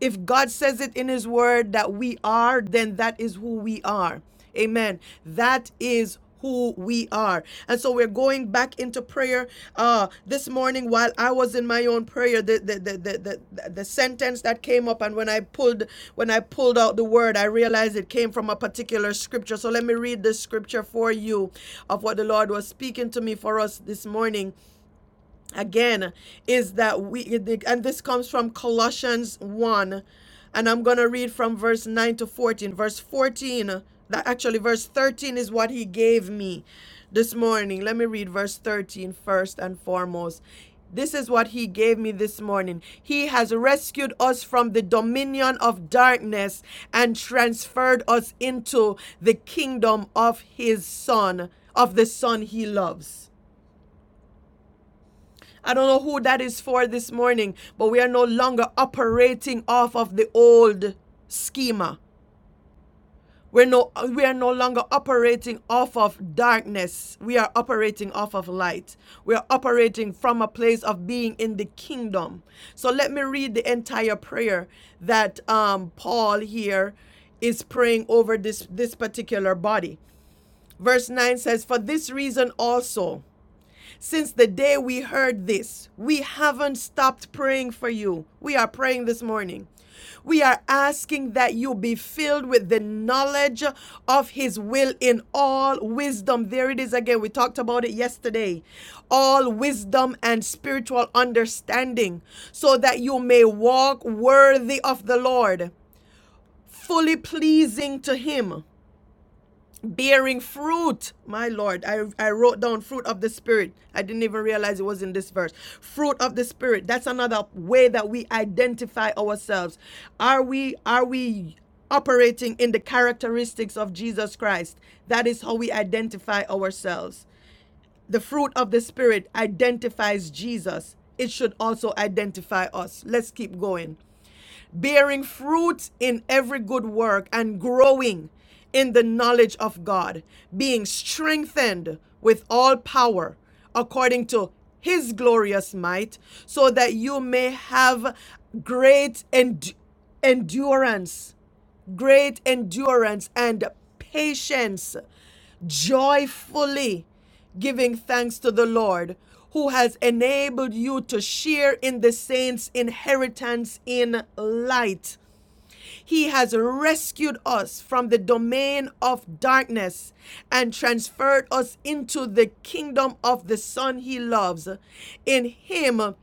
If God says it in His Word that we are, then that is who we are. Amen. That is who we are. And so we're going back into prayer. Uh, this morning, while I was in my own prayer, the the, the, the, the the sentence that came up, and when I pulled when I pulled out the word, I realized it came from a particular scripture. So let me read this scripture for you of what the Lord was speaking to me for us this morning again is that we and this comes from colossians 1 and i'm going to read from verse 9 to 14 verse 14 that actually verse 13 is what he gave me this morning let me read verse 13 first and foremost this is what he gave me this morning. He has rescued us from the dominion of darkness and transferred us into the kingdom of his son, of the son he loves. I don't know who that is for this morning, but we are no longer operating off of the old schema. We're no, we are no longer operating off of darkness. We are operating off of light. We are operating from a place of being in the kingdom. So let me read the entire prayer that um, Paul here is praying over this, this particular body. Verse 9 says, For this reason also, since the day we heard this, we haven't stopped praying for you. We are praying this morning. We are asking that you be filled with the knowledge of His will in all wisdom. There it is again. We talked about it yesterday. All wisdom and spiritual understanding, so that you may walk worthy of the Lord, fully pleasing to Him bearing fruit my lord I, I wrote down fruit of the spirit i didn't even realize it was in this verse fruit of the spirit that's another way that we identify ourselves are we are we operating in the characteristics of jesus christ that is how we identify ourselves the fruit of the spirit identifies jesus it should also identify us let's keep going bearing fruit in every good work and growing in the knowledge of God, being strengthened with all power according to his glorious might, so that you may have great end- endurance, great endurance and patience, joyfully giving thanks to the Lord who has enabled you to share in the saints' inheritance in light. He has rescued us from the domain of darkness and transferred us into the kingdom of the Son he loves. In him,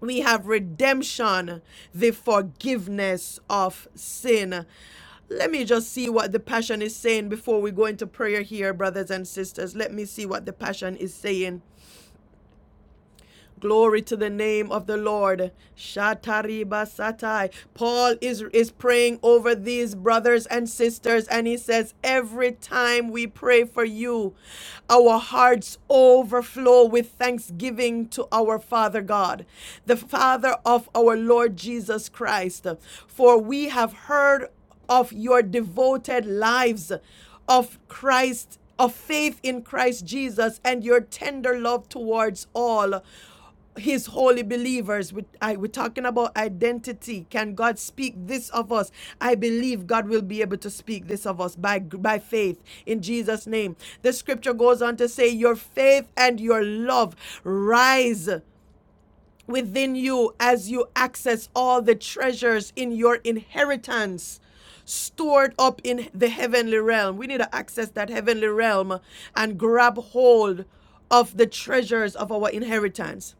we have redemption, the forgiveness of sin. Let me just see what the passion is saying before we go into prayer here, brothers and sisters. Let me see what the passion is saying. Glory to the name of the Lord. Shatariba satai. Paul is, is praying over these brothers and sisters, and he says, Every time we pray for you, our hearts overflow with thanksgiving to our Father God, the Father of our Lord Jesus Christ. For we have heard of your devoted lives of Christ, of faith in Christ Jesus, and your tender love towards all his holy believers we, I, we're talking about identity can god speak this of us i believe god will be able to speak this of us by by faith in jesus name the scripture goes on to say your faith and your love rise within you as you access all the treasures in your inheritance stored up in the heavenly realm we need to access that heavenly realm and grab hold of the treasures of our inheritance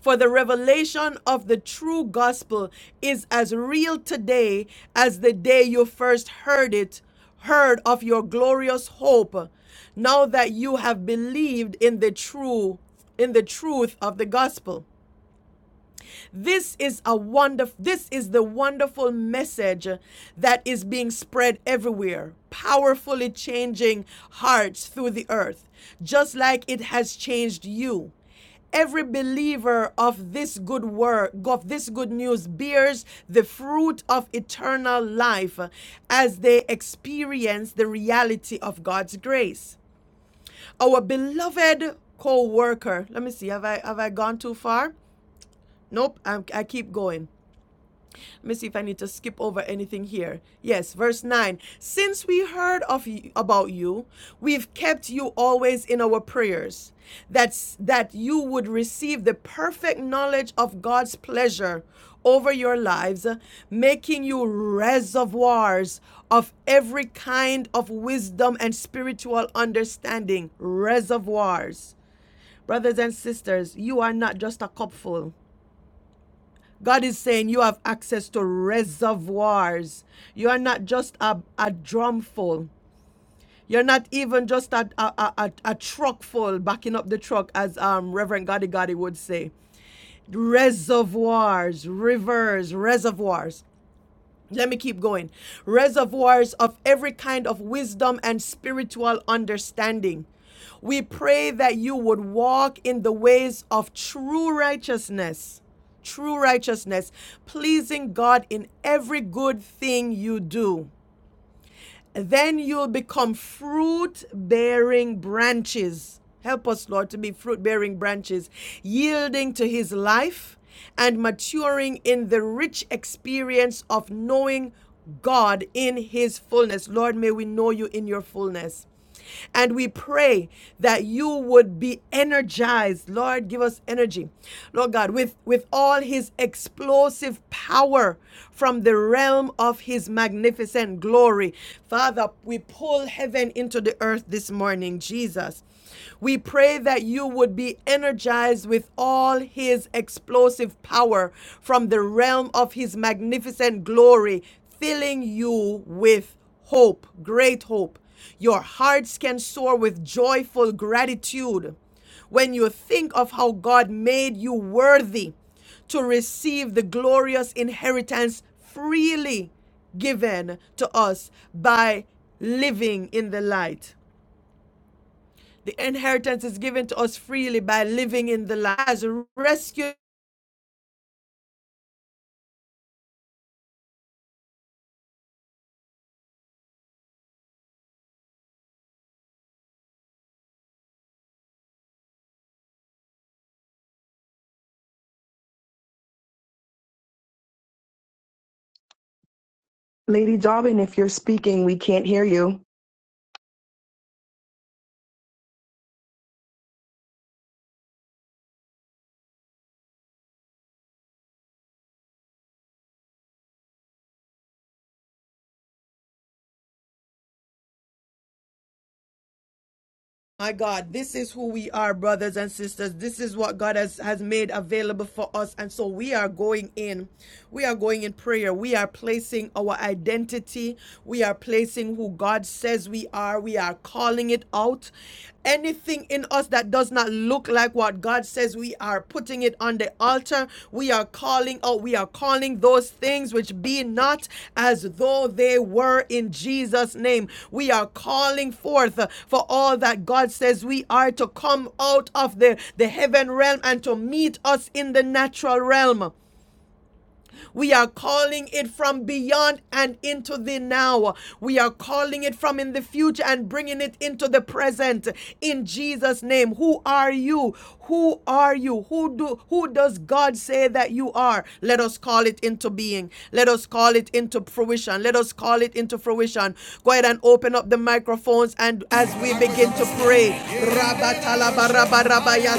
for the revelation of the true gospel is as real today as the day you first heard it, heard of your glorious hope, now that you have believed in the true in the truth of the gospel. This is a wonderful this is the wonderful message that is being spread everywhere, powerfully changing hearts through the earth, just like it has changed you. Every believer of this good word, of this good news, bears the fruit of eternal life as they experience the reality of God's grace. Our beloved co worker, let me see, have I, have I gone too far? Nope, I'm, I keep going. Let me see if I need to skip over anything here. Yes, verse 9. Since we heard of y- about you, we've kept you always in our prayers. That's that you would receive the perfect knowledge of God's pleasure over your lives, making you reservoirs of every kind of wisdom and spiritual understanding. Reservoirs. Brothers and sisters, you are not just a cupful. God is saying you have access to reservoirs. You are not just a, a drum full. You're not even just a, a, a, a, a truck full, backing up the truck, as um, Reverend Gotti Gotti would say. Reservoirs, rivers, reservoirs. Let me keep going. Reservoirs of every kind of wisdom and spiritual understanding. We pray that you would walk in the ways of true righteousness, true righteousness, pleasing God in every good thing you do then you'll become fruit bearing branches. Help us, Lord, to be fruit bearing branches, yielding to His life and maturing in the rich experience of knowing God in His fullness. Lord, may we know you in your fullness. And we pray that you would be energized. Lord, give us energy. Lord God, with, with all his explosive power from the realm of his magnificent glory. Father, we pull heaven into the earth this morning, Jesus. We pray that you would be energized with all his explosive power from the realm of his magnificent glory, filling you with hope, great hope. Your hearts can soar with joyful gratitude when you think of how God made you worthy to receive the glorious inheritance freely given to us by living in the light. The inheritance is given to us freely by living in the light as rescued.
Lady Dobbin, if you're speaking, we can't hear you.
My God, this is who we are, brothers and sisters. This is what God has, has made available for us. And so we are going in. We are going in prayer. We are placing our identity. We are placing who God says we are. We are calling it out. Anything in us that does not look like what God God says we are putting it on the altar. We are calling out, we are calling those things which be not as though they were in Jesus' name. We are calling forth uh, for all that God says we are to come out of the, the heaven realm and to meet us in the natural realm. We are calling it from beyond and into the now. We are calling it from in the future and bringing it into the present in Jesus name. Who are you? Who are you? Who do who does God say that you are? Let us call it into being. Let us call it into fruition. Let us call it into fruition. Go ahead and open up the microphones and as we begin to pray.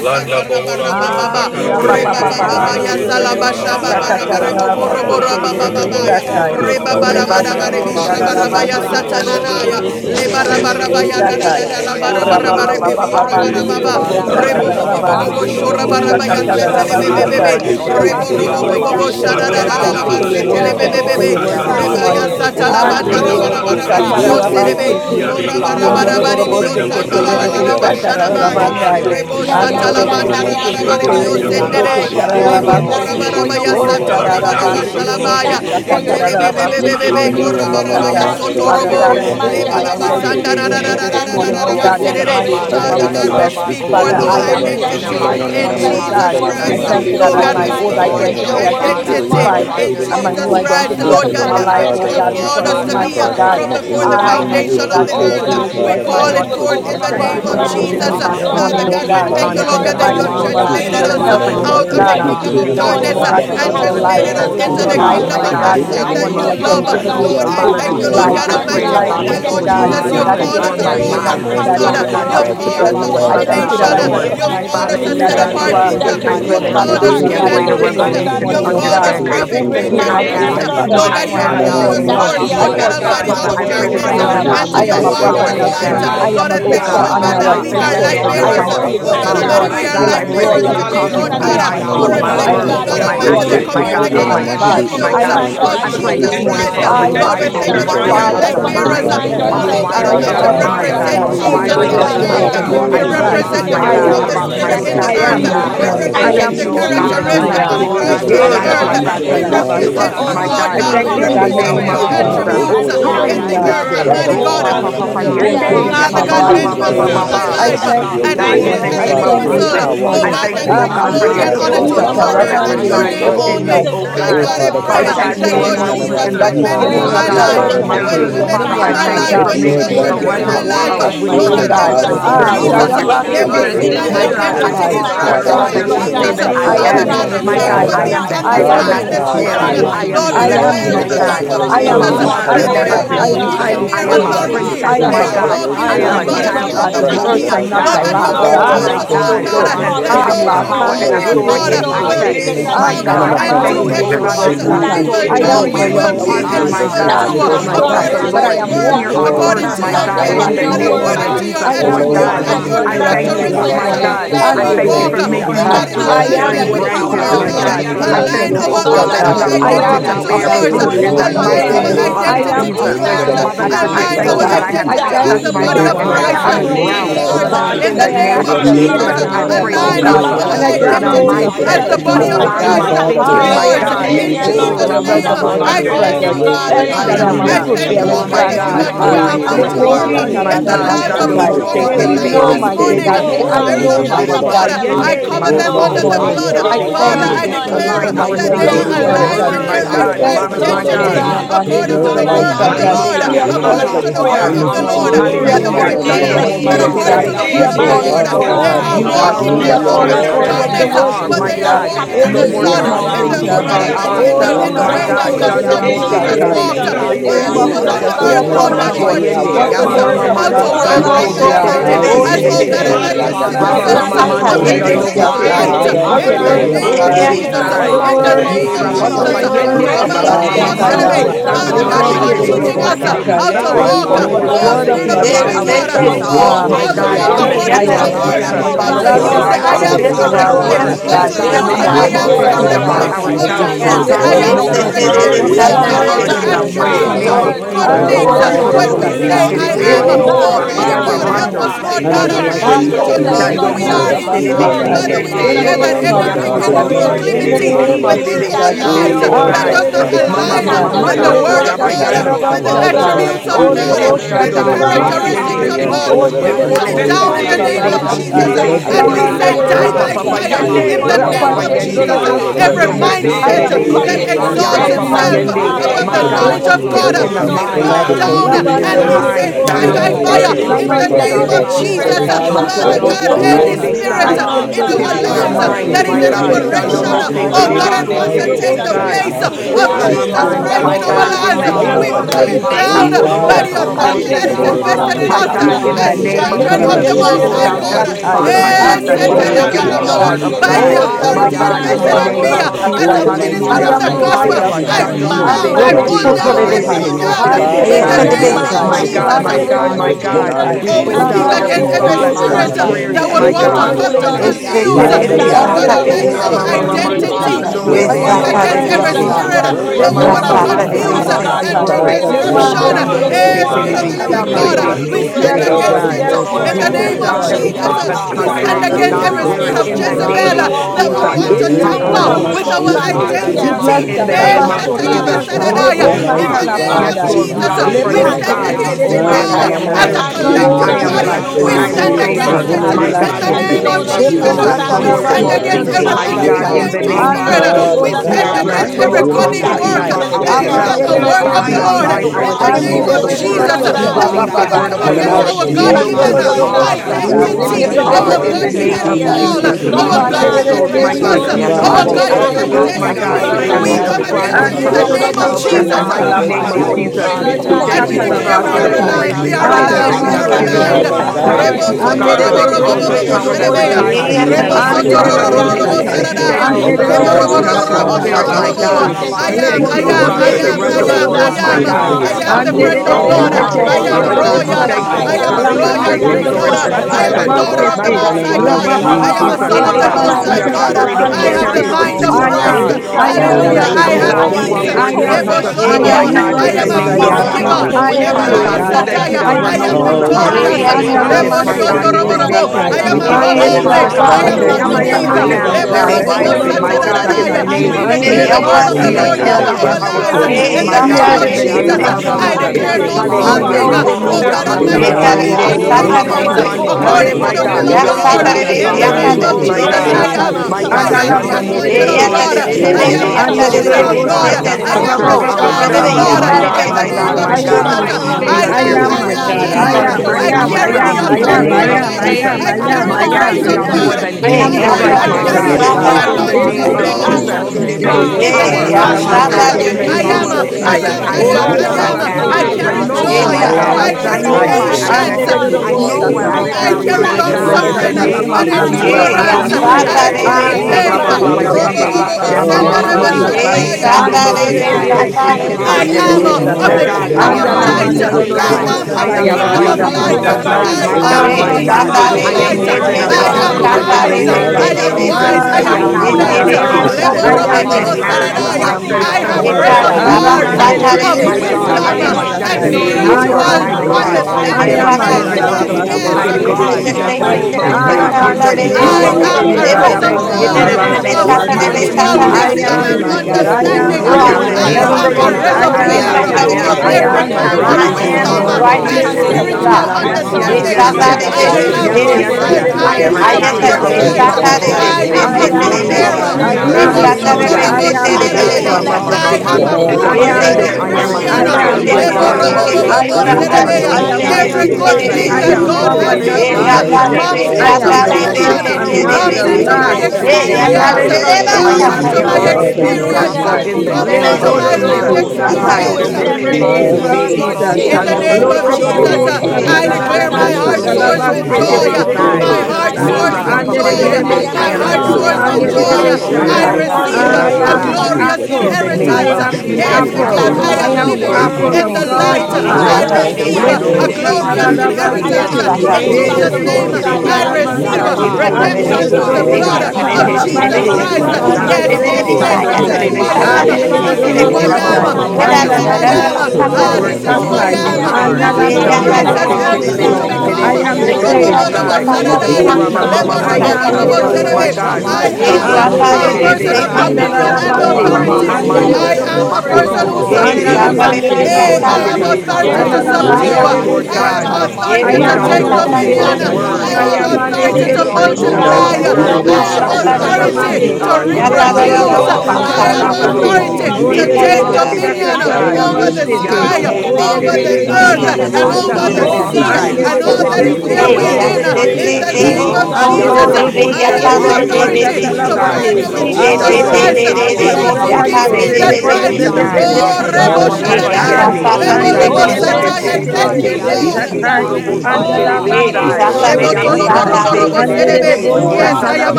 Landa Bohola Boroza
the
Hallelujah,
foot
Calaverete
to
Yoro
Rebabababaya-
lift
ya
Calados
the foot
salaba
Kalima
up
hallelujah,
shaba
and
bara
to
bara
Halabarakata
Nesion
lift
bo
the foot
boro
hallelujah,
up.
Lemana
boro ba
Torobosi
We
Rakata
lift the
valohola
hallelujah.
Rabababababanderiorobosakatarabasete-rebestatai.
Rebesion
Mana
foot to
bara
lift
Torobosi
the
bara
Oh
Halavedese
Oh,
bara
God, I
bi
am
foot up
ora
glory
bara
be
and
ba
blessed
Pasakeke,
Ikato
Arabasien
to
to
I
be
am
a
God.
blessing.
standing
Glory
Oh
up.
to lift
be
Terebesioro
God,
Mahalabaras
to
le
I am
bara
God.
the
bara
esa
ba
foot
ya da
Glory
da
Correctesien
Orebanderiondarabanderikonderebestatai.
da
be to
la bara
God.
bara
Kayamana
Thank
Terebesioro
ora bara ba
Halaverete,
ba
Hallelujah.
bo
Rebasian
Ikalados
bo bo bo
Kilima
bo bo shora
Tarabasioro
Halamonoto,
Hallelujah,
bara ba ya
Sanda
rebo
Jesus.
be
Kalavara
Pasakeke,
Orabababababanderiorobosakatarabanderiorobosakatarabasatai.
Correcterebesion
Hallelujah,
Thank you
bo
Kalaredekesi,
for
Torobosi
your
bo bo
word.
bo
Broko
Ikalabodos,
Araba
bo
Thank
hallelujah,
you for your
shara da
word.
da
Sekeke,
la
Thank
la
Bakalavanda
you
ba
for your
satele
Rebabasion
word.
hallelujah.
be
Haladekesi,
be
Thank you
oh,
be
for
Glory
your
be
Torobosi
to
word
Ikasanda
this
God,
ya
morning.
glory
Arabasien
be to
Lavohokoto,
satala
I
ba
God,
am
da ra
Randa
glory
bara
Terebesioro
be
Balaha
to
bara
Pasakeke,
bara bi
God.
o
Eko
sere
Kalamanekete,
Conosiorobo
yoko
Glory
Anderiorobosakatarabasete.
oh,
be
ora
Iata
to
shetiriri
bara
Ribaba
God,
glory,
yama
bara
Mohosho,
bara
glory
kokoro
siente
glory,
o
ko
Renda
be to
sanda la la
Vakala
God,
glory,
shetiriri
la
rebesioro
la ba
yama
glory be
rebo
Heleverese,
to
ba
kokoro
correque
ya
God.
Yendorobosekaterebestatarabandai.
basi
siere
oh,
re
Broko
bo
The I
Ikashamolomono
besion
satala
am
Anderebeseke
that
torobo.
I
mandara
halavaras
Sekeke,
am,
Parahanamashi
barabara
glory
Reba
Rabarabario
Rakati
be to
Yamala
Brage
Sendere,
God.
kurururabashi
Havereke,
Lord, we
Lebo
siantarabasioro
kuruyama
thank
Sekeke,
you
Sakoloto,
for your
Corabarabaya
standing up.
Oh,
word
kuhuntiriya
conosiorobo.
this
Satora
bakukuru
Ikalavadaka
morning. We
Barabashalabaya,
thank
Samulokoto,
you for
kusikiririya.
your teaching
Renda
blessed to
this
Valaha
Etelebebebebebe
be
morning.
a
Yikininiya
Papa
mama
We
blessing.
Corabarabaya
mama
thank you for
Shekarabasión
Father
your
God,
Sotorobo,
I
shantiriya
Kalavereke.
Torobos
embrace
mama
reminder
my
this
you.
morning.
Lebalabasanda
identity
Yarabasien
We
masuturiya
in you
We
thank
this
thank you
makukuru
morning,
for
oh
your
Terebesioro
God,
kusi.
in the
Rabasere.
mighty
Katala
name
declaration
of
Father
Koribasian
this
Sekeke,
God,
Buhusha,
Jesus.
we
morning.
Ananamashi
speak forth
Father,
our
I
Momokoto
Tarabasiaraba
am
Rani
We
Rambroko
hid
kurururabashi
Mana
in
thank
in
the
you,
you
identity
Mana
this
Lord
mighty
in
Sekeke,
Kata.
morning,
name
oh
Jesus,
kiyananamashi
of
Jesus
God.
for
I
Jesus.
bringing
uh,
karanamashi
thank
us
you
Christ.
that
into
Lord
I,
God,
my
Father,
we
kuriyama
Langedede,
old
this
speak
alignment
Brage
forth
with
morning,
our
your
identity
oh
has
karanamashi
word
been
God,
Sekeke,
this
I
identity
call
kuruyama.
crucified
morning,
upon
in
your
and
for
my
name,
oh,
new
Jesus
oh
putting
Broko
God.
Christ.
things
identity
Oh,
uh,
has
Lord
into
you,
come
God,
Heavenly
that
Father,
alive,
I
Lord,
which
Sekeke,
you
Father,
oh
pray,
have
perspective.
for
God,
God,
dear
this
called
because
us
God,
to
Open
morning,
up
that
be
you
mighty
uh,
Papa
our
Father,
God,
from
release me,
Thank
anything
before
oh
the
that is
you,
I,
God,
in me
understanding.
mighty
Lord
into
foundation
that
of
God,
is
the
not
came
Oh
of
to
whatever
earth,
God
you,
know
your
God,
uh,
we
you
Almighty.
we
as
Father,
pray
my
call
God,
that
Sekeke,
Lord
it
you
we
inheritance
and
will
put
is
forth
it
for
in
open
Savior.
on
the
up
my
the
Thank
our
you
name
altar.
life.
of
for
I
uh.
put
mind,
Rambroko
it
saving
Hallelujah,
me
Jesus.
on
Uh,
this
Abba,
the
Father, we
Lord
Sekeke,
altar.
give
Father
Father,
morning,
God,
you
oh
Father
to
this
God,
God
we
glory,
thank
think,
morning
you,
Father
honor,
in
I
Lord
and
Yeah,
Lord
the
God,
God,
that
shall
I
you
God,
praise,
mighty
have
have
walk
name
Lord
of
beyond,
God.
into
mercy,
We
translated
the
Jesus.
Lord
us
I
thank you
Help
volume
God,
for
me,
cannot
your
of
Lord
the
out
mercy
of
word,
the
book.
God,
what
God.
uh,
We
kingdom
anything,
of
this
we
thank
cannot
know
you,
that
and
morning,
oh
darkness
oh
is
what
God,
God,
to
written
that
and
we
live
your
have
the
bombard
about
word
my
says
life,
translated
me,
lived
mind
us
to
O
that
that
live
is
into
thus
not
we
your
the
Lord,
of
are,
uh,
you.
life,
far,
I
my
kingdom
my
put
of
Lord.
and
it
God,
the
God,
I
on
in
this
the,
the
Son
shall
And
that
name
morning
you
of
do
help
at
that you
us,
have
your
the,
love.
Lord
Jesus.
will,
given
God,
me,
O
the
to
Lord,
altar
I
this
God.
Father,
thank
walk
this
uh.
this
you,
new
in,
Lord
life,
morning,
morning
God
I
this
Father,
Lord
Father
pray,
new
Almighty,
this
oh
God,
life,
God,
our
God, that
morning,
that
mighty
you
that
O
Lord
would
you
God,
may
destiny,
change
Jesus,
God,
your
and
burn
you've
uh,
that
it up
you
called
have
us
I
with
destiny
transform
a
my
that
pray
given
fire
me,
you
you
royal
have
this
mind.
mighty
Thank
search
morning,
God,
you.
carved
me
in
priesthood.
out
the
Father
and
God,
for
name
Almighty
help
of
You've
try
me
us.
God, to
to
me,
Oh,
called
my God,
us
Jesus.
burn
believe
Abba
a
it
what
I
out
holy
of
thus
Heavenly
me,
thank
says
you
Father.
the
that
nation.
I
the
Father,
Father
In
we
See
the
God.
Lord.
if
You've
thank
name
recognize,
there's
of
you,
called
And
Father,
lights
us
mighty
a
in
oh,
the
and
God,
anything
set
the
Jesus
that
that
Father
Jesus,
name
you
of
apart
is
God,
Christ
are
in
that
of
people.
that
me
Jesus,
in
view
Nazareth.
I
me,
that
space,
pray
Lord
You've
is
you
that
from
have
you
God,
not
the
called
would
of
living
give
us
Oh
Anamasi
me
your
a
king
you,
partnered
life
God
and
with
uh,
greater
Kurororo
through
Hallelujah.
us,
face
me
priest.
of
and
Lord
this
and
revelation
the
God,
and
morning,
You've
Vasunti,
this
expose
moon.
oh
it
called
God.
us
my Lord,
morning,
and
oh
understanding of
prophet,
In
Amanamakasi
the
consume
Bless
Father,
king,
it
who
your
name
and
with
I
of
Lord,
name,
your
reminding
Kurororo
am
priest.
us,
oh
Jesus,
and
Lord
this
Father
Father,
Masika,
whose
Lord, Lord,
Lord
this
God,
God
morning,
consuming
I
God, you
morning
am
have
the
God.
I
in the
fire.
called
call
impart
back
us
name
that
forth.
of
forth,
Abba
Ananamashi
we
upon
I
are
us,
Lord
to
Jesus.
God
Hallelujah,
call
Father,
forth
God.
strong
Almighty,
this
Kurororo,
mighty
what
in
Father,
out
your
this
of
I
God,
word
You
you,
morning,
pray
are
oh
says
morning,
that
darkness
you
Rabbi,
I
royal.
would
Lord
bed.
God,
am.
so
uh,
God,
remind
into
me
Ananamashi
that
forth,
I am
that
your
so
above
we
Kurororo
watch
forth,
power
and
are,
marvelous
me
not
and
Lord
and
death
light.
my
beneath.
Vashanta,
God,
I
Hallelujah.
God,
Lord,
am
cleanse
to
a
I
me,
Oh
be
thank
Hallelujah.
that
thank
oh
you
victor
you,
God,
sons
Lord
and
God,
fill
li-
God.
children
not
and
a
me
of
that
uh.
life
we
the
and
and
Hallelujah.
are
make
oh
death
victim.
Most
me
daughters
is
light
a
in
of
Lord,
the
High
I
the
I
bearers.
Creator,
God.
am
power
pray
of
reservoir,
Most
you
healed
the
Oh
of the
High
God
Father
renew
tongue.
a
Almighty,
God,
God.
Rabbi,
Lord.
you're
we
with,
right
are
so
I
God, I
forth,
light
am
And
so
spirit
so,
pray
with,
that
bearers
royal
with,
you
Lord
forth,
would
within
with
so
today,
me,
Sayam
cause me
Jesus,
oh
priesthood.
forth,
to
Lord
be
as
I
my
God,
Hallelujah.
we
uh,
am
knowledge,
God.
a
uh.
mindful
who
of
come,
God,
my
daughter. I
reflect,
Lord
Hallelujah.
Father,
am
oh
a
words,
God,
Ananamashi
Rabbi,
of
this
God
of
my
beloved
before
so
your
you
Almighty,
morning,
daughter
the
of
Glory
this
forth,
actions,
will,
Eve,
the
so
my
to your
oh
The
God,
Most
morning,
forth,
of
name.
communicable
High
my
so
God, uh,
forth.
God.
help
Ananamashi
Yes,
speech,
in
us
Jesus.
my
Lord
to
I
attributes
show
all
have
me
God.
find
uh,
Jesus,
of
your
our
Jesus.
I
we
God,
un-
everything I
pray
truth,
Jesus
this
bless
oh
need.
your
wisdom,
morning
identities
Christ.
for
God,
in
glorify
name.
a,
your
We
Father
and
you,
I
Yandalamabosea. We
bless
lead
God,
Lord
Lord,
have
rewi-
we
your
and
me
a
name.
in
thank
my
you,
thank
We
you
your
are
Jesus.
mightiness
that
Lord,
spiritual
we
for
path
royal.
are
name.
rewiring
your
Father
of
of
Goodness
light
Help
the
who
us
is
word.
lives
to
the
understanding,
This
bearers
mind,
uh,
in
We
Father
find
righteousness
who,
a
God.
Lord
heaven.
morning,
thank
is in
uh,
you,
oh
ourselves
the
God
I
in
Rabbi,
Lord,
for
you,
rewiring
Father
that
so
of
Almighty,
Hallelujah.
your
the
Lord
have,
land.
you
forth,
God,
name's
so
mind,
Royal.
mighty
are
God,
Jesus.
a
forth,
represent
God,
sake.
our
so forth, so
uh.
Hananamashi,
Jesus
that
everything
rewiring
Lord
in
I
of
that
the
may
the
God,
Father,
you
we
have
righteousness.
way
earth.
walk
for
are
this
in
Hallelujah.
which
me,
forth,
I
your
I
We
morning,
worthy
Lord
And
am
hand
oh
the
am
God.
Hallelujah.
of
represent
other,
thinking,
God,
the
the
Rabbi, so
my
we
uh,
forth,
I
extended,
fruit
are
favored
God,
of
am
the
Lord
Lord,
I
the
by
Glory to
this
and
about
so
pray
forth,
your
Spirit
so
you
with
morning.
in
Jesus.
the
all
righteousness
I
myself,
of
forth.
name.
Almighty
ignite
my
earth.
am
We
a
God
this
are
pleasing,
We
I
in
God.
We
God.
was
fire
your
Father
morning.
I
Christ
created
I
hand
lift
God,
within
am
represent
I
thank
me,
the
you,
who
you up
oh
oh
you
Jesus.
God,
being
live
say
extended,
and
and
that
God.
you
Lord
uh.
the
characteristic
I
lift
light
have
of
fruitful,
God.
am.
of
Lord,
you
created
I
Christ
Father
up.
in
your
God,
pray
And
Eh,
the
in
God.
in
the
life,
so,
I am
Yandalamabosea
every
earth.
my
ma,
Lord
good
mighty
God,
in
Jesus,
Rabasata,
to
the
We
work,
God
name
da,
we
live
that
of
the
Jesus,
Father
through
I
of
God,
glorify.
us,
represent
Rabasata.
Jesus
God.
you,
oh
my
you
uh,
desire.
Lord
God,
God,
I
handiyandalamabosea
increasing
we
in
that
God.
ma,
the
We
thank
you
come
you,
in the
made
God,
me
that
knowledge
Hallelujah.
before
a
you
represent
of
I
you,
name
am
your
Doors
of
mighty
Lord,
created
God,
me
walking,
God.
loved.
in
open
your
Jesus.
Oh,
I am
for
own
attributes
Father,
and
God,
talking
we
all
the
image,
light
me,
about
of
handiyandalamabosea
in
ask
oh
that
and
fire
you,
the
in
you.
ma,
God.
you
the
Hallelujah.
earth,
this
Jesus,
world.
That
end
to
called
Father
Almighty
you
time
Oh,
mold
God,
God.
Rapa
formed
us.
us
me in
all
season.
Papa
handiyandalamabosea.
to
your
uh.
my
Hanamashi,
things
be
We
Hallelujah.
that
own
I
ask
may
Yende,
image,
you,
be
Yes,
Father,
kings
in
Father
Yaba
my
the
and
Lord, you
God,
Baba
God,
are
men
this
the
Jesus,
strengthened
mighty
priests,
with
to
O
Baba
will
Baba
all
name
see
morning.
Hallelujah.
make
Lord
of
Christ,
my
might
us
God.
Baba,
I
the
into
life
according
that
Jesus,
to
God,
thank
which
Son
uh,
you
you
your
of
and
You
this
the
God,
thank
want
will
read
glory.
in
us
pour
it
you.
the
morning.
living
to
not
as
I
out
an
name
be,
your
your
God.
Father,
of
thank
Lord.
your
you
soul
fire
epistle.
this
Thank
Jesus,
you,
your
power
We
Oh
upon
I
throne.
morning.
us,
unto
God,
ask
thank
that
you,
oh
you,
Yandalamabosea
oh
brings
ma,
God.
God,
Mighty
God.
patience,
for
uh.
glory
Hallelujah.
Amanderi
your
and
Jesus,
God,
Father
to
For
honor
we
God,
to
are
open
your
explosive
robosa,
Pour
long
up
your
out
our
power
your
word.
that
name and
suffering
fire
royalty. I
your
and
taramanderi
resides
handiyandalamabosea
mindset,
name
upon
Holy
me
am
within
robosa.
me,
only.
joyfulness.
this
to
oh
Spirit.
My
morning,
build
Oh,
God.
God,
our
oh
royalty.
I
Father God,
God.
I
pray
Bless
Father
I
uh,
Dalamakoseama,
Uh,
your
thank
God,
give
capacity,
you
that
may
Lord
this
Lord,
we
Lord
thanks,
name.
and
I
know
the
morning
you
pray,
Jesus,
Jesus.
in the
that
dear
You
when
Hanamashi,
you've
have
men
God,
fullness
given
read
that
me
Oh
I
of
called
my
will
Hanamashi,
me,
Hallelujah,
O
God
Andalamakosea.
God,
authority
life, uh,
to
burn
God,
because
for
in
Thank
Kodaramashi.
you,
you,
Almighty.
call
when
reclaim
you
me
we
Lord
oh
on
women
a
Father,
find
read
I
our
dominion,
God,
Jesus.
my
hallelujah.
my
We
thank
uh,
purpose
are
you
life,
It,
and
for
when
God,
in
identity.
think
Lord
making
you
accepted
me
in
children
a
God,
in
every
the
Shake,
you
the
have
Glorify
read
area
name
must
of
your
made
my
of
me
beloved.
my
well.
life,
reservoir
name,
uh,
of
Jesus,
life,
In
You
you,
Lord
will
mighty
Abba
wisdom,
God,
Lord
Jesus.
partakers,
not
they
God.
knowledge,
will
Jesus,
Father
and
take
Father.
we
see
God,
your
Ah,
Yandalamahan.
find
spiritual
soul
our
Abba,
God,
Jesus.
Thank
off
you,
uh,
Hanamasi,
your
Father, I
They
DNA.
of
throne.
Abasete,
Jesus.
Lord,
the,
will
want
We
I
You
understanding.
the
are
see
In
he-
thank
my
more
you,
kind
you,
of
My
will
of
than
Lord
the
not
God,
God,
that
fire,
I
Jesus,
identity
take
we
Rededebesatai.
we
oh
your soul
is
off
conquerors.
call
heritage,
find
your
I
throne.
are
forth
God,
wrapped
a
up
Father,
uh,
all
thank
You
in
you
that
ourselves,
of
royal,
this
Lord
you
that
will
say
Jesus.
go.
will
morning
God.
saints
uh.
that
that
not
in
I
I
take
burn
light,
Oh
am
Father
your soul off your
out
throne.
am.
who
God,
God,
you
hallelujah,
Yandalamakoseama,
the
You
we
My
My
say
Hanamasi,
serpent
are
holy
same
God,
Father
will
Andala-
for
and
life
I
I
not
am.
God.
these
am
not
the
is
take
on
I
this
head
scorpion.
your
in
am
and
and
uh.
Lord!
Father
not
who
line
the
bastards,
you
this
Lord
Father,
God,
say
in
tail.
morning.
the
I
God.
soul
uh,
Hallelujah,
off
Andalamaseama,
I
am.
your
Hanamashi,
mighty
am
Lord,
throne.
we
Jesus.
I
you
name
blessed,
Jesus,
have
of
am
we
declare
the
are
in
my
Going
the
delivered
best.
us,
God.
Andalamasea.
Jesus,
name
sons
of
uh,
everything
and
I
I
am
am
hallelujah,
that
Jesus
there
from
Oh,
uh,
daughters
the
Father,
with
blessed.
I've
above
of
I
God,
the
I
power
I
that
and
am
of
Jesus
pray
they
never
praise
Most
for
are
blessed.
your
I
High
darkness
Christ,
this
and
am
name
walking
then
beneath.
this
walking
God.
fire,
in
highly
I
their
oh
Romans
morning,
am
Oh
translate
lost
a
6,
us
is
favored.
God,
into
Holy
yes,
the
uh,
authority.
princess,
yes,
I
the
in
am
They
Spirit.
my
kingdom
Jesus,
yes,
of
kind
are
yes.
God.
of
above.
your
walking
we
fire
in
I
I
dear
am
who
Your
that
a
am
love
mighty
will
Son,
God
you,
name
has
mighty
child
God,
Lord
Jesus
Thank you.
of
called
God,
the
in
the
them
expose
is
the
Jesus,
to
Christ,
and
Most
first
and
be.
name
we
High
and not
of
God.
Lord
the
Hanamasi.
thank
God,
purify.
you,
your
last.
Jesus,
uh.
Lord
word
Oh
Father,
I
hallelujah.
tells
my
Oh
Abba
in
Jesus,
us,
whom
Lord
thank
God,
you,
God.
we
God,
for
Soto.
you
O
have
Thank
uh,
God has
Lord
Glory
calling
that
God,
and
given
us
redemption
me
those
honor
your
Abba
through
unquenchable
who
and
his
power
own.
and
know
Kande
blood,
praise
Almighty,
fire.
their
for
even the
the
authority
And
God
Oh
uh,
and
so,
mind
God,
Lord
forgiveness
of
will
your
of
access.
name,
this
be
Jesus,
Christ
sin.
as
My
in
we
strong
morning,
God,
Lord,
come
uh,
me.
I
Hanamaka,
and
I
before
thank
I
do
you,
you,
pray
oh
Lord,
you
Hanamashi
have
God,
the
we
that
exploits.
you have
who
mind
the
We
Analamanderiodobosatai.
baptize
stand
of
is
me
the
great
in
will
I
and
chosen
your
Christ
am
know,
me,
image
no
in
we
mighty
fire,
me.
of
victorious.
the
will
longer
this
oh
name,
be,
partner,
and
We
working
God,
Romans
we
my
invisible
6,
in
uh,
will
yes,
God,
Lord,
do
God,
the
to
stand
yes,
in
do
uh,
darkness,
the
kind
Lord.
my
of
work
God,
firstborn
of
yes,
fire
of
the
according
First,
authority,
yes.
that
to
but
every
I
Lord
your
Lord
really
am
will
creature,
word,
here
Jesus.
walking
Mighty
in
on
your
Lord
transform
God,
earth,
We
according
my
to
in
my
Jesus
your
marvelous
the
Lord,
stand
life.
we
God,
will,
Christ,
uh,
in
upon
name
light
the
uh,
this
your
of
and
name
oh
of
word,
identify, you,
according
morning.
Leleleyabako,
Jesus,
to
Lord
God,
your
Jesus,
I
our
this
I
Lord,
Jesus.
Lord
am
Lord
thank
attributes
morning.
God.
and
you, O
and
our
walking
And
Uh,
your
Lord
Lord
I
worthy
Savior,
of
God,
hallelujah.
we
thank
God
you
you,
embedded
this
For
oh
your
characteristics.
I
my
declare,
Uh,
Almighty,
fire
morning.
thank
Harararabashe.
Lord
God.
that
May
God,
within
I
you're
we
my
Father
thank you
God,
walk,
for
belly,
as
uh,
you,
you
oh
fortifying
in-
Lord,
me
making
oh
Anderiodobosatai.
me
for
God,
that
God.
in
hallelujah.
the
we
fruit
Uh,
are
I
transform
God of
more
us
let
am
bearing
alignment
me
than
into
my
work,
with
the
life.
be
you,
a
branches,
Our
image,
Lord
conquerors,
my
Oh
operating
God.
Lord
in
walking
God.
the
my
royal,
Uh,
I
God,
Jesus.
Hanamashika,
with
furnace,
thank
Align
the
you,
oh
Jesus
oh
our,
characteristics
Lord
of
God,
oh
Spirit
Christ,
that
God.
God,
God,
Lord,
God.
of
you
our
we
Uh,
the
have
how
I
caused me
declare
Father,
am
living
Ekarabashe.
holy,
to
identity
I
that
to
God
we
I
want
bear
to
are
yours.
pray
operating in
fruit
more
magnified,
this
burn
the
in
Uh,
than
align
the
for
fruits
morning
of
you
you,
the
with
Align
mighty
the
oh
our
conquerors.
Spirit.
align
will
name
us,
of
God.
of
I
Uh,
magnified,
identity
am
We
God.
to
oh
Jesus.
Hanamashika,
my
declare,
yours.
operating
God,
in
Lord
the
Father
Korabashe,
set
God,
with
my
I
Christ,
these
attributes
Align
of
thank
our
you
soul
Jesus,
that
words.
God.
on
I have
Ramashakuturasati,
I
that
identity
God,
thank
fire.
as
access,
you
the
we,
my
this
body
Oh
Lord
Oh,
God,
of
in
morning.
the
glory
God,
to
Father
Christ
I
I
your
heavenly
God,
God,
pray,
bless
to
hey,
name,
you
realm.
dear
we
this
yours.
God, that
morning
belong
God,
Jesus.
In
to
in
I
Kararabasi,
that
Ramanakatarashakurasati.
the
the
you.
be
I
for
name
name
like
we
We
of
are
God,
of
We
access
will
the
belong
Jesus,
worship,
fearfully
Jesus,
to
and
heavenly
I
Jeremiah.
you.
realm,
pray,
We
my
wonderfully
Oh
oh
align
God,
God.
for
God,
made,
a
belong
our
And
that
to
I
shift
you,
worship,
Hanamasi,
said,
in
grab
a
Lord
the
hold
in
identity
the
of the
fire
mindset.
worship,
as
make
image
the
Jesus.
of
is
treasures,
like
body of
God.
my
you
And
Align
fire.
God.
Christ
you
my
God,
have
Shut
Father
your
to
up
thinking,
given
praise
God,
in
my
us
my
your
yours.
dry
God.
Hallelujah.
name,
Hanamashi,
In
dominion,
bones
Thank you
Jesus,
Lord
uh,
Oh,
for
Koroka,
Jesus.
Jesus'
the
Rama
in
you
the
name,
Jesus.
Jesus.
reservoirs of
God,
I
mighty
created
your
We
name
bless
Oh
name
treasures.
you,
of
Hananamas
is
God,
glorify
Father
Thank
you
praise,
us
you
God.
Jesus.
have
and
that
in your
I'm
Uh,
a
given
praise,
your
I
Hallelujah.
us
image,
fruit
thank you,
name
bearing
Oh,
Lord
this
Hanamasi.
my
God,
dominion.
praise,
branch,
that you
Rebasion
my
God.
You
are
hallelujah,
We
morning,
God.
doing
are
a
Align
a
created
torobosi
mighty
our
a
mighty
God.
reservoir,
work
male
Lord
thinking,
and
Rabba,
my
in
arabasiente
the
so,
female,
God.
Jesus.
you
so,
lives
We are a
so,
of
Shando
Lebo-sata-da-da-ba-satai.
each
mo
so.
created
one
rebesioro
se
them
on
reservoir,
May
the
in
we
Lord
your
terebe
line
know,
Exalt
God.
this
own
si,
you, O
mighty
morning.
image,
Lord
terebe
God.
Oh
May
korebasiente.
I
God
God,
so.
Spirit
In
know,
the
of
Hananamashi,
the
fill us
Rapa
mighty
living
up
Almighty.
mighty
recollection.
papa
God,
God,
and
name
you
help
Korobakosi.
and
For
of
I
us
your
to
yende,
cover
I
Oh,
fullness
Jesus,
them
this
uh,
am
flow.
Father
makorobo
under
the
the
God,
I
morning.
so
we
blood.
blessed
are the
I
shall
of
Flow
terebe
in
the
your
thank
Father,
walk
si.
you
righteousness
in
I
Lord.
of
this
Most
every
of
morning
I
Christ
declare
for
good
Align
anointing.
my
our
Jesus.
things
that they
am
that
glorious
the
Flow
the
thinking
are
the
in
with the
Lord
your
aligned
has
inheritance.
anointing
in
word,
Ikororiyamashi,
English
of
made
my
their
the
word.
I
Lord.
God.
thank
My,
I
you
available
this
Flow,
my
for
were
my
am
me.
identity
morning,
God.
God,
uh,
Teriyabakokororabasi.
my
and
blessed
be
in the
according to
God
used
Mirror
the
by
and
with
mighty
word
lives
of
my
and
you.
the
name
Abandidi-do-do-bo-satai.
of
Lord.
Lord.
Hallelujah.
Now
We
Anamashi
hallelujah,
are
of
use
Jesus,
calling
According
hallelujah.
uh,
it
us
to
Righteous
the
for
reflectors,
forth
I
your
word
this
of
and
something
the
shall
images
glory.
and
Lord.
morning.
walk
their
oh
in
We
Glory
the
to
are
Father,
fruit
we
my
Hallelujah.
your
and
volume
God
calling
of
it
declare
the
Shando
Use
name,
forth,
Mose
us,
book.
only
that
they
Anamashi
glory to
of
mighty
Uh,
God.
according
your
because
to
Jesus.
God.
of
Terebe
the
that
We
name,
Si
word
are
of
Jesus
is
Oh
the
had
hallelujah.
My
calling
Terebe
written
Lord,
Father
needed
Christ
a
forth,
God.
of
So.
great
about
they
God,
God,
are
me,
mighty
Nazareth,
we
We
one
O
God.
use
are
to
walking
Hanamashi,
who
us
We
thank
no
Lord,
Lord
are
what
to
we
the
you,
are
uh,
longer
God,
calling
practice.
word
God
that
in
and
plunder
forth
we
says
and
They
royal
I
what
hell
my
we
the
praise
darkness,
and,
shall
word
are.
priesthood,
but
says
do
My
Savior.
they
we
you
are
as
are.
your
and
God.
had
We
your
will,
Hanamashi.
walking in
light,
In
No
the
the
as
populate
Heavenly
We
more
sun,
name
are
your
a
my
of
heaven,
glorify
small
Lord
in
Father.
the
your
thinking
oh
Jesus.
peculiar
God
relatives
name
uh,
about
Jesus.
this
royal,
nation.
and
Almighty,
Reba
life
Oh,
in
oh,
I
the
day,
ourselves.
in
and
am
Sion
the
a
Use
Rabba,
God,
My
a
us,
way
my
se-
God
that
Torobo
God.
Lord
te- de-
your
holy
peculiar
de-
God,
God
de-
Shando
to
son
and
be-
nation.
nation,
Mose
my
build
I
Siaraba,
your
miracle.
Jesus
a
Lord
satai.
am a
Terebe
walked
Si
In
kingdom.
Father.
Rita
the
Terebe
royalty
while
name
We
of
he
Sian
of
So.
Use
was
Oh,
lift
on
us,
Christ.
up
the
Jesus.
Taraba
Father.
the
We
Lord
are
earth.
my
Oh,
name
Lord
Rapa
of
calling
God,
God,
Jesus,
you
Papa
to
you're
forth
are
Hanamashi,
Jesus
I
do
so
Yende.
teaching
what
Hallelujah.
your
walk
the
Christ
us
in
of
Yama
rich.
the
work.
word
Mama
Glory
of
to
light
Nazareth.
how
of
to
Mando.
God
God,
Oh
God.
walk,
We
says
Shando
Thank
God,
who
Lord
we
God
Hanamashi.
we
thank
Mose
are
you
are.
for
your
Almighty,
the
I
Terebe Si
Oh,
hands
bear
bese,
as
ne-
community
de-
oh
tere
fruit,
Terebe
de-
of
God
bese,
the
you.
be-
So.
Hanamashi,
Almighty,
extended.
in
satai,
the
Father,
la-
I
attributes
Oh
Rama
image
Hallelujah.
rabba,
of
of
pray
God,
citizens
Mama
se-
help
God
Christ,
te-
this
Lusaka
of
de-
us
Mando.
God,
de-
the
de-
to
I
morning,
I'm
rebe
be-
Almighty.
oh
Shando
kingdom
reach
se
just
Hanamashi.
of
out
Mose
praise
God,
to
you.
Oh
satai.
uh,
light
tende
Terebe
those,
Father,
se.
Si
God,
What
I
Lord
the
my
Lord.
in
in the
the
God,
pray
Terebe
the
word
life,
of
for
name
So
name
Hallelujah.
the
of
of
who
Eya
God.
Terebe
do
grace,
Everything
tere
Jesus.
Hanamashi,
not
oh
is
de
What
Jesus
Sai.
know
the
you.
God,
In
pleasing
to
saka
God,
the
Help
word.
I
Christ
make
us
rebe
unto
of
name
Ye
to
my
of
se.
thee,
reach
Rapa
What
life
the
out
a
Nazareth,
Jesus.
to
Papa
praise
Thank
Almighty
the
that
living
God.
we
word
mighty
Yende.
of
oppressed.
bless
Thank
God
Rama
you.
your
Father
Mama
name.
sacrifice.
says
And
you.
I
so,
Uh,
God,
name,
am.
O
Mando.
Lord
let
oh
God,
Shando
Father
we
God
God,
God,
Lebo,
pray
you
Mose
are
ne-
that
this
de-
you
de-
will
Almighty,
Terebe
de-
teaching
bo-
this
Si
morning,
us uh,
uh,
fashion
Terebe
morning.
satai.
how
We
us
are
to
let
For
Sai.
my
calling
you
walk.
forth
No
uh,
body
are
the
what
mold
more
the
Hallelujah.
be an
the
Oh,
small
us,
word
divine,
Hallelujah.
of
O
Spirit
words
thinking
of
God
of
element
the
Lord
about
my
make
of
Yes,
living
God.
says.
us
they
God.
mouth
into
uh,
You
and the
praise.
are
tere
what
ourselves.
you
Uh,
Holy
Oh,
want
Um,
blessed, O
roko.
My
us
how
let
meditation
to
to
of
we
my
God,
Lord
my
be,
walk
Spirit.
are.
in the
Lord
body
Hey,
heart
God,
Thank
be
I
according
be,
name
to
you,
oh
of
your
yakare
Jesus.
am
Almighty
this
rebe
God,
acceptable
word.
Lord.
uh,
a
se
Jesus,
Father.
unto
Oh
tere
How
morning.
living
Father,
you,
to
God,
rebe
La
we
we
la
Call
Father.
use
are
la
us,
the
align
la.
I
more
our
Ne
Father
sacrifice.
ams
than
Father,
do
Yes,
do
thinking
Uh,
this
God,
do
with
is
Thank
the
God.
my
bo
Lord,
correctly.
out
conquerors.
Father,
of
word.
Yes,
you,
let
How
reasonable
to
God.
satai.
darkness.
Jesus.
every
We
God,
Yes,
are
use
no
service
Thank
the
An
part
more
not
you,
de
I
God.
unto
de
of
Grant
small
do
you,
my
ams
us
do
Lord.
thinking
your
Yes,
bo
body
Father
failures.
about
correctly.
God,
God.
satai.
worship
How
mercy
as
We
to
Hallelujah.
we
are
ourselves.
and
you.
show
An
use
your
Uh,
not
de
the
Yes.
de
God,
forth
I
do
we
God,
your
grace,
bo
ams
Yes,
know
Father,
they
light,
in
who
your
hopeless.
the
tere
your
we
mighty
satai.
God.
correctly.
Le
word,
are
rebe
bo
mighty
and
glory.
We
Lord,
whose
Oh,
name
saka
are
your
God,
we
kalaman
of
word
how
is
de
are
rebe
to
de
strength,
not
in
do
the
se.
your
do
Jesus,
bo
uh,
praise.
mighty
God.
attribute uh,
character,
name
We
I
satai.
for
Yoro
of
are
ro
pray,
ro
not
good
ro
An
Jesus.
dear
ro
de
Your
Father
de
things
ro
de
uh,
mighty
God,
de
word,
powerless,
God,
so
be
that
Lord
when
your
has
so
you
Hakorobo
we
God, in
rebe
si
word,
the
say
satai.
se.
embark
Jesus.
your
I
name
your
of
terebe
word,
am.
fire
Rebe se.
Oh,
robo
your
Jesus
God,
upon
word.
you.
we
me,
Almighty
rabai
Christ
raban
oh
de
of
are
God,
de
a
de
God.
help
Nazareth.
bo
uh,
ramando.
us, Lord
Yakare
satai.
God
Father
we
little
Blanket
are
God,
Hallelujah.
Almighty,
we
not
An
me,
look
de
to
oh
rebe
de
to
se.
de
you
be
know
hopeless,
Ananamashikororara,
God,
this
We
who
Hallelujah.
Dando
Lord
with
we
satai.
bear
your
are
morning.
God.
the
mose
in in
Rabba
you.
fruit,
We
fire.
terebe
Glory
Oh
si
satai.
thank
to
you,
Father,
Oh
your
Ananana,
we
terebe
Lord
name.
God,
In the
Jesus,
Spirit
declare
of
let
God
so.
the
that
but
your
name
we
of
Living
are
Almighty,
fire
Glory
anything,
God.
for the
any
Jesus.
Yakorobo
to
so
victorious
consume
window,
in
In
your
the
this
you.
Lord
terebe
proclivity
name.
name
si
God,
body.
of
of
We
within
Glory
Ananamashikororarabashi.
to
terebe
time.
our
Oh
Jesus.
your
stand
si
name,
on
Oh
That
lives
God,
your
terebe
in the
Lord.
Lord
calls
An
that
de
us,
sai.
word.
God,
does
de
mighty
de
not
Father
be
name
We
of
Mama
align
God, you
satai.
mama
stand on
Jesus,
with the
your
uh,
Hallelujah.
Hanamashikororabashi.
mando
Rebo
word
Lord,
of
every
and
satai
God,
Hallelujah.
promises.
gift
God,
yabayando.
rabba
with
that
the
Father,
is
Oh
Father
in
Glory
the
to
to
satai.
God,
God,
attributes
realm
he
we
of
of
are
Oh,
your
the
experience,
God,
name.
Oh,
rebo
sons
Father
kuriyamashi
and
with
Bless
Spirit,
God,
Shando
satai
the
your
bit
uh,
the
your
shy.
name.
rabba
Mose
I
mighty
kurururamashi
Bless
daughters.
characteristics
call
flow
your
satai.
of
name.
of
you
Terebesi,
God,
Oh
forth
God
we
Ye
right
in
pull
now
it
kuyantarararabashi
our
Jesus,
in
Bless
the
down
Koroboso
your
life.
in the
name.
we
mighty
name
Father
of
kurururabashi.
name
bless
Terebesi,
of
God,
you. We
we
Jesus
in
Onderebosatai,
thank
Terebe,
thank
Jesus,
whatever
you
you,
in
and
for
Hallelujah.
we
the
we
We
Lord
Terebe,
do,
say,
God
we
life.
natural,
do it
Die
glorify
uh,
Rapa
Almighty
by
your
unto
Papa
We
the
in
name.
the
fire
for
thank
Alamanderebosatai,
the
you
glory
Yende,
in
of
mighty
the
for
Rapa
God.
goodness
the
name
name
Papa
of
of
of
ability,
Hanamashi
God.
Jesus.
Yende,
Lord
Jesus,
Hallelujah.
uh,
I
Every
Shando
am
Rapanderebosatai.
kurururabashi.
the
every
Your
Jesus,
Mose
name
I
is
blessed of
mindset
am
to
Father,
the
dormant
we
come
gift
Lord,
that
great
give
Terebesi,
O
in
blessed.
and
my
before
Lord
thanks
When
you
exalts
I
we
Yapa
are
great,
and
life,
unto
am
God
Papa
you
uh,
call
itself
for
highly
you
Almighty.
every
Yende.
Father,
Abba
work.
facing
favored.
great.
above
My
Father
the
God,
Father.
the
God,
resurrect
knowledge
a
of
it
Hananamashi
I
right
shift
God,
And
You
now
walk
in
are
the
walking
with
the
kurubaka.
in
we
your
so,
pull
faith,
mind,
light,
Lebonderebosatai,
it
Father,
everlasting,
Father,
a
for
we
down
we
shift
resurrection
believing,
in
bless
the
and
know
you
we
everlasting,
power,
we
Father.
mind.
this
say,
in
in
cannot
the
I
the
name
do
Die
Lord.
it
Shando
And
am
by
morning.
uh,
of
the
mighty
Labanderebosatai,
by
Mose
fire
worship
name
our
We
of
in
own,
righteousness
the
Terebesi,
praise
of
that
Father
name
Jesus,
of
God
you
God.
uh,
Jesus,
we
in
Jesus.
Terebeso,
pray
So,
Jesus,
Christ
that
uh,
you
you,
Lamanderebosatai,
will
Father
God.
Father
Jesus.
God,
we
anoint
as
Remasion
us
God,
you
will
Makoroboso
afresh.
any
Lord,
take
align
Torobos
Lebosatai,
the
us
spirit
water,
Terebesi,
uh,
we
Yaraba,
Anoint
in
will
our
our
Shift
hananamashi,
in
eyes,
our
take
our
lives uh,
Yekanderebosatai,
hananama,
Worship
siente
minds,
the
that
ears,
into
my
is
our
in
your
God.
water,
enterebe
you,
lips,
Mighty
image,
our
Shando
we
God,
Lord.
operation,
Hananama,
Mose
sioro
uh,
in
tongues,
the
Yendorobosatai,
will
if
oh
our
you
name
God,
have
Terebe
Your
correba
and
hands,
of
name,
Si
si
Lord
wants
called
to
Holy
take
us
Jesus
Terebe
take
the
the
Jesus
into
Christ
enterebe
Sai.
Spirit.
this
of
Lamanderebosatai,
water.
place uh,
to
Nazareth,
do
marvelous
of
Shift
reba
your
in
I
Yes,
our
light, and
Jesus
will.
sion
Lord,
minds,
honor
stand
I
Christ
Hallelujah.
through
in
my
in
will
torobo
Oh
awe
our
God,
Okatarabasiti,
si
God,
Christ
sing
of
in
we
lives,
the
uh,
are
Jesus,
you
araba
happy
not
this
name
we
Father
of
God.
pull it
morning.
selfish,
reba
Jesus.
Thank you.
We
Oh
down uh,
are
but we
by
Alamanderebosatai,
Hakorobo
just-
Christmas.
casion
Father,
are
the
So
just-
Thank
torobo
authority
Ande
Hanamashi
just
Terebe
that
si
de
selfless
is
in
in
bo
Yes,
Si.
the
Kororo
you,
Lord, I
araba
invested
Lord
in
you.
picture.
have seen
My
Namashi
us
satala
uh,
my
We
God,
Jesus.
reba
in the
thank
as
pandai.
life.
you
si
Koromashi
this
name
God,
of
in
children
Lepo
you
of
nde
we
morning,
Jesus,
enterebe
the
de
I'm just gonna
we
de
Hanamashi
Most
de
find
pull
be
sioro
our
High
down
take
God.
every
Koryamashi
satai.
identity.
thought,
correba
your
my
si
Hallelujah.
God,
Eh,
Ande
Koromashi
In
future,
that
de
you
de
this
goes
align
we
enterebe
is
bo
us,
against
Hallelujah.
find
the
our
seteleborabo.
sioro
satai.
Hanamashi,
word
my
of
to
By
who you
God.
the
O
have
God
identity.
reba
Hallelujah.
called
My
nala
si
us
authority
and
We
to
God,
my
be,
mande
are
in
de
the
invested
dear
de
I
Father
antaraba
in
marked
bo
name
me
God.
think
by
of
uh,
the
Father.
sioro
blood
as
Jesus.
In
of
I
a
the
Oh
mighty
minister
correba
I
Jesus
my
of
am
Hallelujah.
name
the
si
of
God,
Christ.
for
gospel,
Haya
ente
am
Jesus,
ba
We
I
are
royalty.
choosing
Shando
pull
Hanamashi
Mose
you
reca
marked
down,
Ande
by
I
si
de
to
the
Robo
de
be
pull
Terebe
be
blood
Kororobashi
your
of
soto
Si
Yes,
down,
de
antaraba
I
son
Terebe
satai.
pull
ese.
Jesus
Kororabashi.
in our
So
sioro
down
Christ.
time.
Ande
Terebe
uh,
de
Father,
in
bo
as
And
correba
the
Ayeta
We
our
Sai.
de
are
si
name
embrace
ese,
marked
of
satai.
My
him
de
by
araba
reservoirs
to
your
are
God,
ese.
my
Jesus.
Ande
Father.
filled,
de de
God,
presence,
reba
Hana,
I
be
my
Lord
with
si
your
God.
embrace my
Jesus.
satai.
knowledge
We
Oh,
and
enterebe
we
pull
your
La
And
speak
down
identity
so
will
mande
sioro
de
you
every
against
and
de
in
your
de
every
thought
you,
walk
bo
O
that's
with
correba
wisdom,
spirit
Lord
uh,
us,
Hana,
siente.
satai.
and
God
that
contrary,
would
my
you
Lepo
want
spiritual
to
nde
and
talk
God
my
de
come
de
with
to
de be
has
understanding.
Savior.
us,
Yes,
Hallelujah
made
to
confuse,
satai.
uh,
you
Oh,
the
Father
de
those
King
dine
oh
Hallelujah.
God,
of
God.
Ande
God
with
sata
let
de
de
de
our
pictures,
be
King.
Oh,
Almighty,
us,
our
uh,
ese.
Everybody has
you
reservoir,
surrounding
live
Ramamamamando,
in
identity.
pictures.
Hanamashi,
Sando
us.
God.
spill
Rebasion
We
Oh,
Yes,
out,
Mose
I
ba,
am
speak
Oh,
a
ba,
sata
ba,
de
Hallelujah.
against
ba,
friend
Hanamashi,
Terebesi,
to
of
every
ba,
ese.
those
Jesus,
ba,
Torobosiaraba.
God.
ba,
we
you
spirit
ba.
uh,
come
have
in
Oh,
that
raised
Lebo
would
Ya
us
contact
want to
up.
with,
Mamba,
sata
Recasian
de
Ramamamamando,
Almighty
confuse
to
God.
uh,
And
ese,
God,
God's
de
and
satai.
we
bring
picture,
Thank
word.
pray,
Father
Tarabasioroko
Lord
my God,
God,
God,
Oh,
disruption.
that
Lepandeli
we
God.
Shando
in
will
lolobo
Mose
Rebasien
Hey,
a
Hallelujah.
walk
Spirit
Terebe.
of
in
Terebe,
the
look
your
Si
Living
the
will.
God,
sakatalabande.
uh,
Terebe,
Hallelujah.
we
We
Hanamashikurodadamashikurodibashi.
So
Rebasien
will
stand
Yes,
let
Terebe,
our
walk
Terebe
Lord.
against
very
Sai.
in
it
Yes,
uh,
name
your
of
in
Lord.
presence,
We
We
the
at
are
Sioroko
word.
it.
Yes,
pull
name
Jesus
of
Almighty
down
We
Lord.
God,
will
Christ
every
Jesus.
of
thought
love
walk
uh,
that's
Jesus,
Rebasianta.
We
Nazareth,
Christ.
stand
contrary
according
to
to
Father,
Sikananamashi,
against
we
God's
Lord
every
your
bring
cry
God,
word
spirit
God.
of
for
I
will.
peace
in
and
the
more
not
We
exalt
of
to
name
Jezebel
you,
will
Glory.
you,
the
uh,
of
walk
Father.
O
that would
worry.
You
Jesus.
God,
are
according
want
the
and
to
to
In the
your
less of
living
name
tamper
of
plan.
Hakorobo
us.
God.
with
Hallelujah.
uh,
So
our
You
Jesus.
are
God,
my
our,
Terebe,
Father, in
We
the
Si.
strength
our
and
identity.
bless
Hanamashikurodadamashi,
my
In
the
mighty
the
future
name
is
Hey,
Hallelujah.
name
in
tadadadadada,
of
God.
of
Father,
to
Thank
you,
you,
O
the
Tabasoto.
God.
Lord
Shatalaba
Lord
Jesus,
Jesus,
fearful.
we
Jesus.
uh,
God
know
Our
who
Saradaya,
We are
we
hope
help
is
In
love.
Rebokata
Almighty.
us
in
are.
Almighty
the
to
Lord.
you,
name
I
God.
Yes,
walk,
God,
of
Lapandai.
oh
Lord,
praise
we
Jesus,
We
uh,
God,
are a
your
Hallelujah.
are
in
friend
we
your
Lebo
of
tied
stand
up
glorify
stand
God.
Hanamashikuriamashi.
in
Oh,
your
sekete
fire.
you,
against
de
Oh
de
name,
it
Jesus,
Thank
Yandalamasea.
Mani
God,
Father,
now
Father.
in
I am
Jesus.
the
as
Christ,
besatai.
you
Thank
a
you,
Thank
mighty
And
royalty.
We
Lord
you,
Lord
mamamamashi,
can
name
God,
walk
collective
just
of
oh
I
Jesus,
God,
mighty
am
in
God.
that
there's
body.
stand
God,
light.
in
blessed
Jesus,
for
and
We
and
nowhere
We
uh,
are
We
else
sata
be
highly
we
Christ
de
stand
kurodamashikurodadam.
walk
thank
would
bese
your
in
revealing
the
his
we
favored.
against
happy.
word
rather
sata
it
are
woman
said
my
be.
de
with
My
earth.
the
this
marvelous
in
ese,
God,
issue
the
Hallelujah.
of
in
night.
And
flesh
the
identity
beloved.
name
de
is
so,
blood
of
name
ese.
Thank
of
you,
of
Lord
dead
touched
who
the
Lord
Jesus.
uh,
hem
Love
Jesus,
Jesus,
of
I
Lebokata
am
have
Jesus.
no
and
We
In
in
Yes,
more
your
your
Jesus'
earth.
stand
Labande
sata
Christ
Christ
way
small
we
de
de
in
are
de
against
spirit
us,
garment
thinking,
every
is
and
Jesus.
God.
she
mighty
accepted.
life.
was
Lord,
God,
Robosatai.
Uh,
in
Hallelujah.
Robo,
made
the
whole.
manipulative
and
Oh,
name
strength,
Remove,
of
Ande
Love
and
you
spirit.
de
Father,
Lord
Jesus.
God,
this
Father
We
I
surrender,
Jesus,
approved
God,
We
morning
stand
just
are
I
by
Robosaya.
all the
blessed.
earth.
love
captive.
Jesus,
God.
against
Mande
pray,
No
let
de
oh
you.
things
every
the
more small
God,
cunning
Robo,
virtue
that
that
Hallelujah.
That
you
thinking
go
work
Thank you,
Robosatai.
give
strength,
I
about
from
easily
us
Lord
you
I
her,
the
that
am
am
is
beset
not
Father
Jesus.
not
grace,
Amande
ourselves.
us,
God,
a
de
to
In
surrender,
God.
oh
de
and to
work
be
Lord.
God,
of
God,
Light
the
we
you
Mighty
Christ,
uh,
we
Lord
put
besatai.
would
align
to
up
we
earth.
are
our
in
touch
God,
with
on
the
walk
in
in
Ande
thinking
the
name
Remove
de
the
with
you.
the
of
the
justified
I
Anamashi
name
and
things,
of
spirit,
word.
Jesus
besato
Lord
Kuroria
oh
We
righteous.
God,
Jesus,
that
Oh,
God,
would
believe
my God.
the
Bakunta,
want
am
uh,
to
we
that
word
Oh,
come
of
Jesus. Oh, my
in
the
the
God.
bless
against
God.
rebabababasatai.
Thank
easily
Lord.
you,
the
our
mighty
We
Lord
Hanamashi
God
name
know
name
distract
Ondo
who
de
of
this
given
us,
de
we
Lord
Jesus. In
God.
are.
morning.
Jesus.
Hallelujah.
Kurodadabashi
We
uh,
Christ,
Robosata.
by
we are
know
Our
who
Remove
identity,
Yes,
Father,
someone,
we
Rabando
Holy,
completely
your
sata
doubt,
are
our
de
in
word
God
the
ese,
Hanamashi,
remove
Rebebebebebebe
say
Kurokutu.
forgiven.
name
your
sata
who
of
given
I
de
fear.
satai.
call,
spirit
ese,
Thank
Jesus.
claim,
you,
I
is
needed
Lord
de
Lord
our
We
life
God
holy,
and
ese.
Jesus.
pull
God,
reclaim
the
Hanamashi
In
we
my
given
those,
pray
flesh
my
Christ,
that
is
healing.
you
we
purpose,
God,
are
Lipanderebese,
will
dominion
Ya
death.
remove
uh,
de
our
and
redeemed
Father
communicable
God
bese
God,
Take
de
given
authority.
me
attributes,
anxiety.
Anderobosta
my
away
and
Hanamashi
Hallelujah.
Rabando
God,
from
destiny.
greatly
Lord
My
death
and
God,
We
we
and
we
ya
blessed.
Tarabandai,
de
come
God,
Kurodabashi
bring
ese,
ascribe
pray,
me
Kurokutu.
against
them
sata
to
Thank
de ese.
it
to
you,
in
Jesus,
the
life,
Lord
Kurianamashi,
name
that
Abba
of
you
ourselves
Jesus.
glory to
Anderobosta
in
will
the
fill
Jesus.
Father.
wash
our
In
Rababababababa.
mighty
God.
us.
name
Christ,
Father,
of
we
Hallelujah.
Catalapandai,
are
We
reservoirs
the
oh
this
pray,
Jesus.
God,
Lord
in
healed
the
We
God,
Ya de ese, sata
morning,
de
of
Rebeshekimbo
Lebosta
the
And
thank
that
we
you,
you
mighty
oh
ese.
will
Lord.
Hanamashi
declare
name
God,
God,
we
for
I
of
the
are
purge
give
Kurokutu.
Tarabastatai,
us.
Thank
glorious
aligned,
you,
we
your
Kurodabashi
Jesus,
are
Lord
uh,
name,
We
Mighty
inheritance
pray
Oh,
that
aligned,
Jesus.
have
that
we
you
Kurobashi.
In
God,
you
are
your
have
Ya
will
in
morning,
the
given
way,
Christ,
de
Holy
us.
ese,
aligned.
we
oh
are
Father
deliver
name
Lord,
us,
more
of
We
Aramanderobostatai,
God,
Spirit.
have
than
that
Rebo
thank
Lord.
a
we
you,
your
oh
may
Jesus
way.
soto
And
God,
God,
for
conqueror.
touch
Uh,
the
robo
Christ
so
of
we
robo
and
Anderobosto
glorify
look
bobo
explosive
Nazareth,
to
let
your
Thank
Hanamashi
power
you,
you,
your
name
that
I
will
Lord
this
sherebea.
be
Lord.
come
resides
Kurodos,
done
Torobostatai,
in
Jesus.
in
morning.
We
We
only
our
within
are
us,
Rebo
you,
look
line
to
my
with the
life
joint
you
soto
God,
robo
as
heir
for
will
ro-
sata
Hanamashi
through
it
with
and
de
you.
is
robo
in
ese,
guidance.
Anderobostatai,
Hallelujah.
Christ.
purpose
de
We
Kurianamashi.
heaven.
that
God,
thank
We
saradaya.
Uh,
you,
boso.
oh
look
you
And
have
to
God,
for
for
Lebo
you,
the
word,
my
robo
Father
fruit
Anderobosta
life,
of
Jesus,
O
the
to
God
robo
Rebasion,
name,
Lord
Yandalamasiama,
has
usher
Spirit,
a
shoto
us
my
God
into
Torobosi,
reservoir
God.
Candalabastete,
loboa.
our
My God. My life
go
Almighty
I
andalamasi,
We
down.
Arabasi,
am,
destiny.
thank
I
you,
Continue
in
oh
your
to
am,
We
God,
Leporobode
I
for
word,
fill
look
Entenebe,
the
it
to
am,
recognizing
and
I
you,
andalamakosiama.
let
or
us
Lord
am, I
reservoirs,
God,
in
to
my
my
am.
Rekasi,
continue
Andy,
to,
Kendorobostatai,
and,
God,
and
walk
I
Christ
Lord.
and,
with
thank
am
us.
of
you,
the
Antarabasi,
oh
Jesus.
Lord,
friend
for
of
the
I
wisdom
name
our
of
Yes,
God,
and
God.
am
Oroko,
Anderebeste
true
to
a
Lord,
Jesus.
knowledge.
those
I
pour it
am
daughter
Robosi,
that
identity
Father
Hallelujah.
out,
of
in
the
God,
I
can
we
royal.
make
Almighty
Most
thank
you
Terebestatai,
Christ.
Antaraba,
you,
High
Hallelujah.
I
look
oh
God,
am a
God.
at
God,
unto
for
you.
the
your
I
royal
great
Alamandere
people.
am
Oh,
Rebasi,
a
priesthood.
ba,
endurance
ba,
Your
and
daughter
I
ba,
Entenebe,
Robostatai,
of
am
the
Yandalamasiama,
a
word,
ba,
passion.
ba,
Most
Andy,
daughter
your
Kararabashikureba.
ba,
of
High
My
the
Rabastete,
and
Sioroko,
ba,
The
word,
God.
Most
God,
ba.
High
in the
I
God.
anointed
Rebasi,
name
am a
of
Look
Nananamashi.
one.
I
It's
hallelujah.
am
not
a
at
Araba.
Jesus,
your
the
son
conqueror
of the
will
in
Father,
Your
that
fruit
Most
any
Christ
we
High
of
are
word,
should
God.
Rebasian
Yandalamahandi,
perish,
Jesus.
but
operating in
I
the
Christ
all
have
in
I
the
should
self-effort.
Rababababababababashataralabasete.
us,
the
am
the
come
mind
to
Tarabasioro
characteristics
hope
of
I
Look
of
of
at
strong
Christ.
am,
God.
glory.
repentance.
in
God
I
Christ
and
am
God,
the
Conosiorobo,
that
All
Hallelujah.
I
Jesus.
should
Lord
I
am
Oh
this
of
have
God,
I
walk
we
am
peace.
morning.
walk
Yandalamahandi,
name,
Jesus
Rebasien
I
worthy,
worthy
Christ
am,
because
Lebo
of
victorious
one,
of
in
I
you,
Hananamashi,
andalamasa.
Holy
and
Nazareth.
am
my
shorobo.
Terebesioro
who
Christ
do
God,
God
I
I
what
in
Spirit.
the
am
is
Jesus.
says
a
name
I
peace
pleasing
I
of
cannot,
God,
am.
am
unto
a
ara.
giver.
Father,
you
Andalamaseama,
Jesus.
I
and be
In
but I
the
Leba
am
winner
Father
my
God,
in
laba
God,
fruitful.
siandalam-
we
God.
mighty
can
thank
thank
to
name
you
Jesus
sataya.
that
I
of
we're
I
you,
am
him
no
Christ.
am
the
longer
Oh,
Jesus,
it
uh,
anointed.
should
God.
be
I
grace
the
victorious.
operating
am
in
of
a
Hallelujah.
increase
darkness,
Lebo
in
my
God
winner
your
in
God,
Rebesion
in
wisdom,
the
your
Almighty.
Jesus
name
Torobos
of
shondoroborobo.
The
Andalamandididobosatai.
I
Christ.
mastalamaseandalamahundalamagoseama.
power,
am
and
God,
great
I'm
Jesus.
your
What
Yaraba,
above
dead.
a
I
we
I
am
glory.
a
am,
only.
Father
praise
Andy,
our
your
I
God, we
Father,
am
daughter
will
Andididobosatai.
God
as
not
of
you
Am
the
Rakasian
use
I
name.
the
Almighty.
beneath.
align
I
Most
me,
anointed
Lord,
Tarabas
I
andalamagoseama,
of
am
Magnify
Lebo
High.
align
very
God?
my
thank
Yoroko
robobo
you, thank
Oh,
Andy,
wisely,
family,
you,
my
thank
God,
Lord,
Jesus,
Almighty
you.
in the
God,
Endodobosatai.
I
in
satadadadaya.
the
name
Rebasiente,
Mighty
We
am
of
Masarama
wisdom
declare
and
the
God,
Jesus.
in,
word
in
strong
the
Sayam
of
in
the
the
in
We are
Lord
name
Rebasiente
knowledge
of
over
of
careful
Jesus.
with
Yandalama
God.
our
Rebes
Jesus
our
God,
lives.
Andidobosakatarabasete.
I
Sayama
speech,
Christ
am
Yay,
Yoroko
Align
In
of
my
the
my
God,
name
Nazareth.
Saka,
strong
of
in
God, your
in
it
the
children,
is,
Rebasian
name
Jesus,
Brittany
Oh,
and
it
Yandalama
of
Jesus.
Taraba,
I
Tanisha,
mighty
I
in
Jesus.
the
am
declare
God,
is,
Andididobosatarabasete.
an
no
love
I
you.
wisdom
it
and
small
is
walk
Rebasat
Hallelujah,
hallelujah.
knowledge
in
of
thing
overcomer
also.
God.
oh
faith
in
hallelujah,
Yoroko
God
the name
Nos
Glory
Almighty,
Yay,
of
name.
hallelujah.
to
believing
your
in
this
me,
Align
Taraba,
but
Yorobo.
Jesus.
Lord,
Oh,
great
morning.
Jermaine
I
We
Saka,
name.
it
and
am
Yandalama
things
is,
Andididobosatalapandodidobosatai.
uh,
an
Jamaica
Oh
Hallelujah.
with
Ramamamamando,
the
glorify
my
my,
God
it
your
according
is,
wisdom
to
Alebo
Sayama
my
God,
and
the
overcomer
name,
I
bless
in
will
O
God,
the
of
knowledge
look
we
your
the
of
Yes,
are
to
name
name
God,
Saka,
Lord.
of
Uh,
God.
uh,
you
careful
this
satai,
with
with
it is,
In
our
the
and
morning.
our
lebonde
Yaka,
Align
name
de
Jesus.
de
speech,
my
it
of
and
de
is,
de
expectation
glory
my
brother
de
it
God,
Jesus,
Oh,
Yandalama
may
God.
that
I
is,
God,
belongs
Jermaine
am.
satai,
to
I
in
uh,
am
the
I
it
My
you,
blessed
your
am
I
is.
uh,
the
God,
wisdom
and
and
am the
highly
and
successful
mindset,
Shando
blessed
knowledge
we
analamande
of
in
Mose
de
of
the
de
anointed
give
favored
Yay,
de
it
of
God.
God,
bo
Lord.
all
Yaka,
God.
Terebe
Jesus.
it
Uh,
to
is,
Si
satai,
it
Oh
you,
I
I
Align
is,
am
my
Terebe
am
Abba
Yandalama
my
the
So
ande
Yaka,
sister
de
God,
it
de
I
chosen
God,
de
Terebe
of
Father.
bo
Hallelujah.
is, it
God.
successful.
Sai,
am
is,
Uh,
satai,
it is,
I
I
Yandalama
and
am
am
a
royalty.
the
and
concerning
Hallelujah.
also.
incorporate
Sayama.
It
there's
I
some
no
child of
daughter
is,
am
of
Hallelujah.
ourselves.
reason
God.
and
Yaka,
Uh,
My
I'm
unique.
it
God.
God,
In
is,
God,
the
rababababababababababab.
my
Ye
Thank
I
you,
I
name
God,
you
Ah.
am
of
my
I
it
Lord
kere
a
and
am the
is,
Jack
over
bırak,
am
God.
Jesus,
this
uh,
rubber,
daughter
Jesus.
of
not
identity
the
We
morning.
I
in
Ah,
are
the
I
I
bırak,
am,
Most
general
am
thank
careful
of
I
tail.
and
High
you
my
with
that
I
am,
and
God.
Yay,
God.
I
and
speech
am
I
bırak,
because
the
am.
Yaka,
God,
And
wisdom
of
Uh,
and
it
am.
your
I
so,
best
is,
as
I
sana.
concerning
knowledge of
I
and
am.
finished
I
not
God.
carry
it
One God,
work.
the
ourselves
am.
call
is,
I
it
in
beneath.
And
ah,
the
out,
am.
I
authority
name
I
Lord
of
am
my
and
Rabbi,
my
of
Bak,
the
am.
God.
I
Uh,
end
speak
name,
Jesus,
I
am.
Jesus.
I am.
to
husband
I
am
I
bırak,
I
and
God's
I'm
am.
me,
carry
My
the
I
call
actually
speak
it
to
God,
beloved
grace
we
of
and
are
the
bırak,
today.
am.
into
God,
more
me.
God
of
wisdom
than
I
and
in
being.
Yay,
şerere.
And
am
my
knowledge
the
the
of
life.
end
praise,
conquerors.
Mighty
Yaka,
I
God.
I
So
My
in
it
righteousness
am
I'm
you
is,
God,
carry
God,
I
of
One
am
the
Chikarabasian
God.
Rabbi,
Saka,
God,
closer to
in the
speak
completely
it
strong.
anointing
you
tarabas
of
name
Endo
this
of
praise,
to
robo
is,
forgiven.
God.
I
me.
morning
Bırak,
Jesus,
and
am
yoroko
I'm
shate
And
we
de
bırak,
de
in
actually
In
the
praise,
carry
you
robo
I
In
strong.
am
the
Yay,
rebasian
shata
power.
name
align
of
righteousness
I
redeemed
hallelujah,
him
and
My
şerere.
am
taraba
of the
and
rarabaste
Jesus,
I'm
Yasaka,
God,
uh,
de
blood
de
in
restored.
of
the
it
actually
de
I
In
rich.
is,
be
for
name
your
am,
you
of
uh,
you
Erkan ve
rebasien
Father,
this
I
shatai.
I
Jesus,
I
it
am
am,
a
is,
am
I
I
of
kurulu,
morning
O
tenemes
hallelujah,
and
am,
highly
know
I
who
I'm
daughter of
I
goodness
am.
bırak,
uh,
favored
actually
yoroko
rarabaste
and
for
am.
I
we
de
word,
you
God.
I'm
de
I
şerere.
forever
cry
carry
robo
rekas
I
know
in the
Yay,
who
am
joy,
I
shata
uh,
righteous.
ra
Saka,
name
yaraba
align
ba
am.
I
it
God,
us
of
is,
Bak,
I
blessed.
carry
satai.
all
know
Saka,
word,
and
And
my
I
Jesus,
the
Rebis
it
am
kurulu,
I'm
is,
end
patience,
şerere.
the
uh,
actually in
identity.
Alama
Son
your
of
I
it
anointed.
is.
know
Yorokonos
your
power
what
Andererobosata
and in
Boseyama
I
I
your
Holy
am
I
and
Spirit,
Yorobo.
carry.
the
glory.
carry
end
My
hallelujah,
In
long
the
And
God,
I'm
mighty
Alama
in
mighty
the
suffering
sanctified.
rebandererobosata
God,
uh,
actually
name
Seyama
name
and
of
in
of
Holy
the
Bak,
I
labasata
hallelujah,
am
name
Yeah,
Jesus.
Spirit
and
Jesus,
kurulu,
of
of
the
yeah,
the
endurance,
uh,
end
uh,
word,
I, I
living
rabasatai.
am
Jesus
we
Hallelujah.
I
Alama
your
God
Saturday,
Christ
and
of
they
carry
rooted
name,
I'm
Aya
in
say,
glorify
Oh,
Boseyama
actually
Nazareth,
faith.
your
your
baba
for
Rapa
uh,
we
şerere.
they
Papa
all
Christ.
name,
baba
you.
baba ba
this
O
and
say.
name,
Yende,
day
ba
God.
the
ba
say
word,
ba
uh,
to
ba ba
Fall
your
ba ba
We
Alama
Oh
Yamama
ba
afresh
name,
lift
you,
God,
on
Mando,
as
your
us,
satai.
Yeah,
I
Oh,
My
name
Almighty
on
call
Sando
is
it,
God,
Lord,
Saturday,
Lord
God,
Seyama
Mose
my
they
that
and
God,
higher.
the
God,
Terebe
end
Si
Hananamashi.
I
Saturday,
Alama
Father,
they
word,
Terebe
call
I
you're
it
say,
Oh,
am
Rebasion
So.
oh
into
uh,
your
Seyama
my
sorry.
of
My
they
being.
Andererebeseketererebesatai.
the
word,
Torobos
God,
God, I
the
Hananamashi,
kingdom
I
your
of
Andi
am
Saturday,
word,
call
Yaraba.
empty
anda
We
it
the
of
light.
anointed
they say.
us
the
into
lama
of
the
the
I
just
receive
God.
everything that
bosea
am
ma.
the
is
of
I
the
Rikasian
Andalamandalalorobosatai
not
am
sweet
the
the
atmosphere.
kingdom
unto
of
hallelujah,
Tarabas
I
you,
healing,
Andi
am
righteousness
O
light.
a
of
anda
drawing
God.
abandalabasatai.
Yoroko
bread
God.
lama
daughter
to
I
My
of
of
hallelujah,
God
the
the
am
God,
Oh,
bosea
in
Yeah,
living
of
my
not
the
the
ma.
Rebasien
Most
that
God,
Andi
name
kingdom
God.
God,
of
of
Saturday,
I
you
High.
Terebe.
are
pleasing
they
anda
am
light.
unto
say,
Jesus
more
worthy,
lama
you,
than
Aramandererobosata
Oh
a
Christ
I
you are
of
they
God,
bosea
I
am
ma.
Anoint
Nazareth.
worthy,
conqueror
Rebasian
Kodadadashi.
us,
in
you
call
are
the
Mighty
Saturday,
wise.
it
they
name
God,
Tarabas
worthy,
Father
ramandererebosatai.
Andi
I
of
thank
into
say,
you
am
God,
Jesus.
are
anda
they
you for
being.
Jesus.
lama
worthy,
say.
Yoroko
wise.
remove
I
the
the
God.
I
Anoint
Aya
am
I
bosea
have
Rebas
Yeah,
anda
clutter
us.
call
and
You
all
the
are
prudent.
it
lama
they
that
go
worthy,
Yaraba.
into
noise
God
anda
manarabasatai.
and the
so
says
lama.
I
that
for
banging
praise,
am
I
they
being.
Wash
in
who
you are
can
our
us.
you
say.
Rabasa
say
head,
have.
worthy,
I
you
Keep
am
I
Leborobobobosaradaya.
I
am
us.
Tarabas
Hanamashi.
praise, you
this
I
access
fearless
are
have
Right
morning.
in
what
Father
worthy,
from
God
Yorokono
God,
Yetara,
give
has
you.
us
Rabba,
for
reservoirs
these,
praise,
I
Father,
me.
clarity
Siorobo
am
we
Lord.
Satare,
of
in
My
your
thank
fearless
you.
Aramandererobesata
God,
Oh,
in
word,
Setere,
Andi
wisdom
my
I
we holy, up
am a
anda
God
Besu.
Hanamashi,
lama
and
Rebasiente
and
your
rabasatai.
so,
destiny
name.
Rebes
Lord
andi
Yo,
Thank
I
you
Kodadamashi.
yo,
for
helper.
anda
no,
the bread
am
spiritual
no,
My
my
lama
Yoroko
Jesus.
no,
this
Oh,
God
God,
bosea
Sotore,
I
Father
la
ma.
I am
God,
la
understanding.
give
a
Yes,
Satare,
remove
Rebasiente
morning.
servant
la
the
We
myself
of
la
Besu.
the
to
yes,
Andi
in
thank
the
you
Most
satai
anda
I'm
for
High
yes.
de
dead.
you.
confusion,
life
lama
de
mighty
Hallelujah,
that
I
de
God.
name
Yesetere,
give
Hananamashi,
bosea
of
moves.
satai.
ma.
Oh
in
Besetere,
my
our
myself
Andi
Jesus
to
We
uh,
hallelujah,
God,
anda
in
hearts,
thank you
Alamande
lama
the
Hanamashi.
you.
de
for
de
Satare,
I'm
I
hallelujah.
name
am
body
I
of
a
bosea.
that
Father
am
God,
Besetere,
that
a
daughter
Jesus.
Ayamanadalabastetererebesatai.
of
God,
when
Rebo.
Rebasatioro
the
works,
you
Andi
you
Thank
are
Lord
Most
you,
anda
speak,
High
Yetere,
worthy,
reservoir
lama
we
you
God,
Jesus.
Jesus.
dead.
Rebe,
know
We
of
are
that
conosiorobo.
and
you
bosea
I
thank
Satare,
have
ma.
you
give
Alamandererobosataradamanalalabasarabastete.
worthy,
for
you
spiritual
Andi
spoken.
Besatare,
I
Hallelujah.
myself
are
anda
to
And
wisdom
am
you,
worthy,
and
when
lama
my
our
Besetere,
it's
God,
not of
I
Besu.
lips
Jesus.
bosea
Oh
that
ma.
you
am,
you,
understanding.
are
is
we
Yo,
I
God,
Rebasientenebesioro
No
able
ah,
in
know
am,
to
worthy,
the
I
we
yo,
are
weapon
in
no,
name
I
a
no,
am
Andi
of
am
the
formed
praise
shadow
no,
you
a
praise.
anda
of
Amen,
Jesus,
this
I
lama
God
against
corebasiara.
me
and
I
Sotore,
am,
not
reservoir
I
shall
We
am,
morning.
nothing.
bosea
Bless
I
Satare,
am,
ma.
your name,
of
prosper,
am,
I
I
Besu.
Andi
am
glorify
Father
a
every
God.
am
and
reservoir
anda
my
your
God,
of
lama
every
Lord,
kind
let
God
carrier
of
we
us
I
name,
of
this
lying
his
our
wisdom,
am
cast
the
tongue
thank
on
wisdom
morning.
my
you
will
our
for
be
gospel.
Father.
be
Glorify
and
be
God,
your
vain
Sayama
just
be
name,
righteousness
My
of
Holy
condemned.
Oh
Handi
spiritual
God,
satai
knowledge
yes,
God.
and
la
the
my
imagination
Spirit.
and
yes,
And
and
mande
so
Father,
yes,
de
Lamabo
I
de
sound
exalt
understanding.
de
yes,
de
seek
God,
honor
itself
mind,
yes,
understanding.
your
Sayama
you
your
are
Lord
satai.
face
against
they
I
the
Yesatarebese,
worthy,
name.
o
have
God.
this
yes,
We
you
ah.
knowledge
Handi
are
just
of
yes,
and
morning.
the
worthy,
My
God.
thank
insight.
yes.
you,
tereboso.
kingdom
I
God,
Lord,
for
I
Lamabo
I
am
my
your
a
for
praise,
Hananamashi.
have
Saya
bless
you
pure
Father,
people.
carrier
your
are
of
Handi
worthy,
his
heart.
and
lift
face
Father
Ilebosatalamandererebesatai.
foresight.
the
up
Mighty
Ayatarebesata,
God,
this
your
gospel
Lamabo
satai
God,
praise.
tune
name,
Say.
I
we
our
for
morning.
am
in
I
the
a
rebebese,
there
Morning,
is
I
am
Thank
ears
praise
you,
fruit
name
no
my
Lord,
you.
of
Lord
we
terebese.
God,
bless
bearer.
other
We
your
I
your
Hallelujah,
Hananamashi,
thank
God
Jesus.
Jesus.
I
name
you
am
like
Rebo
am
that
this
like
this
glorify
Koranan,
soto
you're
you
joined
morning,
to
a
your
hallelujah.
Hallelujah.
are.
morning.
I
here
the
name,
will
Yesatarebese,
O
with
am
Lord
the
you.
Father,
I
maker.
God
Lord
Thank you,
I
We
Oh
victor,
bow
God
terebese,
not
thank
Almighty.
the
bless
down
you
I
your
terebe.
to
that
Almighty.
you,
am
victim.
Yandalama
name
a
Ramamamamando,
thank you,
you're a
this
Father
Handi
fruit
I
Rabbi
am
morning.
Lord.
miracle
everlasting
God,
this
Yabayando,
yielding
worker.
Andalama
King.
I
Yeserebese,
Nakata,
am
I
morning,
uh,
a
I
Christian.
we
Boseyama
terebese,
For
carrier,
Hallelujah,
am
stand
thank
my
this
you
Hananamashi,
We
on
you,
you
are
we
God.
said,
your
morning.
terebese,
My
thank
thank
you
you.
Andalama
I
word.
that
glorious and
am
you're
hallelujah.
the
Oh,
I
children
Stalama
terebesata,
blessed.
Mighty
Prince
Shando
know
beautiful
I
God,
of
my
am
stand
rebese,
Mose
on
beyond
thank
voice,
highly
your
Peace
Every
and
rebese,
you
Terebe,
this
Seyandalama
good
Si
another
for
favored.
Hey,
they
Handi
hey,
thing
promise.
I
morning.
will
description.
Terebe,
that
terebese.
not
am
uh.
revealing
So
God
above
follow.
Andalama
has
Oh,
and
hey,
yourself
not
Terebe
for
to
me uh,
Boseyama
Sai.
beneath.
Almighty
me,
Rebasion
Hallelujah,
Jesus.
comes
Rabbi
Jesus.
God,
Oh,
I
I
into
as
torobos
you
am
hey,
Yetatarebesata,
the
Shando
stand
Shekete.
align
Mose
on
first
fruition,
yaraba.
Yandalama
uh,
her
rebese,
Hallelujah.
your
and
Terebe,
Handi
Thank
spirit,
not
you,
Si
comes
word.
the
O
mind,
terebese.
into
Terebe,
Andalama
body,
Lord
my
hey.
I
and
So
last.
Recasion
Glory
God
soul
to
stand
Terebe
Boseyama
unto
torobos
your
on
you,
experience,
your
Sai.
Lebo
Almighty.
uh,
Hallelujah,
name.
promise,
yerebe.
I
Glory
Lord
comes
Oh
Kurararabashi.
am a
to
Yeyatarerebasata,
satalamande
into
hallelujah,
my
your
Handi
de
my
Jesus.
carrier
de
God,
of
rebese.
de
for
Father
de
name.
his
your
Rebasian
Andalama
You
God,
will
Glory
experience,
forgive
uh,
goodness,
never
gospel
to
satai.
tarabas
your
us
name.
in
Boseyama
for our
the
leave me
comes
Le
sins
Almighty
name
nor
and
into
hallelujah.
yoroko
our
do
of
God.
Socorrebese,
my
do
Handi
do
lived
rebas
forsake
Jesus.
bo
trespasses,
terebo,
Thank
me.
Andalama
you,
satai.
Glory
yara.
You
Lord
to your
will
Kurararabashi.
experience.
Hakorobo
Boseyama
In
yatarebese,
God
the
never
Thank
Si
leave
Handi
name
Almighty,
me
Father,
Rebaset
terebese.
of
let
nor
for
us
Terebe,
Andalama
your
Jesus.
Eh,
yoroko
In
grace,
forsake
prostrate
the
Shando
nos
me.
Boseyama
name
Father.
Lo
of
ourselves
yatarebese.
do
I
Mose
I
do do
am
before
Jesus,
yorobo.
and
have
bo
you,
Terebe
uh,
the
the
the
end, I
Father
head
sata
So.
I
da
God,
Yes.
grace
thank
da
you,
of
da
and
declare
the
ba
Lord
not
my
Ye
the
Rebasien
Hananamashi,
sa
heart
Lord.
da
Jesus.
da
Korobo
soars
I
tail.
terebes
ba
with
So
Kurarabashi.
am
I
se te
that
am
As
de
joy.
Terebe
you,
blessed
de
of
you
uh,
yoroko
de
the
you
de
fill
be
our
Sai.
above
are
My
the
Lord.
rebas
heart
bread
and
of
satai.
Ye
My
reservoirs,
not
soars
name.
yara.
life
with
and
Glory
God
you
Ande
Hananamashi,
Rapapapa
beneath.
Reba
de
live
de
joy.
and
God,
in
de
uh,
and
my
be
I
your
Yende,
us.
am
Lord,
I
My
a
am a
word,
wisdom,
thank
satai.
heart
your
to
you
Thank you,
daughter
carrier
soars
Rebasatioro
knowledge,
of
with
for
of
Ande
Lord
his
de
your
praise,
Father.
de
joy.
be
uh,
word,
God.
Jesus,
O
gospel.
Yes.
that
I
word,
I
am
I
Lord
satai.
the
conosciorobo.
Oh,
Almighty
God,
word,
first
walk
that
receive
and
in
uh,
it
praise
not
I
your
God,
the
you,
let
a
took
Jesus,
us
am
last
Satarebese.
the
Lord,
me,
do
glorious
authority,
what
Jesus,
you
apple.
Lord
in
have
teach
the
are
Thank
the
called
me,
you.
us
name
way,
I
inheritance.
to
the
Jesus,
of
Jesus.
uh,
am
do,
the
truth,
guide
Yes,
Father
and
I
Jesus.
the
Jesus,
me,
God,
apple.
life,
because
and
stand
you
I
correct
Hananamashi,
I
on
Yakorobo
am
Jesus,
live
am
so
in
your
me,
the
living
us.
uh,
Shekarabasion
Kurarabashi.
apple
terebe
word.
in
of
rebuke
si
me
the
Jesus,
in
Thank
light.
God's
terebe
you,
uh,
Oh
Yes,
Lord
Oh
Torobosiaraba
eye.
training,
sai.
God,
I
God,
Ha.
I
in
Father
God,
the
Jesus,
I
word,
Jesus.
receive
God,
uh,
satarebese.
thank
so
Yando
mighty
you,
Lebo
a
dive
mo
that I
Jesus,
into
name
se
of
your
glorious
be
Jesus.
terebe
Yandalama,
word.
You
I
are
Jesus.
si.
thoroughly
the
am
Yes,
uh,
inheritance.
a
uh,
satarabasete.
true
Hananamasi
equipped
In
vine
for
promise
Jesus,
satarebese,
and
of
you
Yekorobo
Koriyama
Jesus'
the
live
every
Lord,
so
in
Erebo
we
name,
Most
Kokon
Rebesion
uh,
good
us.
High
work.
terebe
bless
I
terebese.
you.
God.
We
Kediyama
si.
Mama
call
I
receive uh,
satarabandai.
am
Mighty
a
Yes,
Masi.
upon
Torobosiaraba
Yandalama,
God,
your
I
promise
Thank
Yekorobo
you.
thank
You
name.
of
redemption
satarebese,
are
the
Father
so
you,
the
through the
Anderebo
Most
Lord
terebese,
God,
terebe
blood
High
let
Rekasian
uh,
us
God
si
resurrection
of
God.
We
not
satarebese,
and the
I
Almighty,
call
hide.
Jesus
so
am
life,
a
satalamande.
that
Tarabasioro
upon
terebese.
your
Christ.
will
hallelujah,
uh,
and
Hananadai,
hallelujah, hallelujah, hallelujah,
give
you
promise
Si
me
not
hallelujah.
tu
sai.
name
of
live
Yes,
the
the
in
this
hide.
yes,
Most
us.
Anderebo
power
Conosiorobo
terebese,
High
yes.
morning
Hananam
Sando
to
to
for
God.
This
mo
what
is
satai.
who
you
se
Thank
yatarebese,
I
have
I
you,
I
access
am
sustain
am.
a
the
called
Lord
terebe
me
Rebasien
to.
us.
satarebese,
si.
heavenly
This
Jesus.
daughter
is who
Anderebo
of
I
the
realm,
Oh
We
tereboso.
all
Most
am.
satai.
Terebesioro
call
mama
Father,
Thank
High
you,
Eh,
as a
This
God
da,
upon
God.
is
da,
Lord
your
mando.
lead
who
da,
I
and
da,
Almighty,
name
da,
direct
Oh
Jesus.
da,
to
Corebasian
am.
to
her
Thank you.
The
make
path.
Ah,
You
heal
Andalamanderebo
are
that
the
word
this
us.
satarebese,
is
tells
who
light
Jesus,
us
Hananamasi
I
of
Tarabasioro
satai.
the
who
I
connection
we
We
am.
terebese.
world
am
with
an
the
call
and
Koriyamasi.
you
are.
This
live
is
Most
upon
Eh,
in
your
who
High
Rebasian
Shando
us.
Align
anointed
Christ
yatare-
Mose
name
of
me
has
I
to
the
God.
with
Andalamanderebo
am
your
Most
helped
Thank
Terebe,
me
This
you,
to
will.
High
deliver
true.
satai.
Tarabasioro
Si
us
God.
Lord
this
I
become.
morning
Terebe,
I
Hananamasi
am
I
Jesus.
am
So
the
You
an
Yes,
are
morning,
the
Lord
clay
Terebe
good
praise
Conosiorobo
Koriyamasi.
anointed
you.
satarebese,
Sai.
of
and he
shepherd
the
Jesus.
I
is
Not
and
the
you
Most
my
O
satarebese,
live
High
will,
in
Rama
potter.
but
glorify
Rebesien
us.
your
thy
God.
Mama
terebese,
I
will be
name.
Mando
I
Glorious
am
I
done
give
tells
Thank
you
the
you,
us,
Terebesioro
here
Lamb,
thank
satarebese.
on
robo
Lord
you,
my
this
my
praise,
God,
God,
take
earth
I
satai.
Jesus.
for
Jesus.
You
as
away
are
you
I
have
the
Yes,
the
am
Corabasian
Shando
give
opening
Mose
my
you
sins
ordained
gate
of
a
Satare
it
Taraba
Anderebo
in
eyes
the
de
praise.
and
that
Terebe,
person
heaven.
you
of
I
live
world.
I
may
Si.
in
Satere
give
us,
dominion
the
you
Father
see
and
O
God,
door.
you
sakandalalamande.
and
praise,
Rama
have
Bosotore
know
Thank
de
you,
Mama
who
Jesus.
authority.
I
Lord
Hallelujah!
I
ordained.
Rakasiantarabasioro
Mando.
I
am
give
am
you
in
Anderebo
Jesus.
a
Blessed
Hananamasi,
Christ
praise.
satai.
You
person
is
Makorobo
who
live
your
Konosiorobo,
in
Jesus.
So
Yes,
us,
There
you
Kuriyamasi,
in
is
the
Terebe,
subdues.
name
Romans
Si
Satare
none
this
reside
de
mighty
in
like
2,
Kuriyamasi,
Terebe,
you,
Hey,
us.
name
2, 2,
Si
I
morning.
of
Satare
God.
have
Kuriyamasi.
two,
de
Analamanderebosatai.
So
Terebe,
Jesus,
thank
authority
There
you,
So.
Satere
two,
Father,
to
is
de
Lord
none
your
Blessed
subdue.
Yes,
like
Satare
Jesus,
you,
is
de
Lord
name,
your
I
two.
Satere.
have
for
God.
name
Analamanderebosatai.
Jesus.
your
this
Hananamasi,
I
Yere
O
authority
de
to
God,
am a
Rekasiantarabasioro
morning.
take
my
Mighty
Shando
new
Mose,
Kuriyamasi,
Satare
the
de
dominion.
born
creation.
O
understanding
in
communicable
the
Satere
is
I
de
word.
kuduku,
I
mother's
araba
have
you,
am
womb.
Satere
a
kuduku,
de
is
no
and-
authority
in
to
kuduku,
Satere.
No,
attributes,
you,
sion
Lord
kuduku, we
Hallelujah.
God,
nereboshaka,
torobo
Jesus.
The
multiply.
Almighty
we
seek
Jesus.
the
Oh,
word
God,
Thank
God,
you,
I
and
my
ya
you
siaraba,
have
Lord
have
glorify
a
tareboshaka,
Messiah.
your
Satare
tells
plan
de
name,
us
understanding
for
Jesus.
who
us.
is
rica
authority
Satere.
Father.
So
we
in
talamande,
to
you,
no,
are
sian
We
And
align
Ya
in
us
the
the
thank
with
Jesus.
taraba
end of
your
you,
name
Lord
reproduce.
of
plan,
Tararara
Oh
sioro
lendorobosa,
God,
Lamadosea,
I
God,
Jesus.
kono
Hananam,
my
Almighty,
your
Basatare
have
for
will,
de
you
knowledge
talalamande,
giving
are
Hakorobo
is
Satere.
me
the
siorobo,
authority
the
Si
from
Hananamasi,
Lord of
Ye
to
you,
grace,
our
Terebe,
oh
take
O
Lord
riba
Si
Tararara
Jesus.
Kuriyamasi.
God,
onderebesta,
kudu,
Terebe
o
righteousness.
dominion
no,
I
to
Basatare
am
Thank
kudu,
siente.
you,
Sai.
de
we
over
Lord
In
wise
operate,
the
the
seek
in
Hallelujah,
sky
cantarabasete,
your
Father
Jesus.
Satere.
mighty
Yando
sky,
Jesus,
Christ
shadow.
Father,
mo
let
God,
and
name
us
se
I
my
in
be
of
the
over
And
Lord,
the
your
terebe
praise
name
you,
then
onderebesta,
hand
of
si
you
Jesus,
earth,
Father,
uh,
lead
Jesus,
us
terebe
and
in
extended
I
Jesus.
the
Jesus.
as
so
over
we
path
shall
the
talebosatai,
according
of
to
walk
terebe
Oh
walk
the
Jesus,
We
this
sea,
God,
in
earth.
have
sai.
I
the
been
word
at
righteousness,
and
give
value
of
Let
you
all
the
Lord,
Jesus.
us
the
for
that
of
be
Ye
the
Popo
your
is
anderebeste,
praise.
there
book
Lord
Hallelujah!
I
your
name's
Hey,
korobo
give
uh,
God
light
Popo.
within.
so
you
sake.
yes, te
that
Himself.
shining,
In
is
praise.
te
the
Hallelujah!
Oh,
te,
written
keterebesatai,
terebesi.
name
Hananama
Oh
of
bo
Hallelujah!
the
I
about
have
to
God,
Yandalama,
Ya
been
we
scripture,
at
us.
to
Jesus,
the
de
uh.
bless
Shikorodabashit.
korobo
you
the
be
Popo
I
anderebosca,
yandalama,
Popo
Oh
so
this
Let
have
yata
Popo.
the
us
I
scripture,
te
be
have
Father,
been
be
morning.
busteyama.
I
terebesi
talebosa,
your
be
will
authority
Glory,
si.
We
to
the
beacon
do
and
at
terebesai.
your
Thank
talamande,
glory,
you,
Si
worship
partner
will,
a
the
Lord
with
you
oh
ti
O
de
glory,
and
this
Popo
Father,
Jesus
God.
te
Jesus,
shando
that
that
uh.
te
Popo.
mo
glory,
Christ
morning.
we
de
men
se
are
the
I
may
de de
We
will
see
bo
because
and
He
terebesi
Jesus,
walk
adore
peacemakers.
glory!
in
yata
gives
you
glorify
de
your
me
You
de
this
terebeso
are
Jesus,
that
de
God.
the
be
Lord,
se
right.
precepts.
in
Prince
morning.
we
de.
the
of
uh.
name
terebesai.
We
exalt
Peace.
Oh,
Almighty
Father,
your
give
Ya
me
Rebo
Hallelujah!
God,
exalt
I
the
of
name
you
Yandalama,
have
Hey,
this
papa
Hananama
grace,
this
Jesus,
Jesus,
buste.
Shadadai,
yata
oh
morning,
yende.
power,
what
O
my
God,
morning.
sata
I'm
Shikorodaya,
to
Rebo
de
Thank you,
you're
be
let
we
God,
called
Shando
Lord
are
Lobo
to
my
Oh
se.
mo
leading
do,
us
se
life,
God,
God
Satai,
through
God,
sons.
we
the
oh
I
I
worthy
to
want
bless
path
God,
thank
to
Almighty.
be
of
is
be
you,
you,
terebesi.
a
your
We
cancel.
God.
Yandalama,
living
Ye
righteousness
name.
thank
in
Jesus.
your
you,
korobo
Lord
Worthy
si
wisdom,
God
sacrifice.
is
yandalama,
Oh
ah.
knowledge,
your
and
name.
God,
Hey,
we
Almighty,
busteyama.
Father,
terebesai.
spiritual
I
sata
walk
for
de
the
pray,
Ya
be
under
oh
your
understanding.
God,
korobo
Handi,
blessings,
You're
for
O
so
Oh,
the
Lord
authority.
yandalama,
worthy
grace,
Father
God
oh
to
terebesi. The
We
Lord,
word
God,
be.
busteyama.
Almighty,
Yes,
walk
ah,
I
tells
in
am
us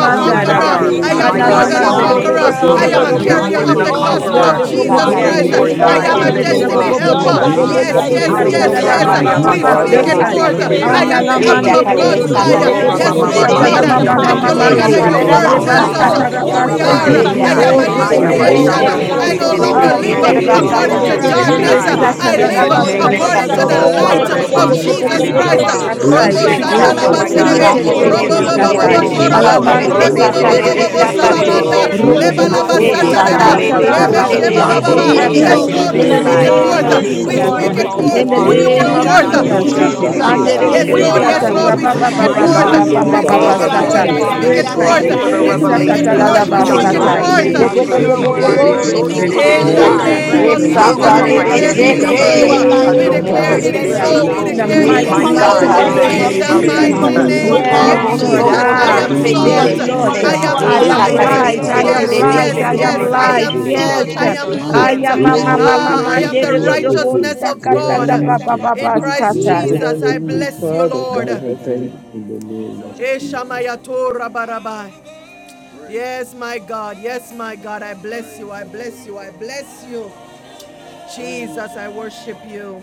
a
who
you
we
my
You're
conqueror.
Handi,
Shikorodaya,
foot,
are.
Oh,
worthy
authority.
bestowed
I
to
that
am
My
God,
be
upon
I'm
I
Ye
yandalama,
more
We
us,
God,
will
than a
in
so
the
Father
Makukorowasi,
walk
satare
walk,
in
name
busteyama.
God,
de
conqueror.
oh
of
your
as
se
you
te
I
excited.
de
Handi,
God,
according
am
Jesus,
in
de
to
a
the
worthy
we
align
se.
are
us,
to
carrier
yandalama,
more
authority.
be
volume
than
of
a
of
the
Ye
the
baptize
honored
Deuteronomy
Oh
us
book
and
gospel
with
busteyama.
God,
karara
conqueror.
28,
of
ah,
we
fire,
Jesus
glorified.
that
walk
O
Yes,
sakare
is
in
Christ.
cleanse,
de
Lord
Oh,
your
Lord
se
written
burn
I
te
out
God
God,
de
am
Yandalama,
Yes,
de
a
in
about
de
the
se
everything
you,
Almighty.
Lord.
authority.
te
name
that
destiny
de
of
ah.
busteyama.
is
I
Hallelujah,
de
not
se
am
Lord
helper.
oh
te
Jesus.
de
God,
pleasing
de
you
Handi,
blessed
God,
Jesus.
Oh,
Yes,
unto
se.
by
said
and
you,
the
if
we
yes,
we
Yo
yandalama,
Lord.
do
yes,
soto de
your
declare
Hallelujah.
I
a
Korodabashit.
wo
will,
am
busteyama.
Haya
yes.
Spirit
oh
thing,
of
We
blessed
soto
Yes,
de
Handi,
by
Father,
God.
de
speak
if
bastando
Lord,
the
give
ah.
I'm
it
us
we
a
God
a
mose
forth.
yandalama,
sakare
fresh
in
de
my
declare
terebe
se.
Hallelujah.
I
a
Reba
destiny.
down
si
am the
anointing
thing.
Ye
this
apple
terebe
sitting.
Lamande,
siente
of
de
the
yakare
I
If
so.
de
God's
morning.
am
mes,
we
Dodo,
eye.
and
blessed
Bobo,
sakare
O
declare
yoro,
We
de
are
a
in
se
Yes,
my
Bobo,
te
thing,
de
it
Lord
de
will
Shata,
correba
de
God.
ramamamamando
come
peacemakers
Lama,
the
se.
to
Yes,
and
Lord,
uprising.
we
shando
are
siente
Thank
pass.
I
Mama,
you,
de
Hallelujah.
Se
Lord
anoint
am
called
mose
mes,
That
God,
Mande,
that
we
blessed
your
yakare
sons
may
terebe
da
when
yoro,
of
word
ba
I
si.
God.
tells
align
And
Lord.
I
to
go
us
out.
sakare
corraba,
so
you,
Jesus.
de
we
who
I
se.
Father
we
Lord,
am
God.
declare
siaraba.
are.
Rebasatarabasete.
anoint
Ye
blessed
Yandalamaboseama.
your
I
Yeah,
when
Hallelujah.
yakare
am
I
Oh,
da-
a
de
Help
success
am
da-
new
come
the
se
us,
creature
da-
Haya
te de
in.
da-
Lord,
Father,
de
Will
da-
over
Rebasiente
creation.
se
I
righteousness
bashando
de
our
be
of
de
everything
da-
rebes
I
ropopopopopopopo.
lives
that
mose
still,
Spirit
da-
se.
no
this
of
is
da-
still,
God.
Glory
Yandalamaboseya,
terebe
longer
not
still,
Ah,
the
yoroko
of
Yes,
Ye
still,
to
si
morning.
live
your
Lord,
nos
tere
you
to
is
ba
name,
Lord.
terebe
God,
We
walk
so
glory
according
in
sakare
I
nerebeseke,
to
yorobo.
declare
displeasing
anoint
to
this
am
your
terebe
each
name,
and
unto
blessed
truth,
darkness.
us.
sai.
every
Give
when
glory
I
one
us
alignment.
I
to
of
sour
your
In
us
die
name.
live
the
taste
Recasiente
this
Oh,
in our
because
name
Yeshayamamamamandorobokoto.
Yandalamaboseya,
ye
mouth.
of
rebes
I
terebesatarabasata,
according
morning.
am
to
sakare
Jesus,
a
the
de
in
Jesus.
that
the
se.
we
yoroko
Father,
are
child
light
God,
the
we
of
I
mighty
the
shall
Makorobo
of
name,
bless
not
so
Most
your name,
righteousness
Jesus
we
speak
High
of
it,
terebe
we
dobopopopopopopopopopopo,
Christ.
God.
God
declare
Hallelujah,
si.
shall
rebasiantaraba.
in
Yes,
not
God,
We
satai.
fruits,
Robo
yes,
hear
Christ
Robo
it,
Ye
Lord
speak
we
Lord.
still,
I
Yeshendarabakashayamamama.
God.
it,
shall
bless
Jesus.
still,
sandalaba
satare
not
No
my
Rebasati
de
hallelujah,
We
see
your
still,
God,
Leboseke,
it,
name.
we
serebe,
longer
will
we
still,
yoroko
satare
shall
bear
speak
still,
de
it
not
robo
nos
dormant.
this
still.
se
do
I
bobo
Thank
it.
fruits.
te
you,
te
bobo
live
morning.
terebesatai.
Oh
de
Lord
yorobo.
Hallelujah.
de
We
into
shorobo,
my
will
the
hallelujah.
Jesus.
bear
satare
Hakorobo
God.
de
good
rebo
se
Alamanseke,
God,
bobo
satare
bobo
fruits.
terebe
Rabanda
Rebasiente
de
si
Yekendarabakoshoto.
We
rebes
For
sakare
terebe
you
Sakata.
will
de
terebesete.
are
salamanda,
a
so.
bear
Yandalamastalamaseya,
yoroko
good
yes,
leba
Rebe
We
I worship
holy
laba
Lord.
fruits
still,
speak
in
God.
Yes,
it
the
Ropopopopopopo,
still,
in the
No
you,
mighty
satadada,
Yandalamaboseama,
rebasianta.
name
Sakare
longer
name
of
de
Oh,
of
Father,
rebe
God,
Sete
and
Jesus.
oh,
oh
dormant.
I
de
sheba
sakatarabanere,
de
am
Jesus.
God,
God, oh, God,
blessed
baba.
teach
Let
Makorobo
I'm
And
us
us
from
No
Se.
si
the
how
robosatai.
walk
Yes,
so
to
we
crown
Lord,
I
we
In
terebe
of
longer
Yandalamaboseama,
before
the
pray,
should-
my
you
oh
speak
bless
in
sai.
it
head to
name
you
God.
and
of
the
stagnant,
Ye
forth.
holiness
this
soles
We
and
koko
of
Jesus.
Teach
speak
my
us
Lord.
koko
Oh,
it
morning.
how to
righteousness,
feet.
God,
koko
In
forth.
that
oh,
the
We
we
ko.
God,
walk
We
be
speak
Yandalama.
in
it
name
oh,
your
I
of
will
Rabando
pleasing
worship
and
Chando
Kudo
walk
you,
your
unto
forth.
Thank
Jesus.
in
you,
mose
you,
God,
way,
the
Kudo
Hallelujah.
oh
Lord
God the
terebe
power
oh,
Kudo.
Jesus.
God.
of
Andere
God.
si
Uh,
Father.
de
I
Jesus.
Yes,
We
Lord.
am a
terebe
Almighty
Yes,
besata
Father,
son
Lord.
worship
so.
of
God.
teach
We
you,
us
rababa
speak
God
how
it
My
to
baba
God.
I'm
forth.
love
no
God,
Kadadadabasintiriabako.
baba
you,
Jesus.
Almighty.
in
Yandalamaboseama.
the
We
oh
Rabba
longer
Glory
name
speak
Oh
Father
of
God.
it
Shri
God,
to
Uh,
baba
the
forth.
God,
We
your
I
stagnant.
name.
Jesus.
Bo bo bo bo bo
in
Father,
the
speak
am
in
Kudo
it
the
that
Kudo
name
Thank
forth.
I
of
you
Andalamaseyama.
for
mighty
am.
the
We
I'm no
name of
speak
Jesus,
Kudo.
We
it
revelation.
Mende
longer
come
Hallelujah.
forth.
Jesus,
We
into
uh,
Kito
speak
Yes,
it
Chando
it
I
dormant.
is.
Rekonderebesatatalabasatai.
in the name of Jesus,
Hallelujah.
Mose
pray
in the
Yofende,
forth.
alignment
Andalamastalamaseya.
for
Yes,
name
with
Terebe
of
hanananamashukururiabakohuntiririabakokorokoshi.
grace
your
Si
mighty
Bobobobobobobo,
Gorabanda
upon
word.
Terebe
Jesus.
God.
Glory to
grace,
Andalamaseyama.
So
everything
Kata.
We
your
oh
we
come
Terebe
In
into
God.
My
I
the
Uh,
have,
Andi
glory,
Sai.
have
God,
you
I
name
sheketerebesatai.
Yenda
been
alignment
of
grace
with
Yes,
thank
are
that
you
In
your
the
Rapa
for
we
Jesus,
given
glory,
your
we
should
Sakare
andalamaseyama.
word.
Papa
name
restored.
de
unto
robokusho
of
declare
honor
us.
I've
O
to
it
We
been
you
explosive
to
in
Yende.
is
come
Jesus,
to
in
glory to
into
power.
the
to.
spirit
Sete.
Oh
Hallelujah.
and
kadadabasi.
so.
I
We
Chando
Andalamaseya.
redeemed.
alignment
name
thank
truth.
with
God.
you,
of
declare
Andi
Uh,
your
Mose
my
it
Father
is
God,
Jesus,
for
Terebe
grace
God,
so.
your
Hallelujah.
let
destiny.
We
that
in
us
So.
the
Yeshenda
we
power.
be
declare
I
will
it
Lord.
andalamaseyama.
We
is
mighty,
My
love
Yes,
come
I
you,
worthy.
rebekesha
mighty
so.
God,
into
oh
Let
fainted
us
in
Word
be
thank
the
Sakare
yabai.
name
de
God,
you.
Seyama.
In
of
in
Se.
name
worthy
the
of
of
alignment.
I
spirit
your
We
praise.
Jesus.
in the
and
thank
come
mighty
you,
Jesus.
in
calling.
into
my
name of
name
Andalamaseyama.
truth.
of
Yes,
God,
Your
Yes.
Uh,
Yotorobo
Ando
my
Hananamasi,
alignment.
word,
Lord.
That
Jesus.
you
Jesus,
have
Lord.
Father,
I
we
Ah,
Sotorobo
am
My
called
In
pray
robokusho
us
the
for
through
Sete
to.
yes,
Jesus,
de
salt.
name
Christ
grace,
de
we
of
your
Andalamaseyama.
Lord.
come
oh
I
word,
Jesus.
into
am
God.
Jesus
I
Uh,
Yes,
Oh,
am
Christ
Andi
word,
light.
alignment.
of
Sakare
Father
Hale
de
grace
light. I
kenda
Nazareth.
God,
am
Sete
upon
Yes,
de
help
de
grace,
us
light.
andalamaseyama.
oh
I
rabakata
yes,
Sete
Gorabanda
de
am
de
Lord.
yes. I
Kata
Uh,
yababa.
word.
light.
am
teach
Riki
salt.
Yes.
us
I
how
am
to
Hale
Torikete,
I
light.
serve
kondo
am
you,
to
a
see
oh
mama
your
robo. I
Ah, I
mama
Roboshiki
am
ways
am the
and
do
blind.
to
do
align
bo
with
Torikete,
righteousness
you,
of God.
stakatata
Rabanda
baba
Korarabashu,
Kata,
In
baba
to be
Christ
stata.
pleasing
Jesus,
unto
I
you,
bless
Roboshiki
you,
Father
Lord.
God.
Mighty
I thank
God, in the name of Jesus.
Eshamayatora barabai. Yes, my God. Yes, my God. I bless you. I bless you. I bless you. Jesus, I worship you.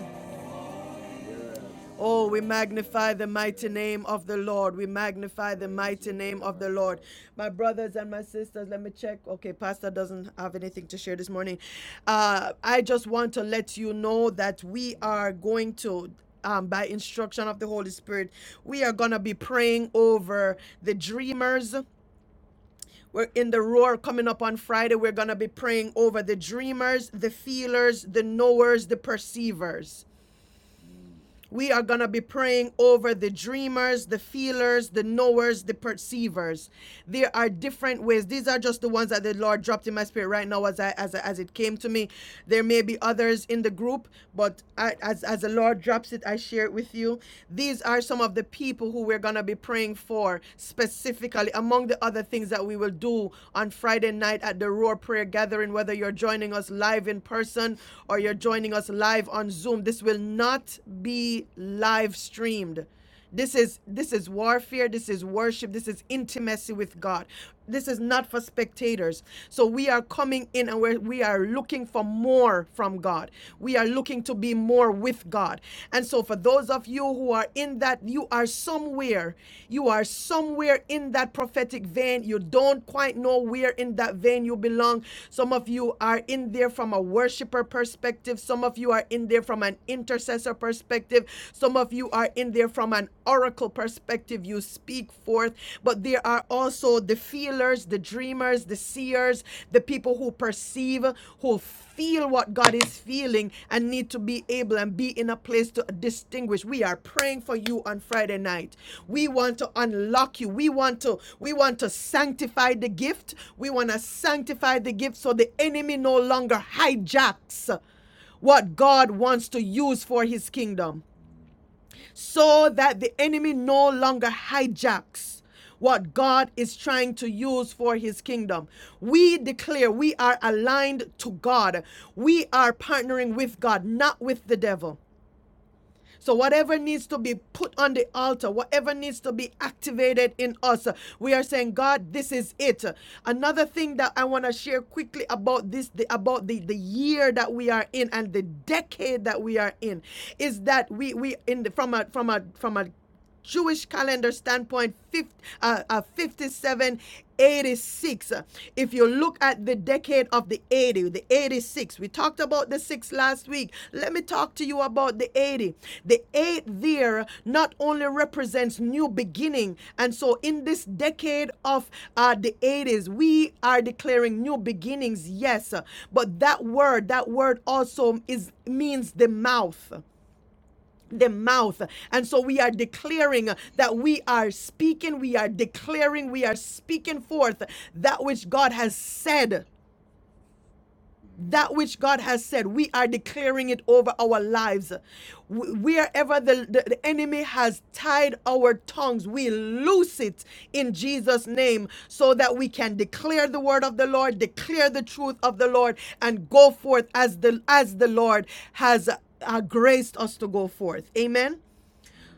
Oh, we magnify the mighty name of the Lord. We magnify the mighty name of the Lord. My brothers and my sisters, let me check. Okay, Pastor doesn't have anything to share this morning. Uh, I just want to let you know that we are going to um, by instruction of the Holy Spirit. We are going to be praying over the dreamers. We're in the roar coming up on Friday. We're going to be praying over the dreamers, the feelers, the knowers, the perceivers. We are going to be praying over the dreamers, the feelers, the knowers, the perceivers. There are different ways. These are just the ones that the Lord dropped in my spirit right now as I, as, as it came to me. There may be others in the group, but I, as, as the Lord drops it, I share it with you. These are some of the people who we're going to be praying for specifically, among the other things that we will do on Friday night at the Roar Prayer Gathering, whether you're joining us live in person or you're joining us live on Zoom. This will not be be live streamed. This is this is warfare, this is worship, this is intimacy with God. This is not for spectators. So we are coming in and we're, we are looking for more from God. We are looking to be more with God. And so for those of you who are in that you are somewhere, you are somewhere in that prophetic vein. You don't quite know where in that vein you belong. Some of you are in there from a worshiper perspective. Some of you are in there from an intercessor perspective perspective. Some of you are in there from an oracle perspective. You speak forth, but there are also the feelers, the dreamers, the seers, the people who perceive, who feel what God is feeling and need to be able and be in a place to distinguish. We are praying for you on Friday night. We want to unlock you. We want to we want to sanctify the gift. We want to sanctify the gift so the enemy no longer hijacks what God wants to use for his kingdom so that the enemy no longer hijacks what God is trying to use for his kingdom. We declare we are aligned to God. We are partnering with God, not with the devil. So, whatever needs to be put on the altar, whatever needs to be activated in us, we are saying, God, this is it. Another thing that I want to share quickly about this, the, about the, the year that we are in and the decade that we are in, is that we we in the, from a from a from a Jewish calendar standpoint, uh, uh, 5786. Uh, If you look at the decade of the 80, the 86, we talked about the 6 last week. Let me talk to you about the 80. The 8 there not only represents new beginning, and so in this decade of uh, the 80s, we are declaring new beginnings, yes, uh, but that word, that word also is means the mouth the mouth. And so we are declaring that we are speaking, we are declaring, we are speaking forth that which God has said. That which God has said, we are declaring it over our lives. Wh- Wherever the, the, the enemy has tied our tongues, we loose it in Jesus' name so that we can declare the word of the Lord, declare the truth of the Lord, and go forth as the as the Lord has uh, graced us to go forth. Amen.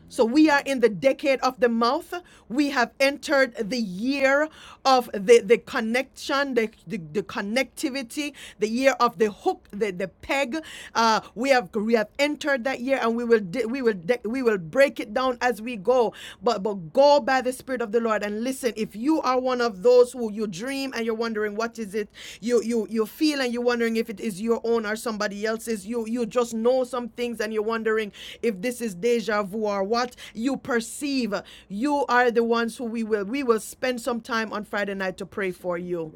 So we are in the decade of the mouth. We have entered the year of the, the connection, the, the, the connectivity, the year of the hook, the, the peg. Uh, we have we have entered that year and we will de- we will de- we will break it down as we go. But but go by the spirit of the Lord. Lord. And listen, if you are one of those who you dream and you're wondering what is it, you you you feel and you're wondering if it is your own or somebody else's, you you just know some things and you're wondering if this is deja vu or what you perceive. You are the ones who we will we will spend some time on Friday night to pray for you.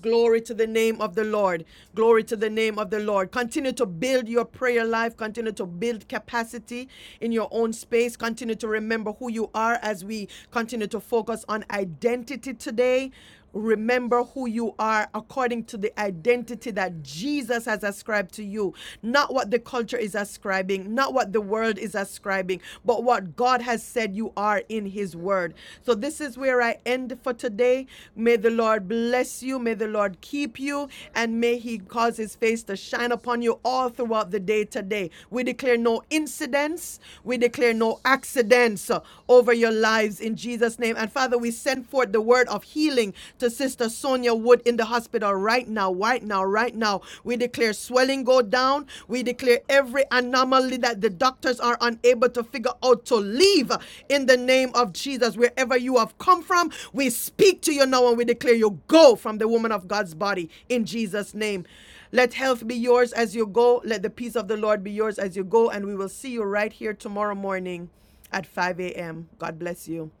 Glory to the name of the Lord. Glory to the name of the Lord. Continue to build your prayer life. Continue to build capacity in your own space. Continue to remember who you are as we continue to focus on identity today. Remember who you are according to the identity that Jesus has ascribed to you, not what the culture is ascribing, not what the world is ascribing, but what what God has said you are in His Word. So this is where I end for today. May the Lord bless you. May the Lord keep you. And may He cause His face to shine upon you all throughout the day today. We declare no incidents. We declare no accidents uh, over your lives in Jesus' name. And Father, we send forth the word of healing to Sister Sonia Wood in the hospital right now, right now, right now right now. We declare swelling go down. We declare every anomaly that the doctors are unable to figure out to leave in the name of Jesus. Wherever you have come from, we speak to you now and we declare you go from the woman of God's body in Jesus' name. Let health be yours as you go. Let the peace of the Lord be yours as you go. And we will see you right here tomorrow morning at 5 a.m. God bless you.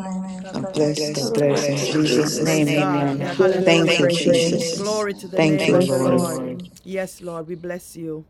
Amen.
God
God bless
bless,
bless,
God
God
bless. In
bless. In
Hallelujah.
God.
Jesus'
Jesus' Praise
name,
name, God.
amen.
amen. Hallelujah.
Blessings. Have a
Thank you,
Thank
great
you,
day.
Jesus.
Jesus.
Glory to
Amen.
the
God
name
Thank
Thank
you,
of the
bless
Lord.
you.
Lord. Lord. Yes, Lord, we bless you.